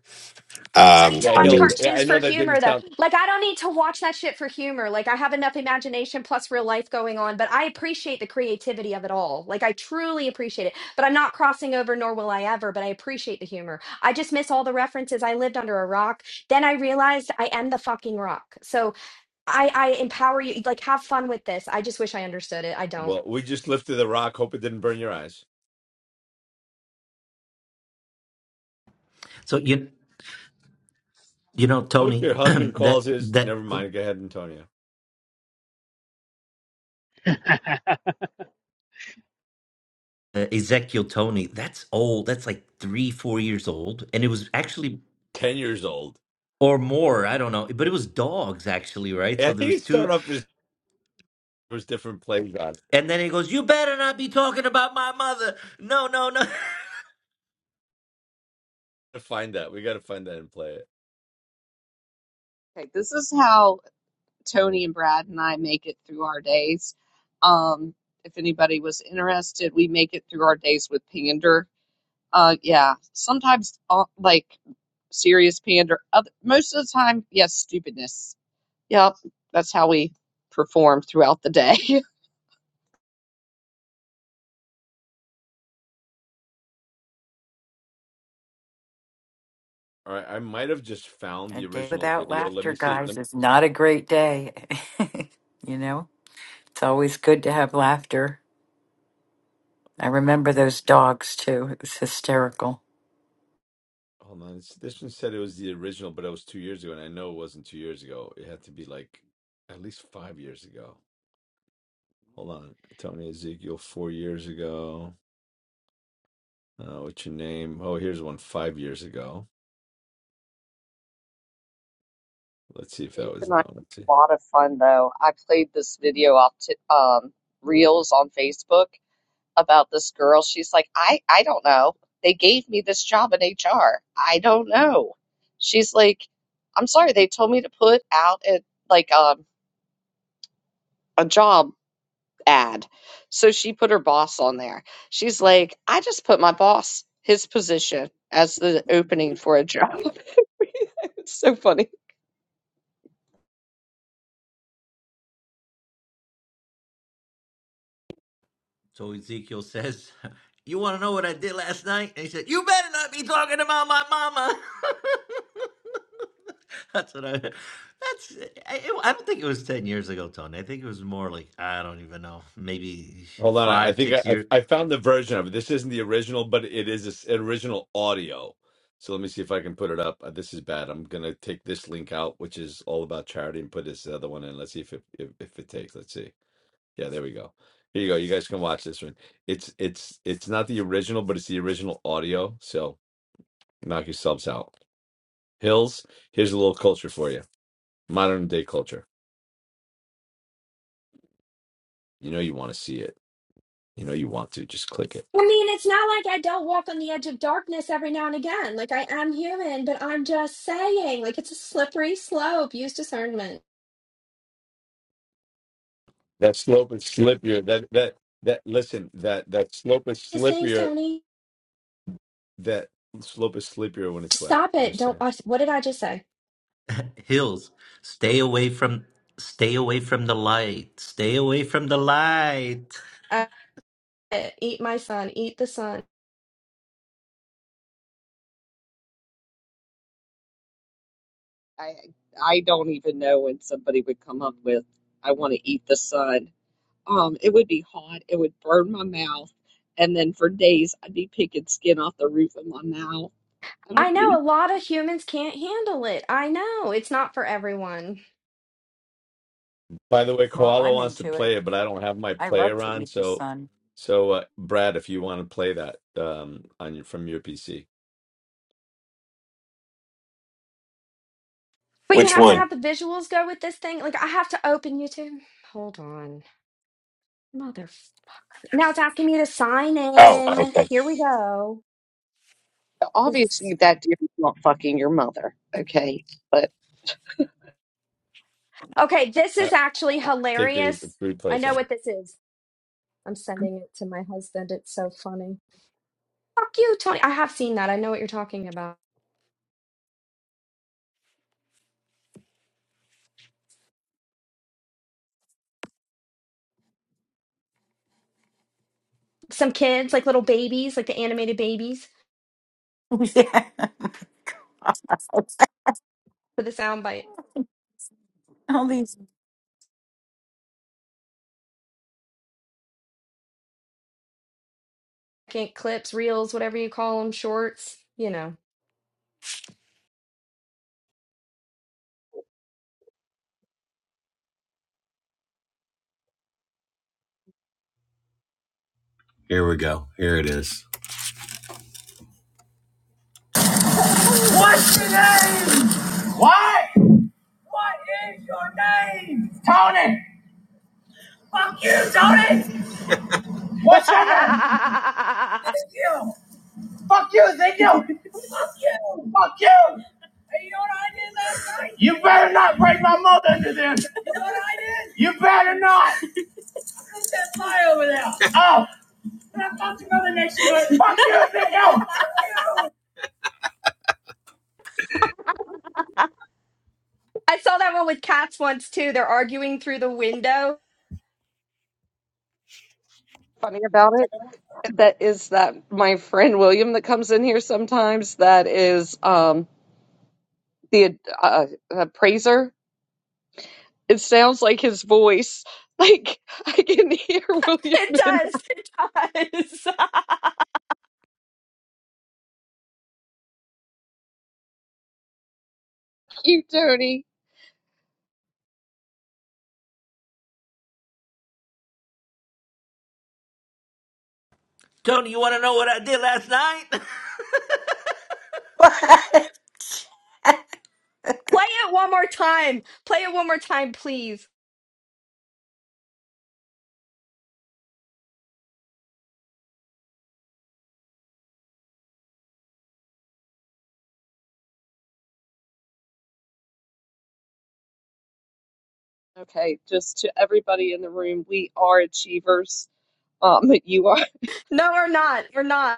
need
Um,
to
Yeah,
I
watch
he'll.
mean,
yeah,
cartoons
I
for
know that
humor
didn't
though.
sound
Like I don't need to watch that shit for humor. Like I have enough imagination plus real life going on, but I appreciate the creativity of it all. Like I truly appreciate it. But I'm not crossing over nor will I ever, but I appreciate the humor. I just miss all the references. I lived under a rock. Then I realized I am the fucking rock. So I I empower you like have fun with this. I just wish I understood it. I don't.
well. We just lifted the rock. Hope it didn't burn your eyes.
so you you know,
How what
Tony,
your husband
that
calls his?
that
Never mind. Go ahead, Antonio.
uh, Ezekiel Tony, that's old. That's like three, four years old, and it was actually
Ten years old.
or more. I don't know, but it was dogs actually, right?
Yeah,
So
I
there
think he
was two.
started off his was different plays on.
And then he goes, You better not be talking about my mother. No, no, no.
To find that, we got to find that and play it.
Okay, this is how Tony and Brad and I make it through our days. Um, if anybody was interested, we make it through our days with Pander. Uh, yeah, sometimes uh, like serious pander. Other, most of the time, yes, stupidness. Yep, that's how we perform throughout the day.
All right, I might have just found
A
the
day
original
without
video. Let
laughter,
me see. Let
guys,
me,
is not a great day. you know, it's always good to have laughter. I remember
oh,
those dogs too. It was hysterical.
Hold on, this, this one said it was the original, but it was two years ago, and I know it wasn't two years ago. It had to be like at least five years ago. Hold on, Tony Ezekiel, four years ago. Uh, what's your name? Oh, here's one five years ago. Let's see if that
Faith
was
and I had
that one. Let's see.
a lot of fun though. I played this video off t um, Reels on Facebook. about this girl. She's like, I, I don't know. They gave me this job in HR. I don't know. She's like, I'm sorry. They told me to put out a, like um, a job ad. So she put her boss on there. She's like, I just put my boss, his position as the opening for a job. it's so funny.
So Ezekiel says, You want to know what I did last night? And he said, You better not be talking about my mama. That's what I. That's. I, I don't think it was 10 years ago, Tony. I think it was more like, I don't even know, maybe
Hold on, I, I
five,
think
six
I,
years.
I I found the version of it. This isn't the original, but it is this original audio. So let me see if I can put it up. Uh, This is bad. I'm gonna take this link out, which is all about charity, and put this other one in. Let's see if it if, if it takes. Let's see. Yeah, there we go. Here you go. You guys can watch this one. It's it's it's not the original, but it's the original audio. So knock yourselves out. Hills, here's a little culture for you. Modern day culture. You know you want to see it. You know you want to. Just click it.
I mean, it's not like I don't walk on the edge of darkness every now and again. Like I am human, but I'm just saying, like it's a slippery slope. Use discernment.
That slope is slippier. That that that listen, that that slope is
These things,
slippier.
Tony.
That slope is slippier when it's wet.
Stop it.
Just
Don't.
saying.
uh, What did I just say?
Hills, stay away from. Stay away from the light. Stay away from the light.
I, eat my son. Eat the sun.
I, I don't even know when somebody would come up with, I want to eat the sun Um, it would be hot, it would burn my mouth, and then for days I'd be picking skin off the roof of my mouth. I don't
I know
need
a lot of humans can't handle it. I know it's not for everyone.
By the way,
Well,
Koala
I'm
wants to
into it.
play it, but I don't have my
I love
player
to
on,
eat the
so
sun.
so uh, Brad, if you want to play that um on your from your PC.
But you
which
have to
one?
have the visuals go with this thing. Like I have to open YouTube. Hold on, mother. Now it's asking me to sign
Oh,
in.
okay.
Here we go. This is.
Obviously, that deer is not fucking your mother. Okay. But
Okay, this is actually
Take the, the
hilarious.
food
I
plates
know
on.
what this is. I'm sending it to my husband. It's so funny. Fuck you, Tony. I have seen that. I know what you're talking about. Some kids, like little babies, like the animated babies
yeah.
for the soundbite.
All these
Can't clips, reels, whatever you call them, shorts, you know.
Here we go. Here it is. What's your name? What? What is your name? Tony. Fuck you, Tony. What's your name?
I
Thank you. Fuck you, thank you. Fuck you. Fuck you. You know what I did last night? You better not break my mother into this. You know what I did? You better not. put that pie over there. Oh, And I thought you go the next one. fuck you, nigga.
saw that one with cats once too. They're arguing through the window.
funny about it, that is that my friend William that comes in here sometimes, that is um the uh, uh, appraiser. It sounds like his voice. Like I can hear William
It
and
does. It does.
you, Tony.
Tony, you want to know what I did last night?
Play it one more time. Play it one more time, please.
Okay, just to everybody in the room, we are achievers. Um, you are.
No, we're not. We're not.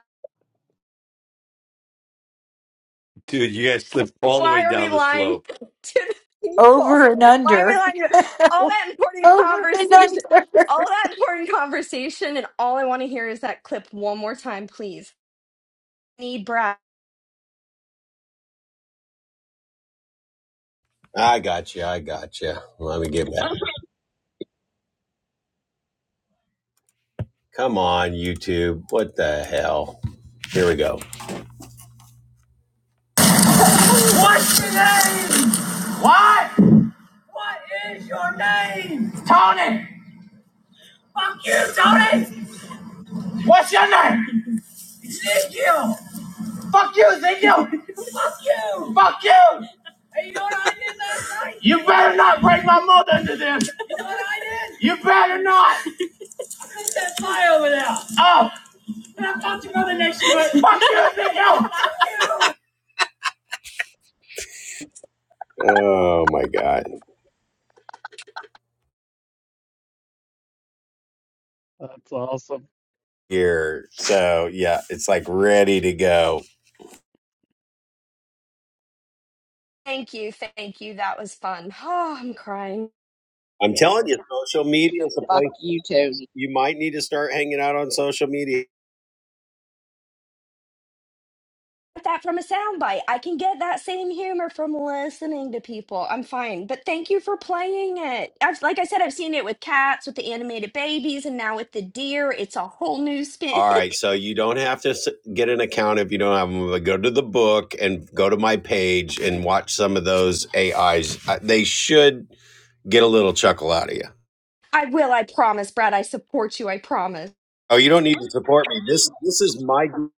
Dude, you guys slipped all the way
Why are we
down the
lying
slope.
to the people?
over and
Why are we
under.
lying to all that important
over and
conversation?
under.
All that important conversation, and all I want to hear is that clip one more time, please. Need Brad.
I got you. I got you. Let me get back. Come on, YouTube. What the hell? Here we go. What's your name? What? What is your name? Tony, Fuck you, Tony! what's your name? Ezekiel! Fuck you, Ezekiel. Fuck you. Fuck you. Hey, you know what I did last night? You better not break my mother under this. You know what I did? You better not. I put that fire over there. Oh. And I fucked your mother next to it. Fuck you, Ezekiel. Oh my god.
That's awesome.
Here. So yeah, it's like ready to go.
Thank you, thank you. That was fun. Oh, I'm crying.
I'm telling you, social media is a
Fuck
place
you, Tony.
you might need to start hanging out on social media.
Get that from a soundbite. I can get that same humor from listening to people. I'm fine, but thank you for playing it. I've, like I said, I've seen it with cats, with the animated babies, and now with the deer. It's a whole new spin.
All right, so you don't have to get an account if you don't have them. But go to the book and go to my page and watch some of those AIs. Uh, They should get a little chuckle out of you.
I will. I promise, Brad. I support you. I promise.
Oh, you don't need to support me. This this is my. gr-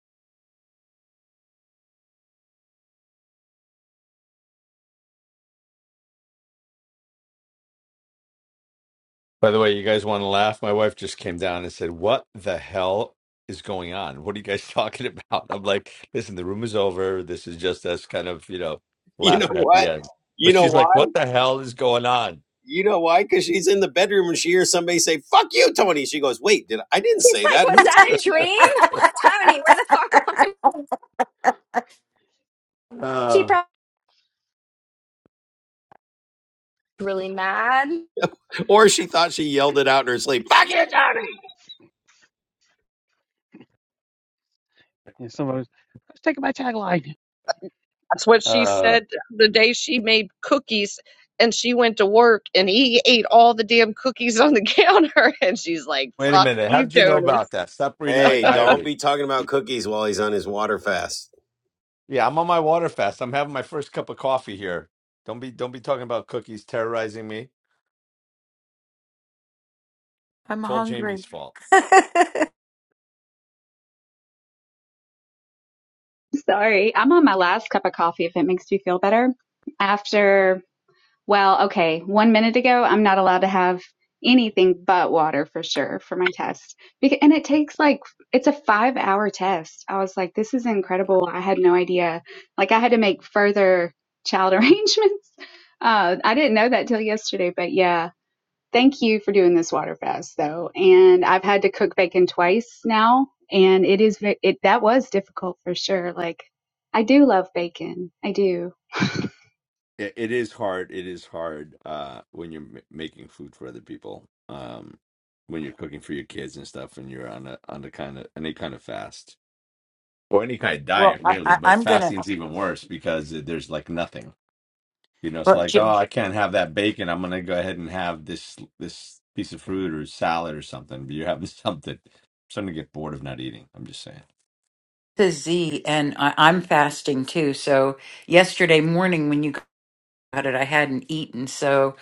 By the way, you guys want to laugh? My wife just came down and said, What the hell is going on? What are you guys talking about? I'm like, Listen, the room is over. This is just us kind of, you know,
You know
laughing at the
what?
end.
You
But
know
she's like,
why?
What the hell is going on?
You know why? Because she's in the bedroom and she hears somebody say "fuck you, Tony." She goes, "Wait, did I, I didn't
She's
say
like,
that?
was
Who's
that a
saying that?"
dream? Tony, where the fuck are you? She
Uh,
probably really mad.
or she thought she yelled it out in her sleep. Fuck it!
Yeah, somebody let's take my tagline.
That's what she
uh,
said the day she made cookies and she went to work and he ate all the damn cookies on the counter. And she's like,
Wait a
fuck
minute. How
you,
did you know
Tony.
about that? Stop reading my
Hey, don't
diary.
be talking about cookies while he's on his water fast.
Yeah, I'm on my water fast. I'm having my first cup of coffee here. Don't be don't be talking about cookies terrorizing me.
I'm
It's all
hungry.
Jamie's fault.
Sorry, I'm on my last cup of coffee if it makes you feel better. After, well, okay, one minute ago, I'm not allowed to have anything but water for sure for my test. Because, and it takes like, it's a five hour test. I was like, this is incredible. I had no idea. Like, I had to make further child arrangements. Uh, I didn't know that till yesterday, but yeah, Thank you for doing this water fast though. And I've had to cook bacon twice now and it is ve- it that was difficult for sure. Like I do love bacon. I do.
it, it is hard. It is hard uh, when you're m- making food for other people, um, when you're cooking for your kids and stuff, and you're on a on the kind of any kind of fast or any kind of
well,
diet,
I,
really.
I,
But
I'm gonna.
fasting's even worse because it- there's like nothing. You know, it's
well.
like,
J-
oh, I can't have that bacon. I'm gonna go ahead and have this this piece of fruit or salad or something. But you're having something. I'm starting to get bored of not eating. I'm just saying.
to Z, and I, I'm fasting too. So yesterday morning when you got it, I hadn't eaten. So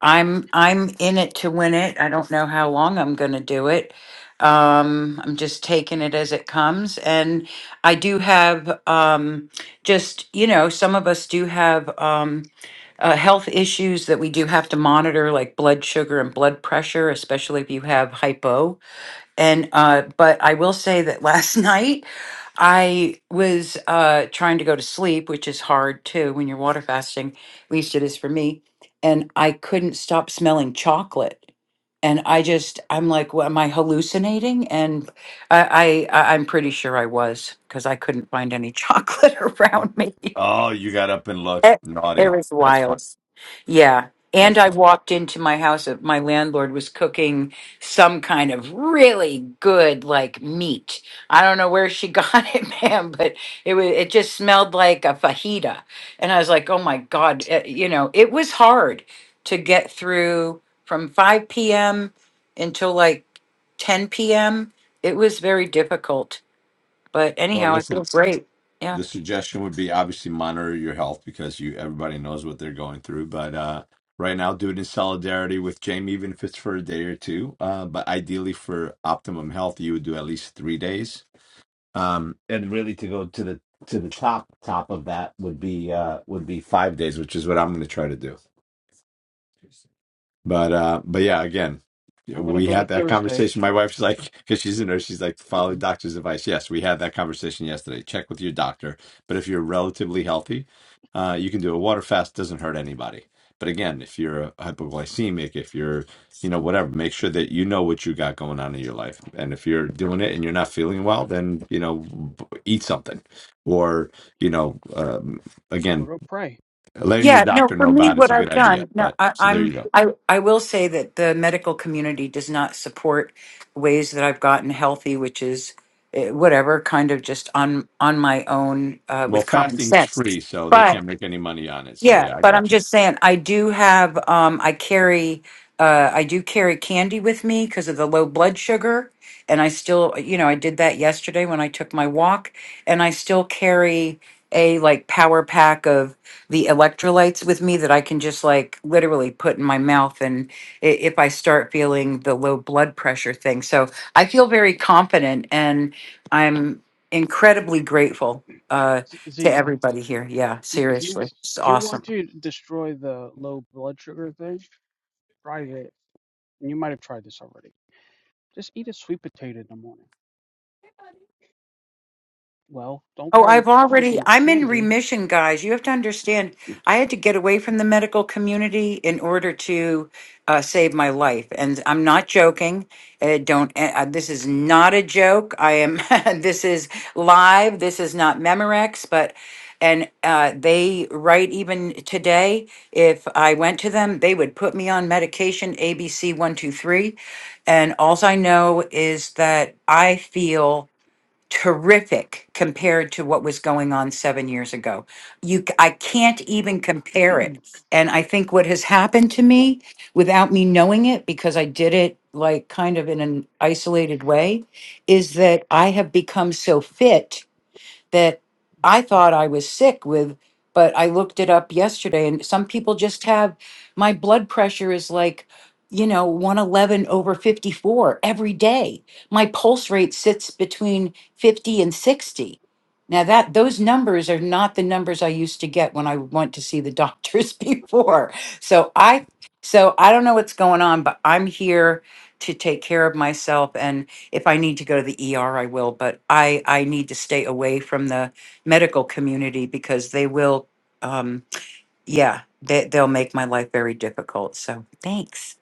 I'm I'm in it to win it. I don't know how long I'm going to do it. Um, I'm just taking it as it comes, and I do have um, just you know some of us do have um, uh, health issues that we do have to monitor, like blood sugar and blood pressure, especially if you have hypo. And uh, but I will say that last night. I was uh, trying to go to sleep, which is hard too when you're water fasting. At least it is for me. And I couldn't stop smelling chocolate. And I just, I'm like, well, am I hallucinating? And I, I, I- I'm pretty sure I was because I couldn't find any chocolate around me.
Oh, you got up and looked
It, it
naughty.
was
That's fine.
wild. Yeah. And
That's
I
fine.
walked into my house. uh, My landlord was cooking some kind of really good, like meat. I don't know where she got it, man, but it was. It just smelled like a fajita, and I was like, "Oh my god!" uh, You know, it was hard to get through from five p.m. until like ten p.m. It was very difficult, but
Well,
anyhow, I feel
listen.
great. Yeah.
the suggestion would be obviously monitor your health because you everybody knows what they're going through but uh right now do it in solidarity with jamie even if it's for a day or two uh but ideally for optimum health you would do at least three days um and really to go to the to the top top of that would be uh would be five days which is what i'm going to try to do but uh but yeah again yeah,
I'm gonna
we
go to
had that
Thursday
conversation. My wife's like, because she's a nurse, she's like, follow doctor's advice. Yes, we had that conversation yesterday. Check with your doctor. But if you're relatively healthy, uh, you can do a water fast. Doesn't hurt anybody. But again, if you're a hypoglycemic, if you're, you know, whatever, make sure that you know what you got going on in your life. And if you're doing it and you're not feeling well, then you know, eat something, or you know, um,
or
again,
go pray.
letting your
Yeah, no,
doctor
for
know
me,
about
what
it's a
I've
good idea.
done, no,
But
I,
so there
I'm,
you go.
I, I will say that the medical community does not support ways that I've gotten healthy, which is eh, whatever, kind of just on on my own uh,
Well,
with common
fasting's
sense.
free, so they can't make any money on it. So
Yeah,
yeah, I
but I'm
get you.
just saying, I do have, um, I carry, uh, I do carry candy with me because of the low blood sugar. And I still, you know, I did that yesterday when I took my walk, and I still carry a like power pack of the electrolytes with me that I can just like literally put in my mouth and i- if I start feeling the low blood pressure thing. So I feel very confident and I'm incredibly grateful. uh,
Z,
to
Z
everybody here. Yeah,
if you if
seriously.
you
It's
if you
awesome.
want to destroy the low blood sugar thing, try it. And you might have tried this already. Just eat a sweet potato in the morning. Well, don't
Oh,
carry
I've already,
freaking
I'm in
candy.
remission, guys. You have to understand, I had to get away from the medical community in order to uh, save my life. And I'm not joking. Uh, don't, eh, uh, this is not a joke. I am, this is live. This is not Memorex, but, and uh, they write even today, if I went to them, they would put me on medication ABC123. And all I know is that I feel terrific compared to what was going on seven years ago. You, c- I can't even compare
I
it. And I think what has happened to me without me knowing it, because I did it like kind of in an isolated way, is that I have become so fit that I thought I was sick with, but I looked it up yesterday and some people just have my blood pressure is like, you know, 111 over 54 every day. My pulse rate sits between 50 and 60. Now that those numbers are not the numbers I used to get when I went to see the doctors before. So I so I don't know what's going on, but I'm here to take care of myself and if I need to go to the ER, I will, but I, I need to stay away from the medical community because they will, um, yeah, they, they'll make my life very difficult. So thanks.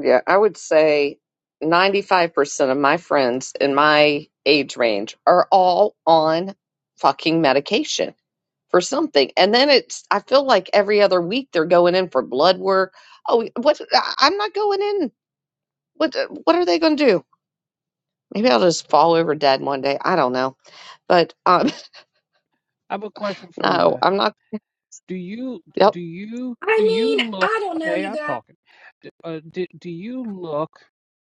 Yeah, I would say 95% of my friends in my age range are all on fucking medication for something. And then it's, I feel like every other week they're going in for blood work. Oh, what? I- I'm not going in. What, what are they going to do? Maybe I'll just fall over dead one day. I don't know. But um,
have a question for you,
no,
Beth.
I'm not.
Do you
Yep.
do you do
I mean,
you look?
I don't know,
Hey,
you
I'm
guys
talking. D- Uh, do, do you look?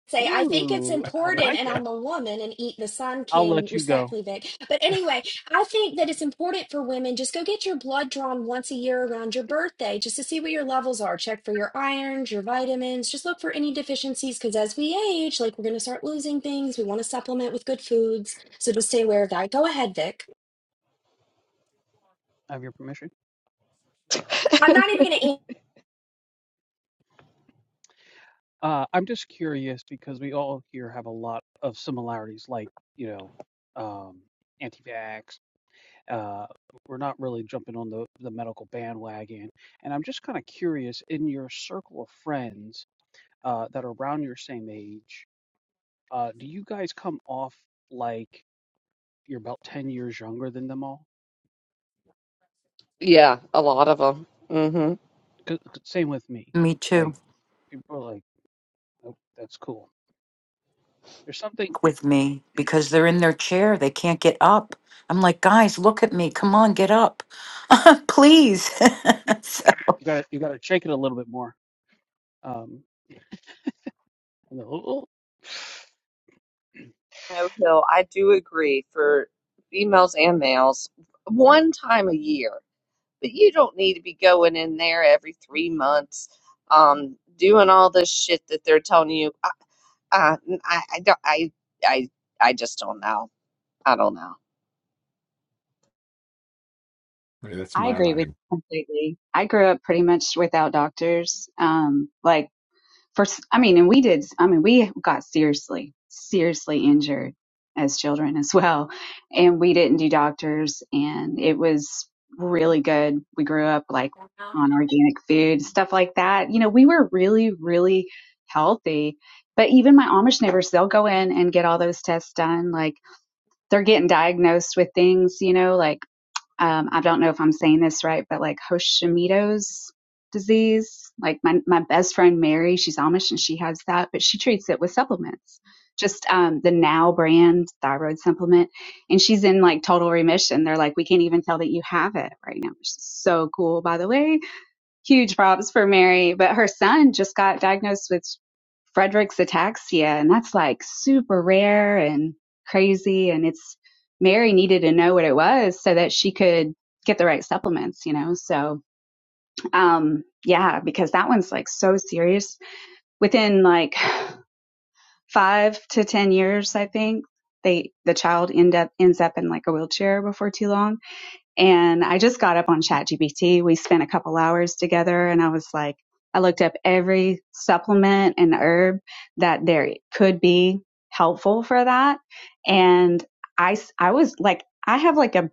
say I think it's
Ooh, I
important and
like it.
I'm a woman and eat the sun
I'll
king
let you go.
respectfully Vic. But anyway, I think that it's important for women just go get your blood drawn once a year around your birthday just to see what your levels are. Check for your irons, your vitamins, just look for any deficiencies cuz as we age, like we're going to start losing things. We want to supplement with good foods. So just stay aware of that. Go ahead, Vic.
I have your permission.
I'm not even going to
Uh, I'm just curious because we all here have a lot of similarities, like you know, um, anti-vax, uh, we're not really jumping on the, the medical bandwagon. And I'm just kind of curious in your circle of friends uh, that are around your same age, uh, do you guys come off like you're about 10 years younger than them all?
yeah, a lot of them. hmm
'Cause- 'cause Same with me.
Me
Like,
too.
people are like, oh, that's cool. There's something
With me because they're in their chair. They can't get up. I'm like, guys, look at me. Come on, get up. Please. So-
you gotta you gotta shake it a little bit more. Um, and they're, "Oh, oh."
No Hill, I do agree for females and males, one time a year. But you don't need to be going in there every three months, um, doing all this shit that they're telling you. I, I, I, I don't. I, I, I just don't know. I don't know.
Yeah, That's
I
my
agree with
line.
you completely. I grew up pretty much without doctors. Um like for I mean and we did i mean we got seriously seriously injured as children as well and we didn't do doctors and it was really good we grew up like on organic food stuff like that you know we were really really healthy but even my amish neighbors they'll go in and get all those tests done like they're getting diagnosed with things you know like um, I don't know if I'm saying this right, but like Hashimoto's disease. Like my, my best friend Mary, she's Amish and she has that, but she treats it with supplements. Just um, the Now brand thyroid supplement, and she's in like total remission. They're like, we can't even tell that you have it right now, which is so cool. By the way, huge props for Mary. But her son just got diagnosed with Frederick's ataxia, and that's like super rare and crazy. And it's Mary needed to know what it was so that she could get the right supplements, you know? So, um, yeah, because that one's like so serious. Within like five to 10 years, I think they, the child end up, ends up in like a wheelchair before too long and I just got up on ChatGPT. We spent a couple hours together and I was like, I looked up every supplement and herb that there could be helpful for that. And I, I was like, I have like a,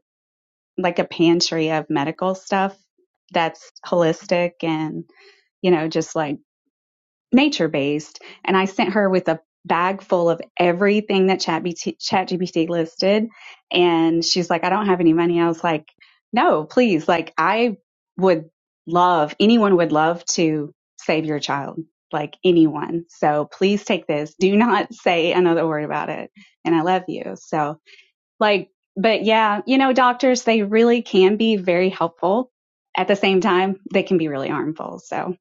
like a pantry of medical stuff that's holistic and, you know, just like nature based and i sent her with a bag full of everything that Chat ChatGPT listed and she's like i don't have any money i was like no please like i would love anyone would love to save your child like anyone so please take this do not say another word about it and i love you so like but yeah you know doctors they really can be very helpful at the same time they can be really harmful so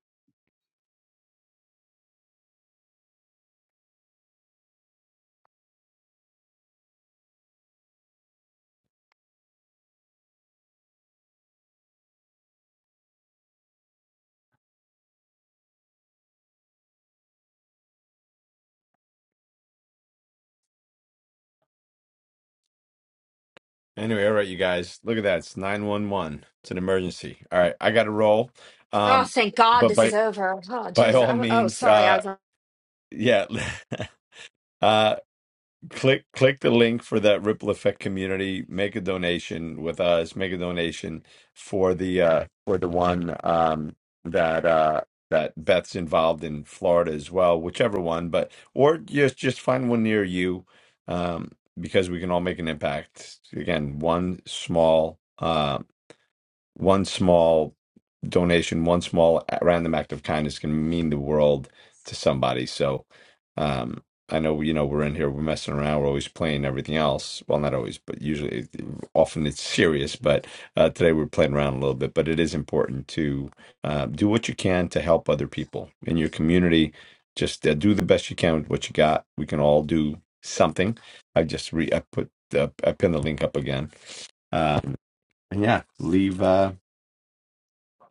Anyway, all right, you guys. Look at that. It's 911. It's an emergency. All right, I got to roll.
Oh,
Um
thank God
but
this is
by
over. Oh,
by
Jesus!
all
I- Oh,
means
sorry. I
uh
was on.
yeah. Uh, click click the link for that ripple effect community make a donation with us make a donation for the uh for the one um that uh that beth's involved in florida as well whichever one but or just just find one near you um because we can all make an impact again one small uh one small donation, one small uh, random act of kindness can mean the world to somebody. So, um, I know, you know, we're in here, we're messing around, we're always playing everything else. Well, not always, but usually, often it's serious. But uh, today we're playing around a little bit. But it is important to uh, do what you can to help other people in your community. Just uh, do the best you can with what you got. We can all do something. I just re I put uh, I pinned the link up again. Um, and yeah, leave. Uh,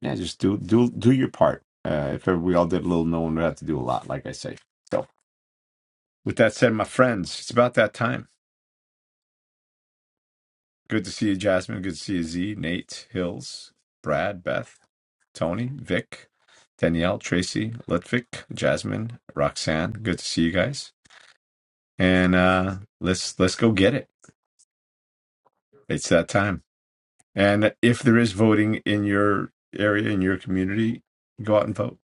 yeah, just do do do your part. Uh, if we all did a little, no one would have to do a lot, like I say. So, with that said, my friends, it's about that time. Good to see you, Jasmine. Good to see you, Z, Nate, Hills, Brad, Beth, Tony, Vic, Danielle, Tracy, Litvik, Jasmine, Roxanne. Good to see you guys. And uh, let's let's go get it. It's that time. And if there is voting in your area in your community, go out and vote.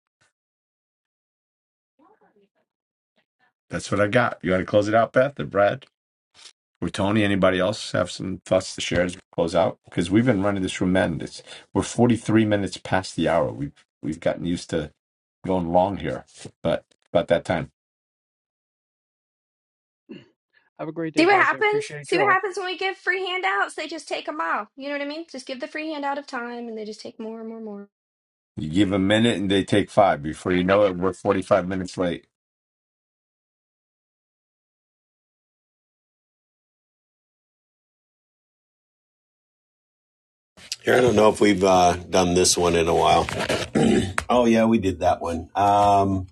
That's what I got. You want to close it out, Beth or Brad? Well, Tony, anybody else have some thoughts to share as we close out? Because we've been running this room, man. It's we're forty three minutes past the hour. We've we've gotten used to going long here, but about that time,
have a great
See
day,
what
guys. I
happens?
appreciate
See
you
what
all.
happens when we give free handouts? They just take them all. You know what I mean? Just give the free handout of time and they just take more and more and more.
you give a minute and they take five. Before you know it, we're forty five minutes late.
Here, I don't know if we've uh, done this one in a while. Oh yeah, we did that one. Um,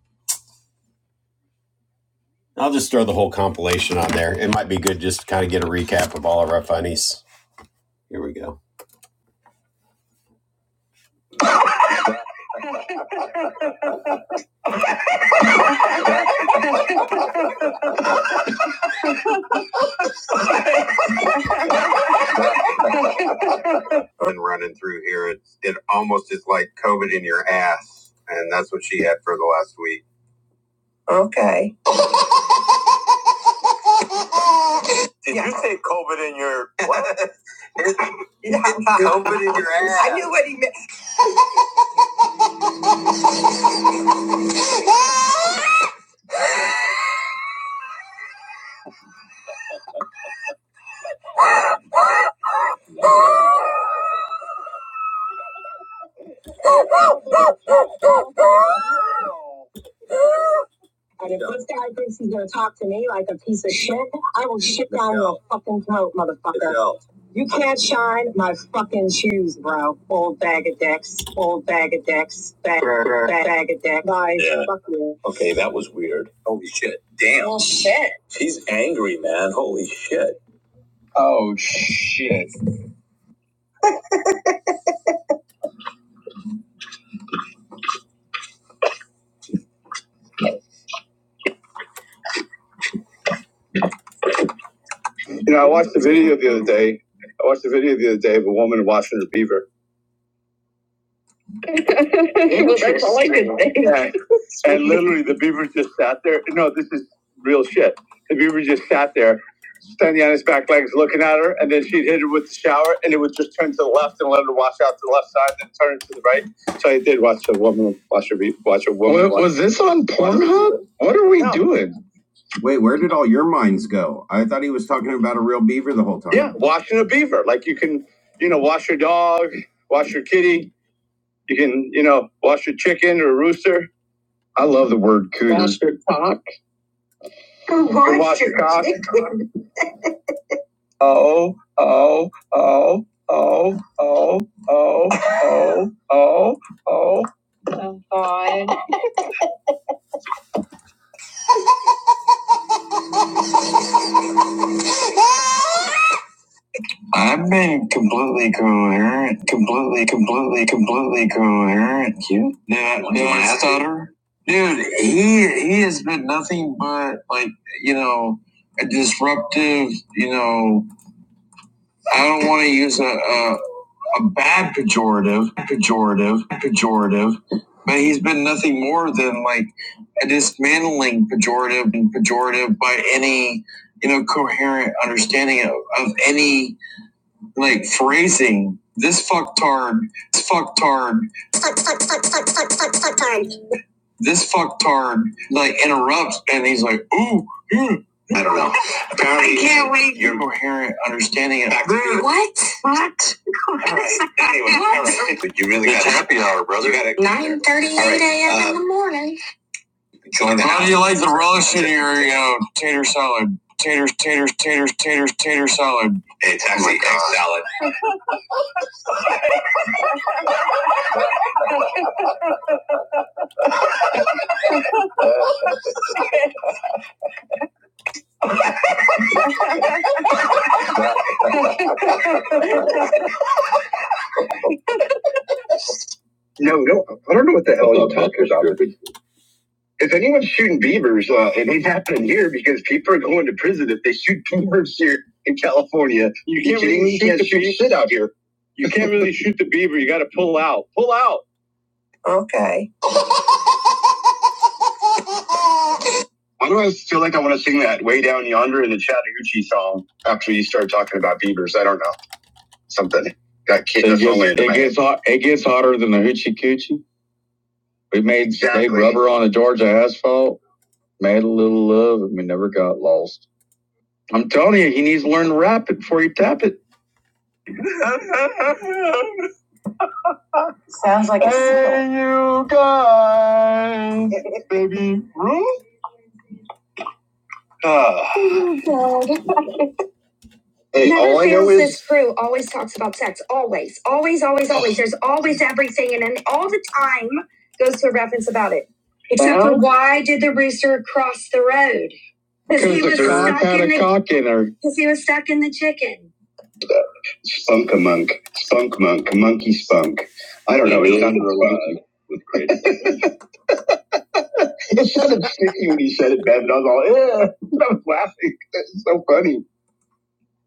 I'll just throw the whole compilation on there. It might be good just to kind of get a recap of all of our funnies. Here we go. Been running through here. It's it almost is like COVID in your ass, and that's what she had for the last week. Okay. Did yeah. you Yeah. say COVID in your? COVID in your ass. I knew what he meant. And if yeah. this guy thinks he's gonna talk to me like a piece of shit, I will shit down yeah. your fucking throat, motherfucker. Yeah. You can't shine my fucking shoes, bro. Old bag of dicks, old bag of dicks, bag, bag, bag of dicks. Bye. Yeah. Fuck you. Okay, that was weird. Holy shit. Damn. Well, shit. He's angry, man. Holy shit. English That's all I could think. Yeah. And literally, the beaver just sat there. No, this is real shit. The beaver just sat there, standing on his back legs, looking at her, and then she'd hit her with the shower, and it would just turn to the left and let her wash out to the left side, then turn to the right. So I did watch a woman, watch a be- watch a woman. What was he doing? Wait, where did all your minds go? I thought he was talking about a real beaver the whole time. Yeah, washing a beaver. Like you can, you know, wash your dog, wash your kitty. You can, you know, wash your chicken or a rooster. You can wash your cock. I've been completely coherent, completely, completely, completely coherent. You? Yeah. I, did I stutter? Dude, he he has been nothing but like you know a disruptive. You know, I don't want to use a, a a bad pejorative, pejorative, pejorative, but he's been nothing more than like a dismantling pejorative and pejorative by any you know coherent understanding of, of any like phrasing this fucktard, this fucktard, this fucktard, like interrupts, and he's like, ooh, mm, I don't know. Apparently, I can't wait. Your coherent understanding of Mm, what? anyway, all right. you really got happy hour, brother. Nine thirty-eight a.m. uh, Join the. house. How do you like the relish in your you know, tater salad? Taters, taters, taters, taters, tater salad. It's actually egg salad. No, no, I don't know what the hell you're talking about. If anyone's shooting beavers, uh, it ain't happening here because people are going to prison if they shoot beavers here in California. You can't really shoot, the shoot beaver. shit out here. You can't really shoot the beaver. You got to pull out. Pull out. Okay. Why do I feel like I want to sing that way down yonder in the Chattahoochee song after you start talking about beavers? I don't know. Something got kicked. It gets, it gets hot. It gets hotter than the hoochie coochie. We made, made Exactly. rubber on the Georgia asphalt. Made a little love, and we never got lost. I'm telling you, he needs to learn to rap it before you tap it. Sounds like a hey, you guys. Hey, all I know is this crew always talks about sex. Always, always, always, always. There's always everything, and then all the time goes to a reference about it. Except for Uh-huh. for why did the rooster cross the road? Because he was stuck in the cock in Because he was stuck in the chicken. Spunk a monk, spunk monk, monkey spunk. I don't know. He got It sounded sneaky when you said it, Ben, but I was all, yeah, I was laughing. It's so funny.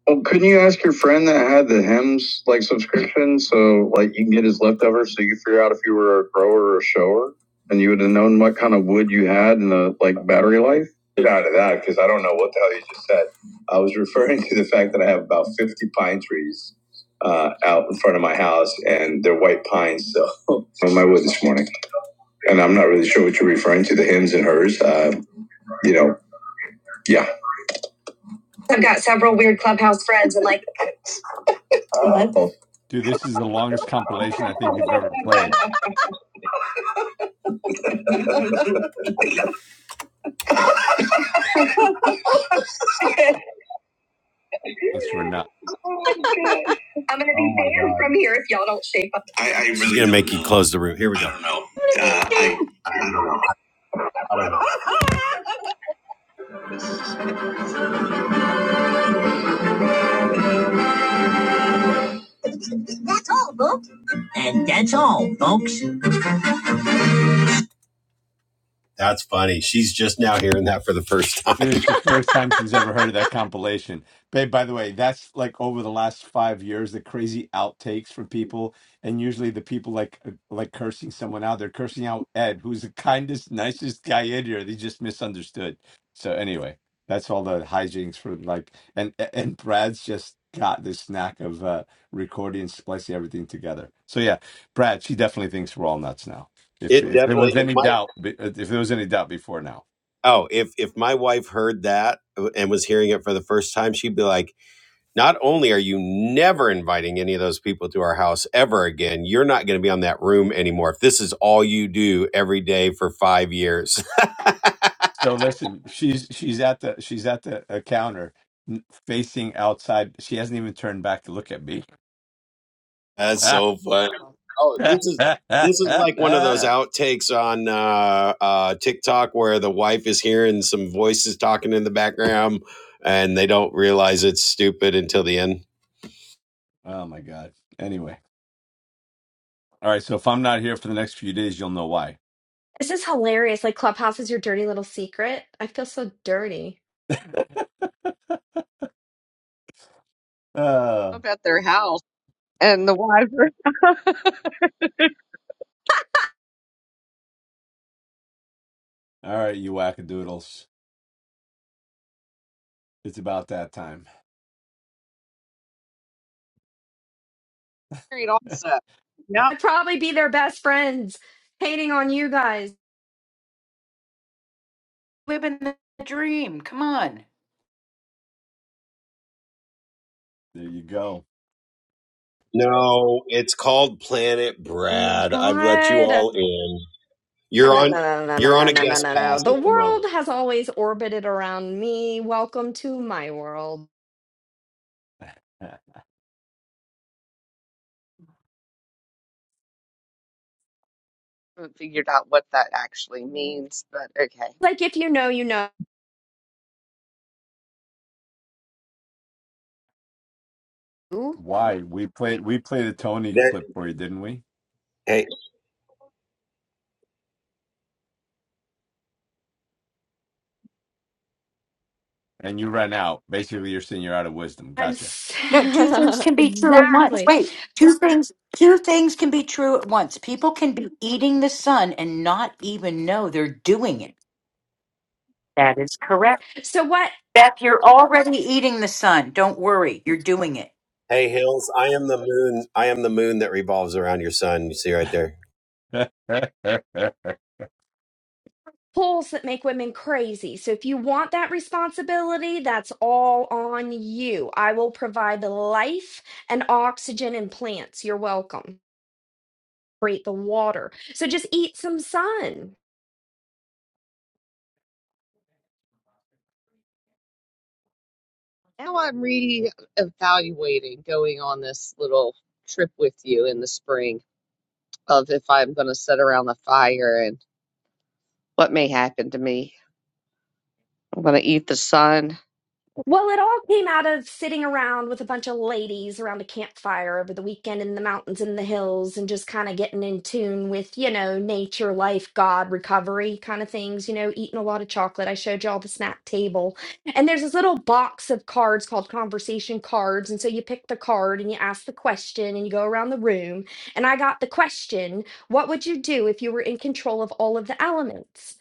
Well, couldn't you ask your friend that had the Hems like subscription so like you can get his leftovers so you could figure out if you were a grower or a shower and you would have known what kind of wood you had and the like battery life? Get out of that because I don't know what the hell you just said. I was referring to the fact that I have about 50 pine trees uh, out in front of my house and they're white pines. So on my wood this morning. And I'm not really sure what you're referring to, the hymns and hers. Uh, you know, yeah. I've got several weird clubhouse friends, and like, uh, I'm gonna be oh
Dude, this is the longest compilation I think you've ever played. Thanks for enough.
banned from here if y'all don't shape up. I, I really She's gonna make know. you close the room. Here we go. Uh, I, I don't know. That's funny. She's just now hearing that for the first time.
Dude, it's the first time she's ever heard of that compilation. Babe, by the way, that's like over the last five years, the crazy outtakes from people. And usually the people like uh, like cursing someone out. They're cursing out Ed, who's the kindest, nicest guy in here. They just misunderstood. So anyway, that's all the hijinks for like and and Brad's just got this knack of uh recording and splicing everything together. So yeah, Brad, she definitely thinks we're all nuts now. If
It
if there
definitely.
was
If
any
my
doubt, if there was any doubt before now.
oh, if if my wife heard that and was hearing it for the first time, she'd be like, "Not only are you never inviting any of those people to our house ever again, you're not going to be on that room anymore. If this is all you do every day for five years."
So listen, she's she's at the she's at the uh, counter, n- facing outside. She hasn't even turned back to look at me.
That's
Ah.
so funny. Oh, this is this is like one of those outtakes on uh, uh, TikTok where the wife is hearing some voices talking in the background and they don't realize it's stupid until the end.
oh my god. Anyway, all right. So if I'm not here for the next few days, you'll know why.
This is hilarious. Like, Clubhouse is your dirty little secret. I feel so dirty.
Uh,
Up at their house and the wives are
all right, you wackadoodles. It's about that time.
married
there
also.
I'd probably be their best friends hating on you guys.
Living the dream. Come on.
you go.
No, it's called Planet
Oh my
Brad. I've let you
God.
all in.
No,
You're
no,
on.
no, no, no,
You're on
no,
a
no, no,
guest
no,
pass
no. The
at the
world
moment.
has always orbited around me. Welcome to my world.
haven't figured out what that actually means, but okay.
Like, if you know, you know.
Why we played we played a Tony
That
clip for you, didn't we?
hey,
And you ran out. Basically, you're saying you're out of wisdom.
I'm
Gotcha.
s-
No, two things can be true at once.
exactly.
Wait, two things two things can be true at once. People can be eating the sun and not even know they're doing it. That is correct.
So what
Beth, you're already eating the sun. Don't worry. You're doing it.
Hey Hills, I am the moon. I am the moon that revolves around your sun. You see right there.
pulls that make women crazy? So if you want that responsibility, that's all on you. I will provide the life and oxygen and plants. You're welcome. Create the water. So just eat some sun.
Now I'm re-evaluating going on this little trip with you in the spring of if I'm going to sit around the fire and what may happen to me. I'm going to eat the sun.
Well, it all came out of sitting around with a bunch of ladies around a campfire over the weekend in the mountains and the hills and just kind of getting in tune with, you know, nature, life, God, recovery kind of things, you know, eating a lot of chocolate. I showed you all the snack table. And there's this little box of cards called conversation cards. And so you pick the card and you ask the question and you go around the room. And I got the question, what would you do if you were in control of all of the elements?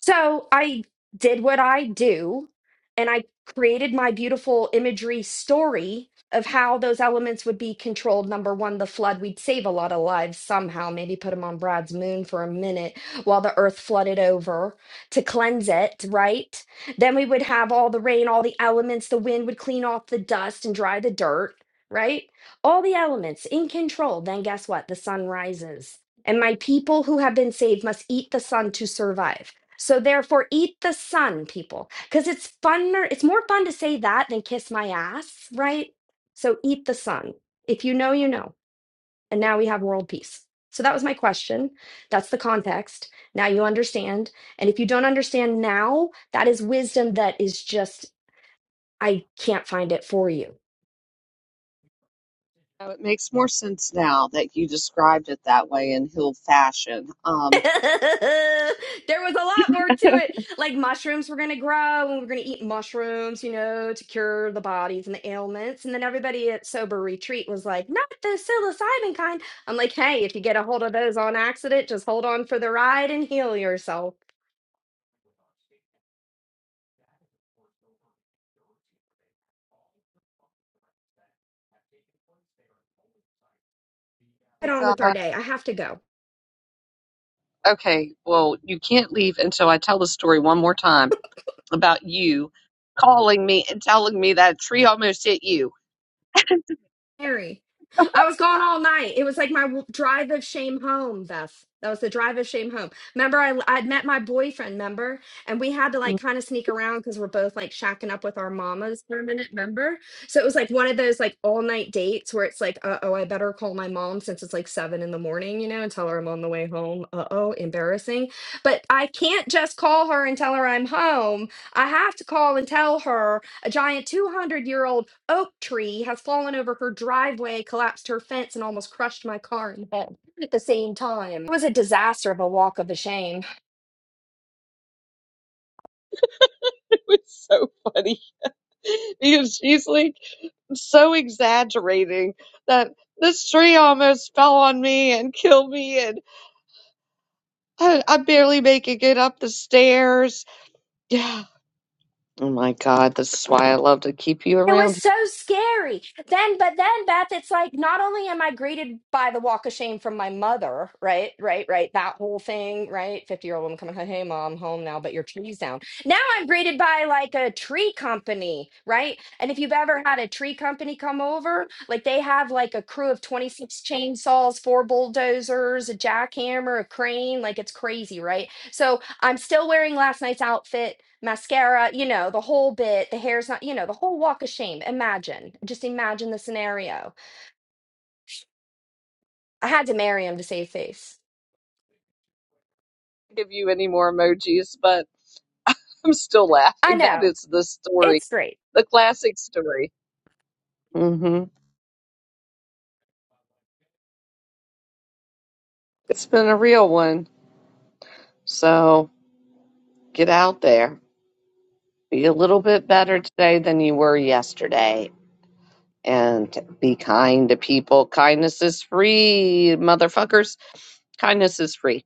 So I did what I do and I created my beautiful imagery story of how those elements would be controlled. Number one, the flood. We'd save a lot of lives somehow, maybe put them on Brad's moon for a minute while the earth flooded over to cleanse it, right? Then we would have all the rain, all the elements, the wind would clean off the dust and dry the dirt, right? All the elements in control. Then guess what? The sun rises. And my people who have been saved must eat the sun to survive. So therefore, eat the sun, people, because it's funner. It's more fun to say that than kiss my ass, right? So eat the sun. If you know, you know. And now we have world peace. So that was my question. That's the context. Now you understand. And if you don't understand now, that is wisdom that is just, I can't find it for you
Oh, it makes more sense now that you described it that way in Hill fashion. Um,
there was a lot more to it. Like mushrooms were going to grow, and we were going to eat mushrooms, you know, to cure the bodies and the ailments. And then everybody at Sober Retreat was like, not the psilocybin kind. I'm like, hey, if you get a hold of those on accident, just hold on for the ride and heal yourself.
my
Get on with our
God.
day. I have to go.
Okay, well, you can't leave until I tell the story one more time about you calling me and telling me that tree almost hit you.
Mary, I was gone all night. It was like my w- drive of shame home, Beth. That was the drive of shame home. Remember, I I'd met my boyfriend. Remember, and we had to like kind of sneak around because we're both like shacking up with our mamas for a minute. Remember, so it was like one of those like all night dates where it's like, uh oh, I better call my mom since it's like seven in the morning, you know, and tell her I'm on the way home. Uh oh, embarrassing. But I can't just call her and tell her I'm home. I have to call and tell her a giant 200 year old oak tree has fallen over her driveway, collapsed her fence, and almost crushed my car in the head at the same time. It was a disaster of a walk of the shame.
It's so funny because she's like so exaggerating that this tree almost fell on me and killed me, and I, I'm barely making it up the stairs. Yeah. Oh my God, this is why I love to keep you
It was
around.
so scary. Then, but then, Beth, it's like not only am I greeted by the walk of shame from my mother, right, right, right, that whole thing, right? 50 year old woman coming, hey, mom, home now, but your tree's down. Now I'm greeted by like a tree company, right? And if you've ever had a tree company come over, like they have like a crew of 26 chainsaws, four bulldozers, a jackhammer, a crane, like it's crazy, right? So I'm still wearing last night's outfit, mascara, you know, the whole bit, the hair's not, you know, the whole walk of shame. Imagine, just imagine the scenario. I had to marry him to save face.
Give you any more emojis, but I'm still
I
laughing. That
know.
is the story,
It's great.
the classic story. hmm It's been a real one. So get out there. Be a little bit better today than you were yesterday and be kind to people. Kindness is free, motherfuckers. Kindness is free.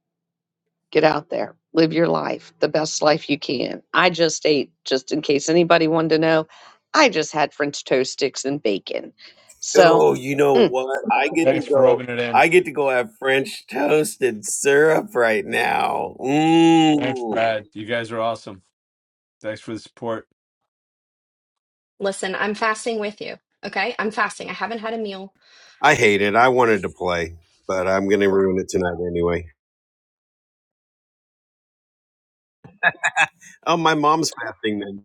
Get out there, live your life, the best life you can. I just ate, just in case anybody wanted to know, I just had French toast sticks and bacon. So,
Oh, you know
mm,
what? I get to
Thanks for
go.
rubbing it in.
I get to go have French toast and syrup right now.
Thanks,
Mmm.
Brad. You guys are awesome. Thanks for the support.
Listen, I'm fasting with you. Okay? I'm fasting. I haven't had a meal.
I hate it. I wanted to play, but I'm gonna ruin it tonight anyway. Oh, my mom's fasting then.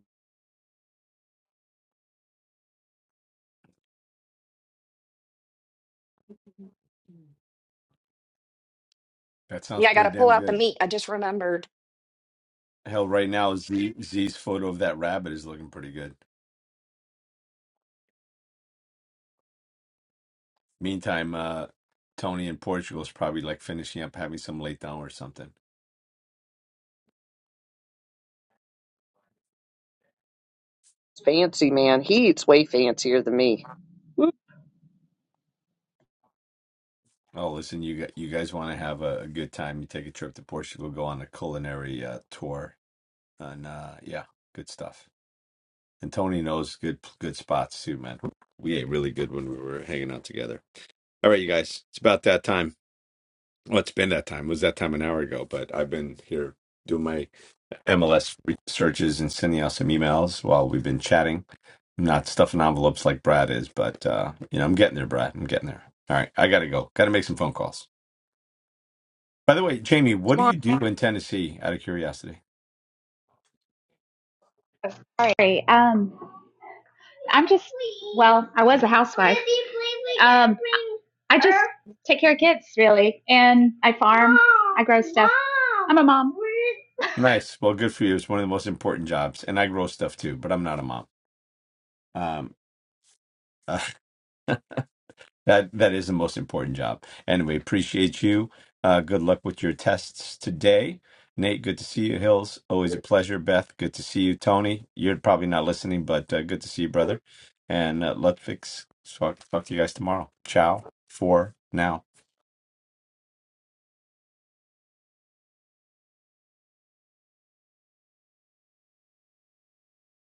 That sounds
Yeah, I got
pretty
to pull
damn
out the
good.
meat. I just remembered.
Hell, right now Z Z's photo of that rabbit is looking pretty good. Meantime, uh, Tony in Portugal is probably like finishing up having some late down or something.
fancy man, he eats way fancier than me. Woo,
Oh, listen, you got you guys want to have a, a good time? You take a trip to Portugal, go on a culinary uh, tour, and uh, yeah, good stuff. And Tony knows good good spots too, man. We ate really good when we were hanging out together. All right, you guys, it's about that time. Well, it's been that time. It was that time an hour ago, but I've been here doing my MLS searches and sending out some emails while we've been chatting. I'm not stuffing envelopes like Brad is, but uh, you know, I'm getting there, Brad. I'm getting there. All right, I gotta go. Gotta make some phone calls. By the way, Jamie, what
come on.
do you do in Tennessee out of curiosity?
All right. Um, I'm just well, I was a housewife. Um, I just take care of kids really, and I farm. I grow stuff. I'm a mom.
Nice. Well, good for you. It's one of the most important jobs. And I grow stuff too, but I'm not a mom. Um That that is the most important job, and we appreciate you. Uh, good luck with your tests today, Nate. Good to see you, Hills. Always a pleasure, Beth. Good to see you, Tony. You're probably not listening, but uh, good to see you, brother. And uh, Lutfix, talk talk to you guys tomorrow. Ciao for now.